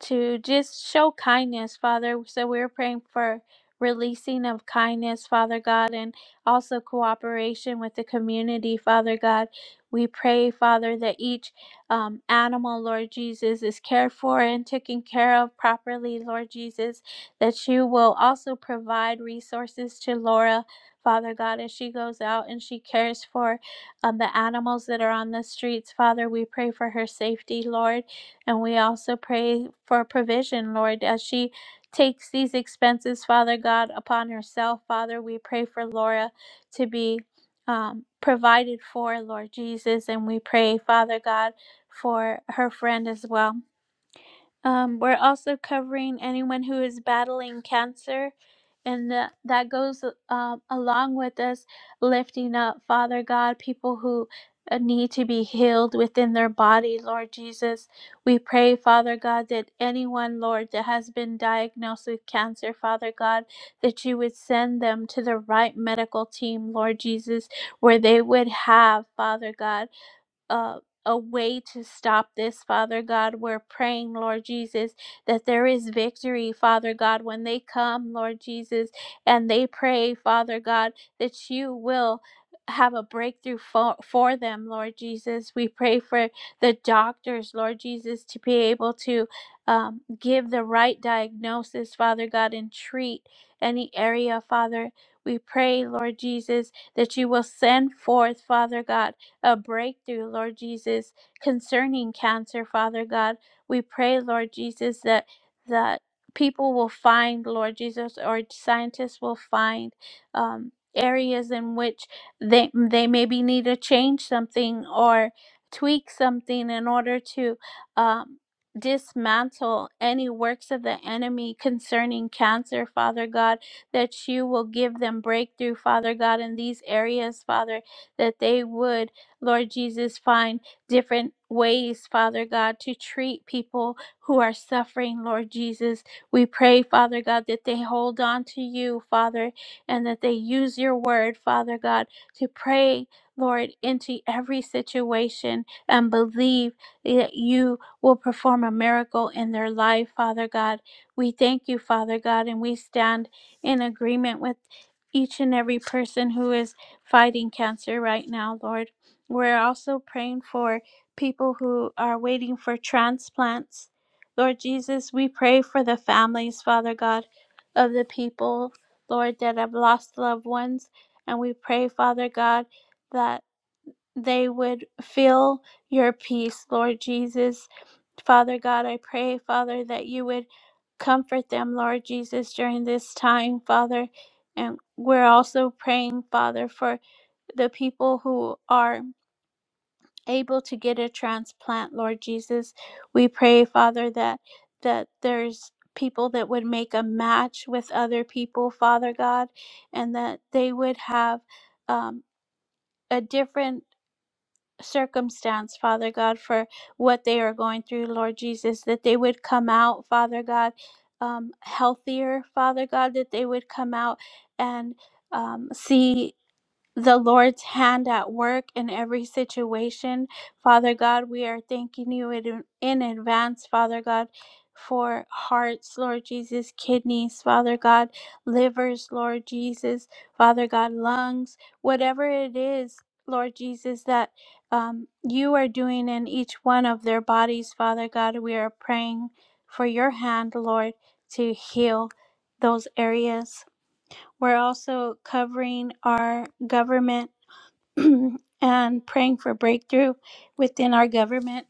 D: to just show kindness, Father. So we're praying for releasing of kindness, Father God, and also cooperation with the community, Father God. We pray, Father, that each um, animal, Lord Jesus, is cared for and taken care of properly, Lord Jesus, that you will also provide resources to Laura. Father God, as she goes out and she cares for um, the animals that are on the streets, Father, we pray for her safety, Lord. And we also pray for provision, Lord, as she takes these expenses, Father God, upon herself. Father, we pray for Laura to be um, provided for, Lord Jesus. And we pray, Father God, for her friend as well. Um, we're also covering anyone who is battling cancer, and that, that goes um, along with us lifting up, Father God, people who uh, need to be healed within their body, Lord Jesus. We pray, Father God, that anyone, Lord, that has been diagnosed with cancer, Father God, that you would send them to the right medical team, Lord Jesus, where they would have, Father God uh, a way to stop this, Father God. We're praying, Lord Jesus, that there is victory, Father God, when they come, Lord Jesus, and they pray, Father God, that you will have a breakthrough for, for them, Lord Jesus. We pray for the doctors, Lord Jesus, to be able to um, give the right diagnosis, Father God, and treat any area, Father. We pray, Lord Jesus, that you will send forth, Father God a breakthrough, Lord Jesus, concerning cancer, Father God. We pray, Lord Jesus, that that people will find, Lord Jesus, or scientists will find um, areas in which they they maybe need to change something or tweak something in order to um, dismantle any works of the enemy concerning cancer, Father God, that you will give them breakthrough, Father God, in these areas, Father, that they would. Lord Jesus, find different ways, Father God, to treat people who are suffering, Lord Jesus. We pray, Father God, that they hold on to you, Father, and that they use your word, Father God, to pray, Lord, into every situation and believe that you will perform a miracle in their life, Father God. We thank you, Father God, and we stand in agreement with each and every person who is fighting cancer right now, Lord. We're also praying for people who are waiting for transplants. Lord Jesus, we pray for the families, Father God, of the people, Lord, that have lost loved ones. And we pray, Father God, that they would feel your peace, Lord Jesus. Father God, I pray, Father, that you would comfort them, Lord Jesus, during this time, Father. And we're also praying, Father, for the people who are able to get a transplant, Lord Jesus. We pray, Father, that that there's people that would make a match with other people, Father God, and that they would have um, a different circumstance, Father God, for what they are going through, Lord Jesus, that they would come out, Father God, um, healthier, Father God, that they would come out and um, see the Lord's hand at work in every situation. Father God, we are thanking you in, in advance, Father God, for hearts, Lord Jesus, kidneys, Father God, livers, Lord Jesus, Father God, lungs, whatever it is. Lord Jesus, that um, you are doing in each one of their bodies, Father God. We are praying for your hand, Lord, to heal those areas. We're also covering our government and praying for breakthrough within our government.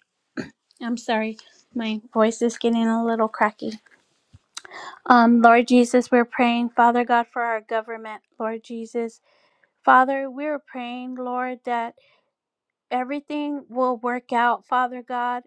D: I'm sorry, my voice is getting a little cracky. Um, Lord Jesus, we're praying, Father God, for our government, Lord Jesus. Father, we're praying, Lord, that everything will work out, Father God,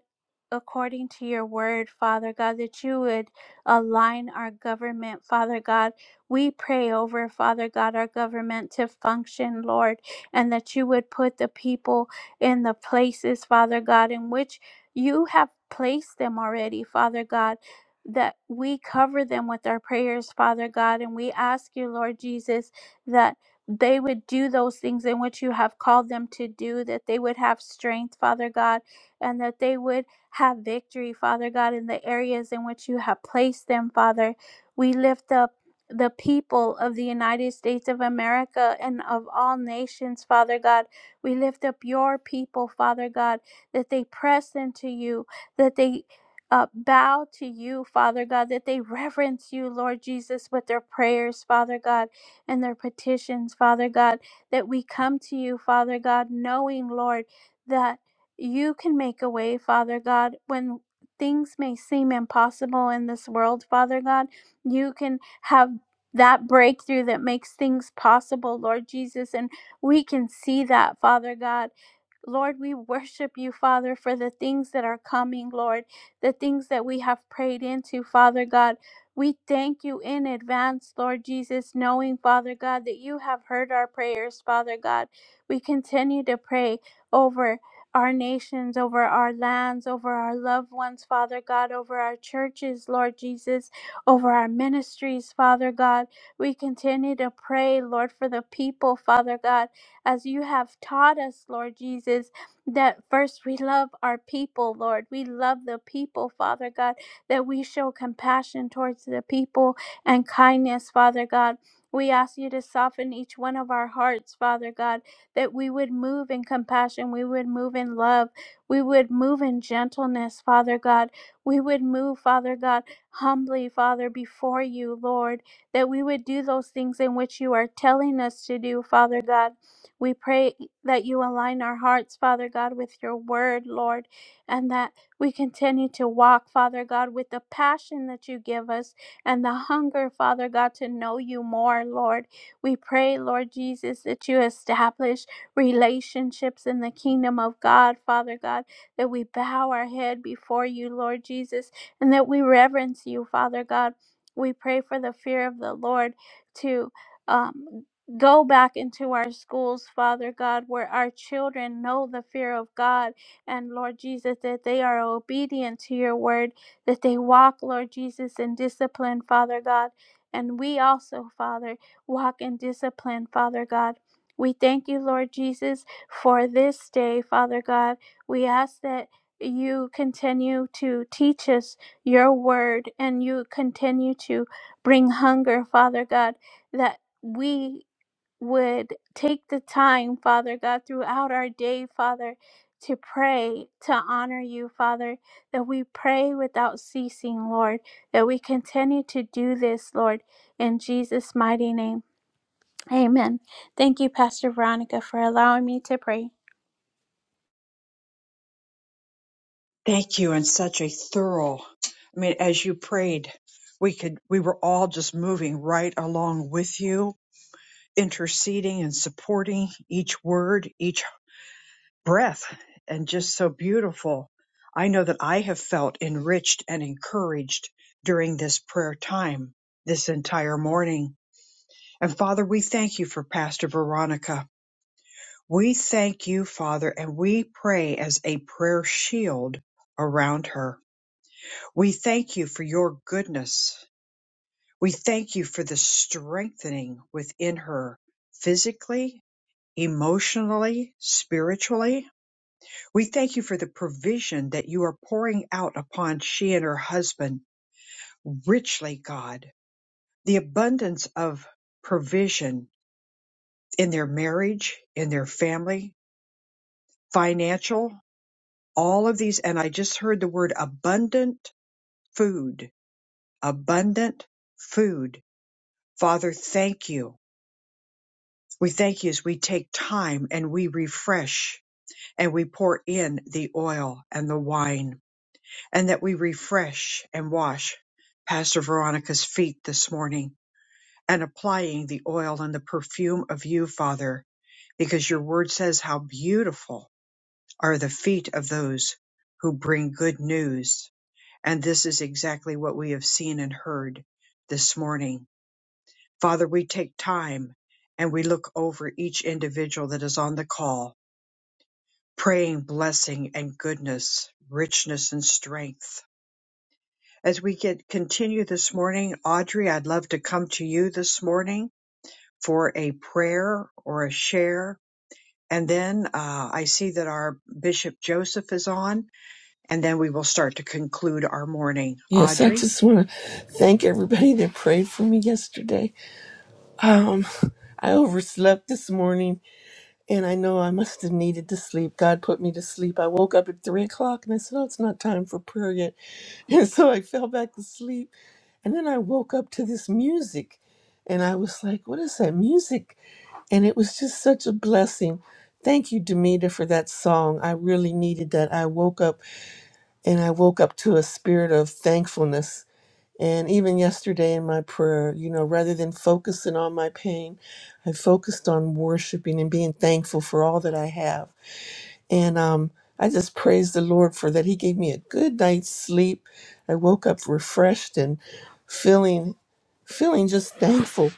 D: according to your word, Father God, that you would align our government, Father God. We pray over, Father God, our government to function, Lord, and that you would put the people in the places, Father God, in which you have placed them already, Father God. That we cover them with our prayers, Father God, and we ask you, Lord Jesus, that they would do those things in which you have called them to do, that they would have strength, Father God, and that they would have victory, Father God, in the areas in which you have placed them, Father. We lift up the people of the United States of America and of all nations, Father God. We lift up your people, Father God, that they press into you, that they uh, bow to you, Father God, that they reverence you, Lord Jesus, with their prayers, Father God and their petitions, Father God, that we come to you, Father God, knowing, Lord, that you can make a way, Father God, when things may seem impossible in this world, Father God. You can have that breakthrough that makes things possible, Lord Jesus. And we can see that, Father God. Lord, we worship you, Father, for the things that are coming, Lord, the things that we have prayed into, Father God. We thank you in advance, Lord Jesus, knowing, Father God, that you have heard our prayers, Father God. We continue to pray over our nations, over our lands, over our loved ones, Father God, over our churches, Lord Jesus, over our ministries, Father God. We continue to pray, Lord, for the people, Father God as you have taught us, Lord Jesus, that first we love our people, Lord. We love the people, Father God, that we show compassion towards the people and kindness, Father God. We ask you to soften each one of our hearts, Father God, that we would move in compassion, we would move in love, we would move in gentleness, Father God. We would move, Father God, humbly, Father, before you, Lord, that we would do those things in which you are telling us to do, Father God we pray that you align our hearts, Father God, with your word, Lord, and that we continue to walk, Father God, with the passion that you give us and the hunger, Father God, to know you more, Lord. We pray, Lord Jesus, that you establish relationships in the kingdom of God, Father God, that we bow our head before you, Lord Jesus, and that we reverence you, Father God. We pray for the fear of the Lord to. Um, Go back into our schools, Father God, where our children know the fear of God and Lord Jesus, that they are obedient to your word, that they walk, Lord Jesus, in discipline, Father God. And we also, Father, walk in discipline, Father God. We thank you, Lord Jesus, for this day, Father God. We ask that you continue to teach us your word and you continue to bring hunger, Father God, that we would take the time, Father God, throughout our day, Father, to pray, to honor you, Father, that we pray without ceasing, Lord, that we continue to do this, Lord, in Jesus' mighty name. Amen. Thank you, Pastor Veronica, for allowing me to pray.
A: Thank you, and such a thorough. I mean, as you prayed, we could, we were all just moving right along with you, interceding and supporting each word, each breath, and just so beautiful. I know that I have felt enriched and encouraged during this prayer time, this entire morning And Father, we thank you for Pastor Veronica. We thank you, Father, and we pray as a prayer shield around her. We thank you for your goodness. We thank you for the strengthening within her physically, emotionally, spiritually. We thank you for the provision that you are pouring out upon she and her husband richly, God. The abundance of provision in their marriage, in their family, financial, all of these. And I just heard the word abundant food, abundant food. Father, thank you. We thank you as we take time and we refresh and we pour in the oil and the wine and that we refresh and wash Pastor Veronica's feet this morning and applying the oil and the perfume of you, Father, because your word says how beautiful are the feet of those who bring good news And this is exactly what we have seen and heard this morning. Father, we take time and we look over each individual that is on the call, praying blessing and goodness, richness and strength. As we get continue this morning, Audrey, I'd love to come to you this morning for a prayer or a share. And then uh, I see that our Bishop Joseph is on, and then we will start to conclude our morning.
L: Yes, I
A: Audrey?
L: just want to thank everybody that prayed for me yesterday. Um, I overslept this morning, and I know I must have needed to sleep. God put me to sleep. I woke up at three o'clock, and I said, "Oh, it's not time for prayer yet," and so I fell back to sleep. And then I woke up to this music, and I was like, "What is that music?" And it was just such a blessing. Thank you, Demita, for that song. I really needed that. I woke up, and I woke up to a spirit of thankfulness and even yesterday in my prayer, you know, rather than focusing on my pain, I focused on worshiping and being thankful for all that I have. And um, I just praised the Lord for that. He gave me a good night's sleep. I woke up refreshed and feeling, feeling just thankful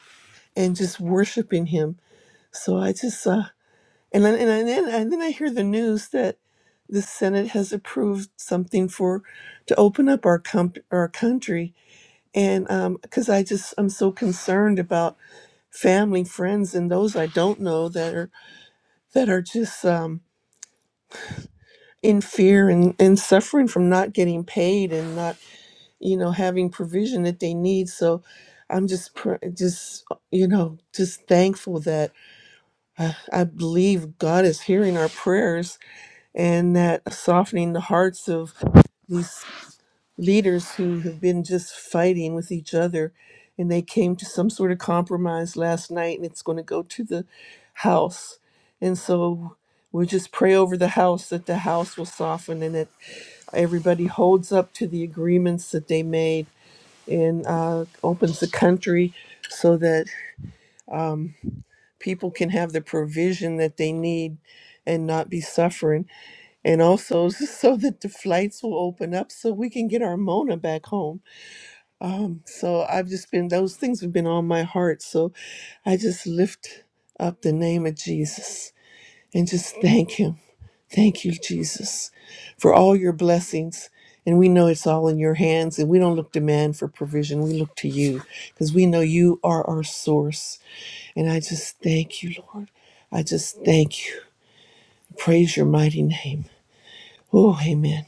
L: and just worshiping Him. So I just, uh, and then, and then, and then I hear the news that the Senate has approved something for to open up our comp- our country and um because i just i'm so concerned about family friends and those i don't know that are that are just um in fear and and suffering from not getting paid and not you know having provision that they need so i'm just pr- just you know just thankful that uh, i believe god is hearing our prayers and that softening the hearts of these. leaders who have been just fighting with each other and they came to some sort of compromise last night and it's going to go to the house and so we'll just pray over the house that the house will soften and that everybody holds up to the agreements that they made and uh, opens the country so that um, people can have the provision that they need and not be suffering and also so that the flights will open up so we can get our mona back home um, so I've just been, those things have been on my heart. So I just lift up the name of Jesus and just thank Him. Thank you, Jesus, for all your blessings. And we know it's all in your hands, and we don't look to man for provision. We look to you because we know you are our source. And I just thank you, Lord. I just thank you. Praise your mighty name. Oh, amen.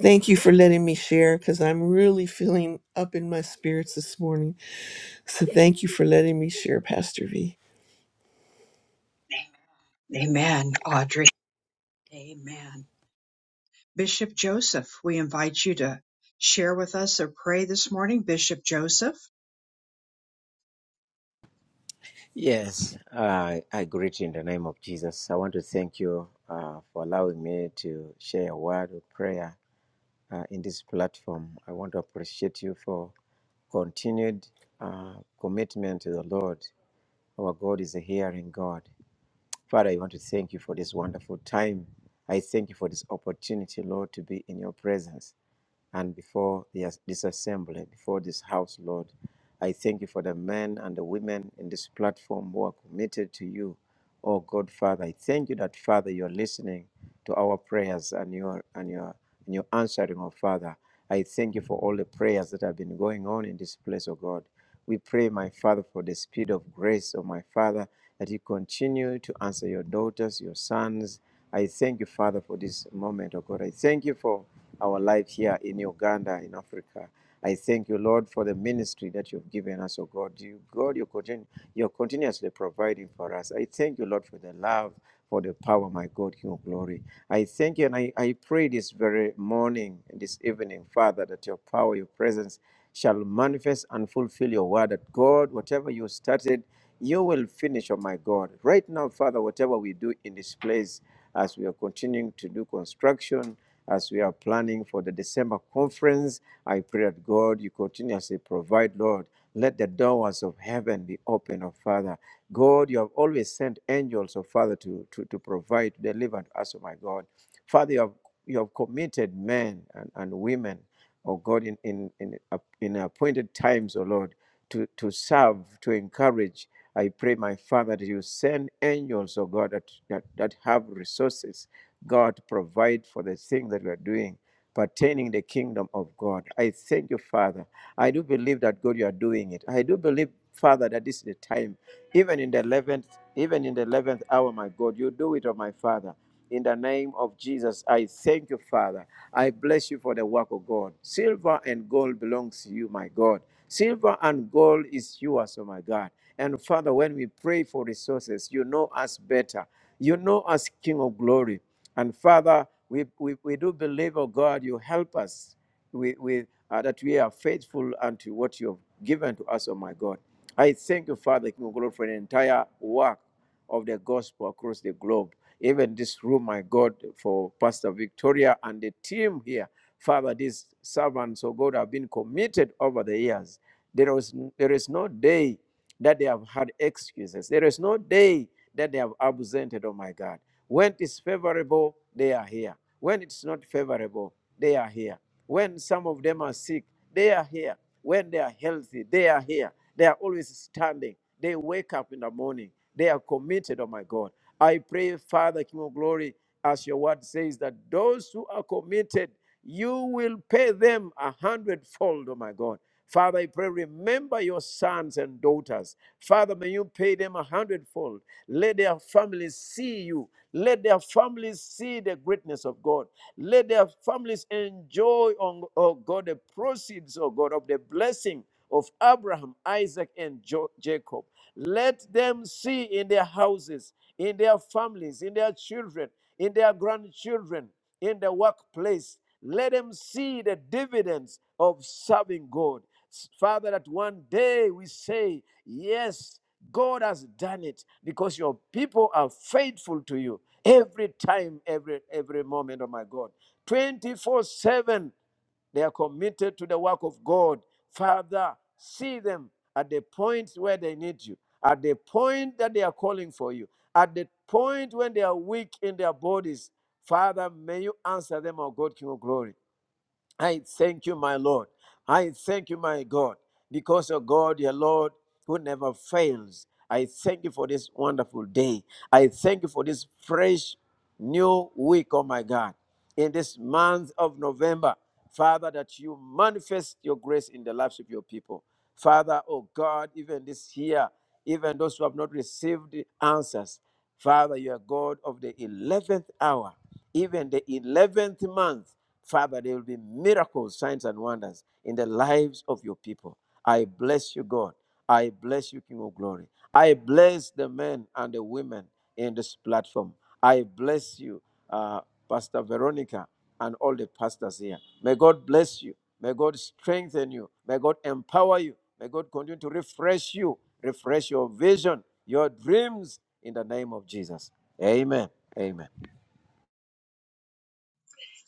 L: Thank you for letting me share because I'm really feeling up in my spirits this morning. So thank you for letting me share, Pastor V.
A: Amen. Audrey. Amen. Bishop Joseph, we invite you to share with us or pray this morning, Bishop Joseph.
M: Yes, uh, I greet you in the name of Jesus. I want to thank you uh, for allowing me to share a word of prayer uh, in this platform. I want to appreciate you for continued uh, commitment to the Lord. Our God is a hearing God. Father, I want to thank you for this wonderful time. I thank you for this opportunity, Lord, to be in your presence and before the- this assembly, before this house, Lord. I thank you for the men and the women in this platform who are committed to you Oh God, Father, I thank you that Father, you're listening to our prayers and your and your and your answering, oh Father. I thank you for all the prayers that have been going on in this place, oh God. We pray, my Father, for the speed of grace, oh my Father, that you continue to answer your daughters, your sons. I thank you, Father, for this moment, oh God. I thank you for our life here in Uganda, in Africa. I thank you, Lord, for the ministry that you've given us, oh God. You, God, you continue, you're continuously providing for us. I thank you, Lord, for the love, for the power, my God, King of glory. I thank you, and I, I pray this very morning, this evening, Father, that your power, your presence shall manifest and fulfill your word. That God, whatever you started, you will finish, oh my God. Right now, Father, whatever we do in this place, as we are continuing to do construction, as we are planning for the December conference. I pray that God, you continuously provide, Lord. Let the doors of heaven be open, oh Father. God, you have always sent angels, oh Father, to, to, to provide, to deliver to us, oh my God. Father, you have, you have committed men and, and women, oh God, in, in, in, in appointed times, oh Lord, to, to serve, to encourage. I pray, my Father, that you send angels, oh God, that, that, that have resources God provide for the thing that we are doing pertaining the kingdom of God. I thank you, Father, I do believe that God, you are doing it. I do believe, Father, that this is the time. Even in the eleventh, even in the eleventh hour, my God, you do it, oh my Father. In the name of Jesus, I thank you, Father. I bless you for the work of God. Silver and gold belongs to you, my God. Silver and gold is yours, oh my God. And Father, when we pray for resources, you know us better. You know us, King of glory. And Father, we, we, we do believe, oh God, you help us we, we, uh, that we are faithful unto what you have given to us, oh my God. I thank you, Father, King of Glory, for the entire work of the gospel across the globe. Even this room, my God, for Pastor Victoria and the team here. Father, these servants, oh God, have been committed over the years. There is, there is no day that they have had excuses. There is no day that they have absented, oh my God. When it's favorable, they are here. When it's not favorable, they are here. When some of them are sick, they are here. When they are healthy, they are here. They are always standing. They wake up in the morning. They are committed, oh my God. I pray, Father, King of Glory, as your word says, that those who are committed, you will pay them a hundredfold, oh my God. Father, I pray, remember your sons and daughters. Father, may you pay them a hundredfold. Let their families see you. Let their families see the greatness of God. Let their families enjoy, on- oh God, the proceeds, oh God, of the blessing of Abraham, Isaac, and Jo- Jacob. Let them see in their houses, in their families, in their children, in their grandchildren, in the workplace. Let them see the dividends of serving God. Father, that one day we say, Yes, God has done it because your people are faithful to you every time, every every moment, oh my God. 24-7. They are committed to the work of God. Father, see them at the point where they need you, at the point that they are calling for you, at the point when they are weak in their bodies. Father, may you answer them, O God, King of glory. I thank you, my Lord. I thank you, my God, because of God, your Lord, who never fails. I thank you for this wonderful day. I thank you for this fresh new week, oh my God, in this month of November. Father, that you manifest your grace in the lives of your people. Father, oh God, even this year, even those who have not received the answers, Father, you are God of the 11th hour, even the 11th month. Father, there will be miracles, signs, and wonders in the lives of your people. I bless you, God. I bless you, King of Glory. I bless the men and the women in this platform. I bless you, uh, Pastor Veronica, and all the pastors here. May God bless you. May God strengthen you. May God empower you. May God continue to refresh you, refresh your vision, your dreams in the name of Jesus. Amen. Amen.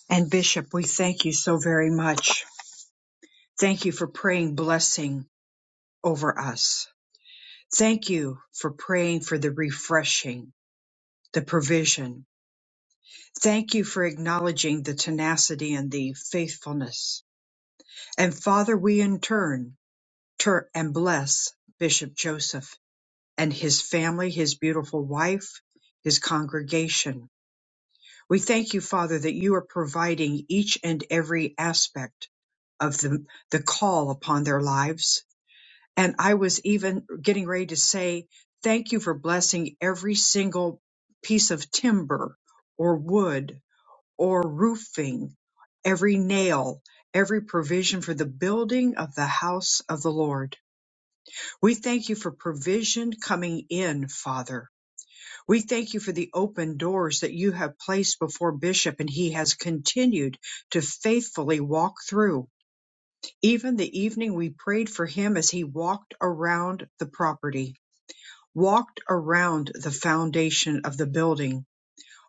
A: And Bishop, we thank you so very much. Thank you for praying blessing over us. Thank you for praying for the refreshing, the provision. Thank you for acknowledging the tenacity and the faithfulness. And Father, we in turn turn and bless Bishop Joseph and his family, his beautiful wife, his congregation. We thank you, Father, that you are providing each and every aspect of the, the call upon their lives. And I was even getting ready to say, thank you for blessing every single piece of timber or wood or roofing, every nail, every provision for the building of the house of the Lord. We thank you for provision coming in, Father we thank you for the open doors that you have placed before Bishop, and he has continued to faithfully walk through. Even the evening we prayed for him as he walked around the property, walked around the foundation of the building,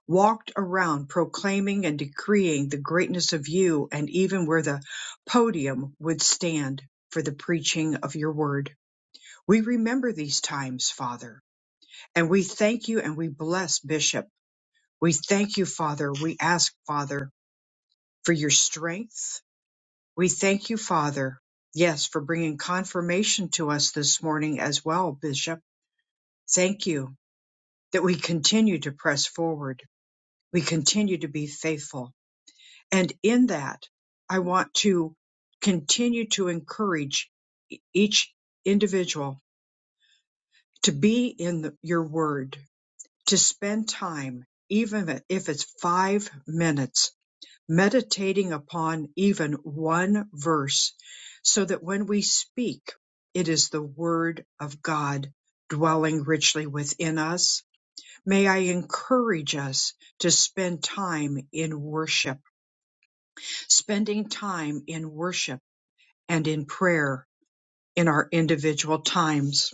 A: walked around proclaiming and decreeing the greatness of you, and even where the podium would stand for the preaching of your word. We remember these times, Father, and we thank you and we bless Bishop. We thank you, Father. We ask, Father, for your strength. We thank you, Father, yes, for bringing confirmation to us this morning as well, Bishop. Thank you that we continue to press forward. We continue to be faithful. And in that, I want to continue to encourage e- each individual to be in the, your word, to spend time, even if it's five minutes meditating upon even one verse, so that when we speak, it is the Word of God dwelling richly within us. May I encourage us to spend time in worship, spending time in worship and in prayer in our individual times.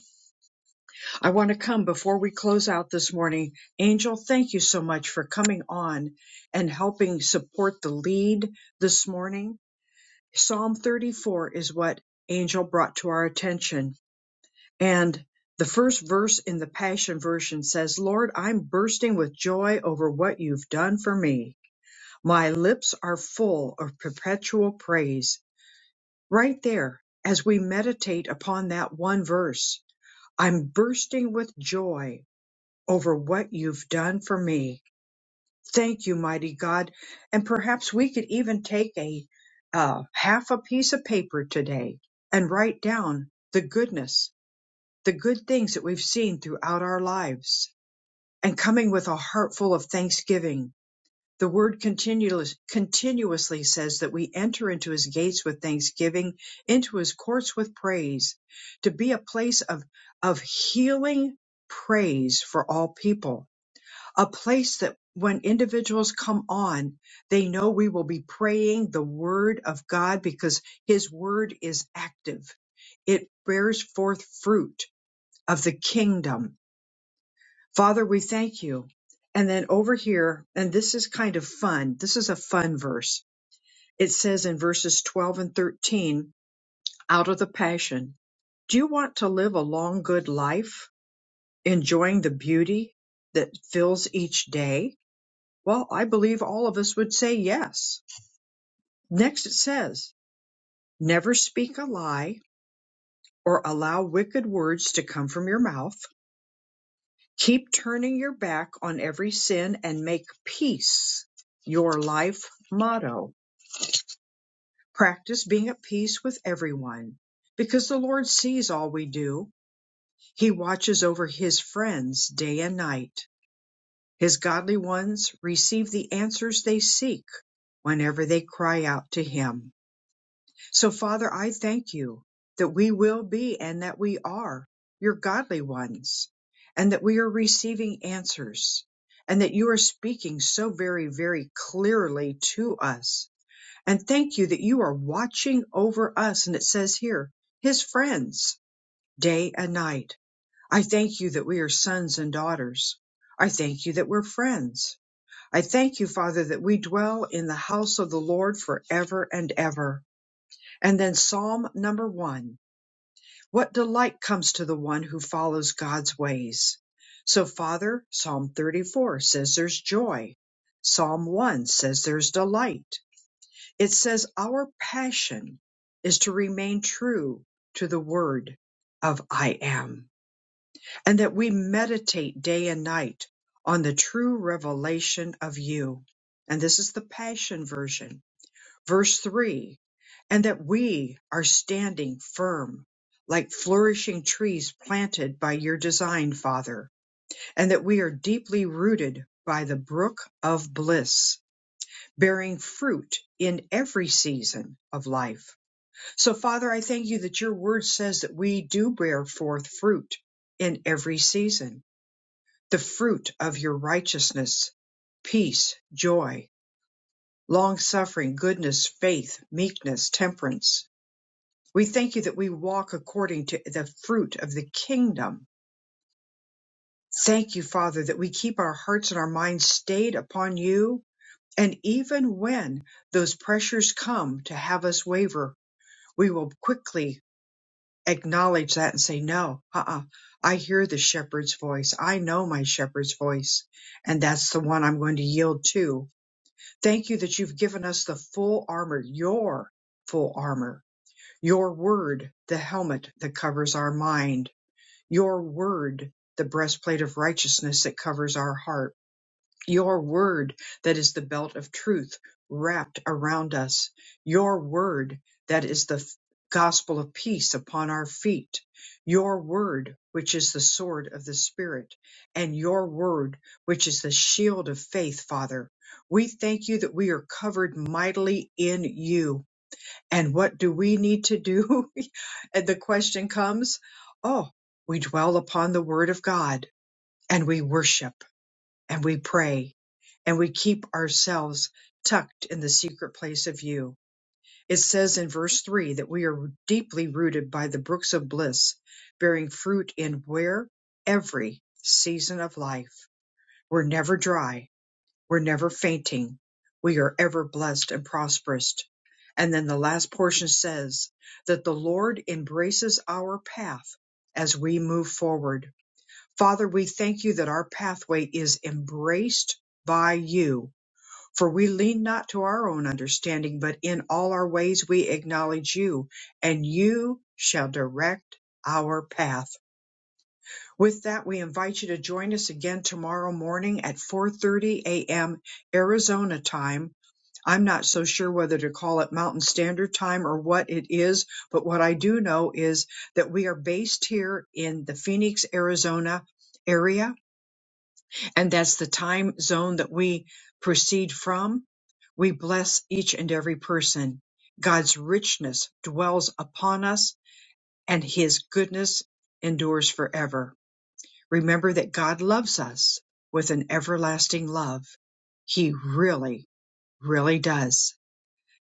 A: I want to come before we close out this morning. Angel, thank you so much for coming on and helping support the lead this morning. Psalm 34 is what Angel brought to our attention. And the first verse in the Passion Version says, Lord, I'm bursting with joy over what you've done for me. My lips are full of perpetual praise. Right there, as we meditate upon that one verse, I'm bursting with joy over what you've done for me. Thank you, mighty God. And perhaps we could even take a uh, half a piece of paper today and write down the goodness, the good things that we've seen throughout our lives and coming with a heart full of thanksgiving. The word continuous, continuously says that we enter into his gates with thanksgiving, into his courts with praise, to be a place of, of healing praise for all people a place that when individuals come on, they know we will be praying the word of God because his word is active. It bears forth fruit of the kingdom. Father, we thank you. And then over here, and this is kind of fun. This is a fun verse. It says in verses 12 and 13 out of the passion, do you want to live a long, good life, enjoying the beauty that fills each day? Well, I believe all of us would say yes. Next it says, never speak a lie or allow wicked words to come from your mouth. Keep turning your back on every sin and make peace your life motto. Practice being at peace with everyone because the Lord sees all we do. He watches over his friends day and night. His godly ones receive the answers they seek whenever they cry out to him. So, Father, I thank you that we will be and that we are your godly ones, and that we are receiving answers, and that you are speaking so very, very clearly to us. And thank you that you are watching over us. And it says here, his friends, day and night. I thank you that we are sons and daughters. I thank you that we're friends. I thank you, Father, that we dwell in the house of the Lord forever and ever. And then Psalm number one. What delight comes to the one who follows God's ways? So, Father, Psalm 34 says there's joy. Psalm 1 says there's delight. It says our passion is to remain true to the word of I am, and that we meditate day and night on the true revelation of you. And this is the passion version Verse 3 and that we are standing firm like flourishing trees planted by your design, Father, and that we are deeply rooted by the brook of bliss, bearing fruit in every season of life. So, Father, I thank you that your word says that we do bear forth fruit in every season, the fruit of your righteousness, peace, joy, long suffering, goodness, faith, meekness, temperance. We thank you that we walk according to the fruit of the kingdom. Thank you, Father, that we keep our hearts and our minds stayed upon you. And even when those pressures come to have us waver, we will quickly acknowledge that and say, No, uh uh I hear the shepherd's voice. I know my shepherd's voice. And that's the one I'm going to yield to. Thank you that you've given us the full armor, your full armor, your word, the helmet that covers our mind Your word, the breastplate of righteousness that covers our heart. Your word that is the belt of truth wrapped around us. Your word that is the f- gospel of peace upon our feet. Your word, which is the sword of the Spirit, and your word, which is the shield of faith, Father. We thank you that we are covered mightily in you and what do we need to do? and the question comes, oh, we dwell upon the word of God and we worship and we pray and we keep ourselves tucked in the secret place of you. It says in verse three that we are deeply rooted by the brooks of bliss, bearing fruit in where every season of life. We're never dry we're never fainting. We are ever blessed and prosperous. And then the last portion says that the Lord embraces our path as we move forward. Father, we thank you that our pathway is embraced by you. For we lean not to our own understanding, but in all our ways we acknowledge you, and you shall direct our path. With that, we invite you to join us again tomorrow morning at 4:30 a.m. Arizona time. I'm not so sure whether to call it Mountain Standard Time or what it is, but what I do know is that we are based here in the Phoenix, Arizona area, and that's the time zone that we proceed from. We bless each and every person. God's richness dwells upon us, and his goodness endures forever. Remember that God loves us with an everlasting love. He really, really does.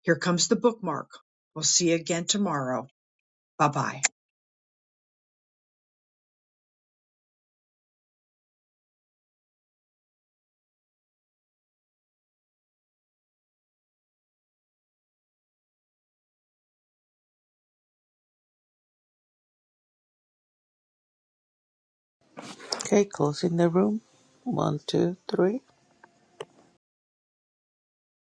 A: Here comes the bookmark. We'll see you again tomorrow. Bye bye.
E: Okay, closing the room. One, two, three.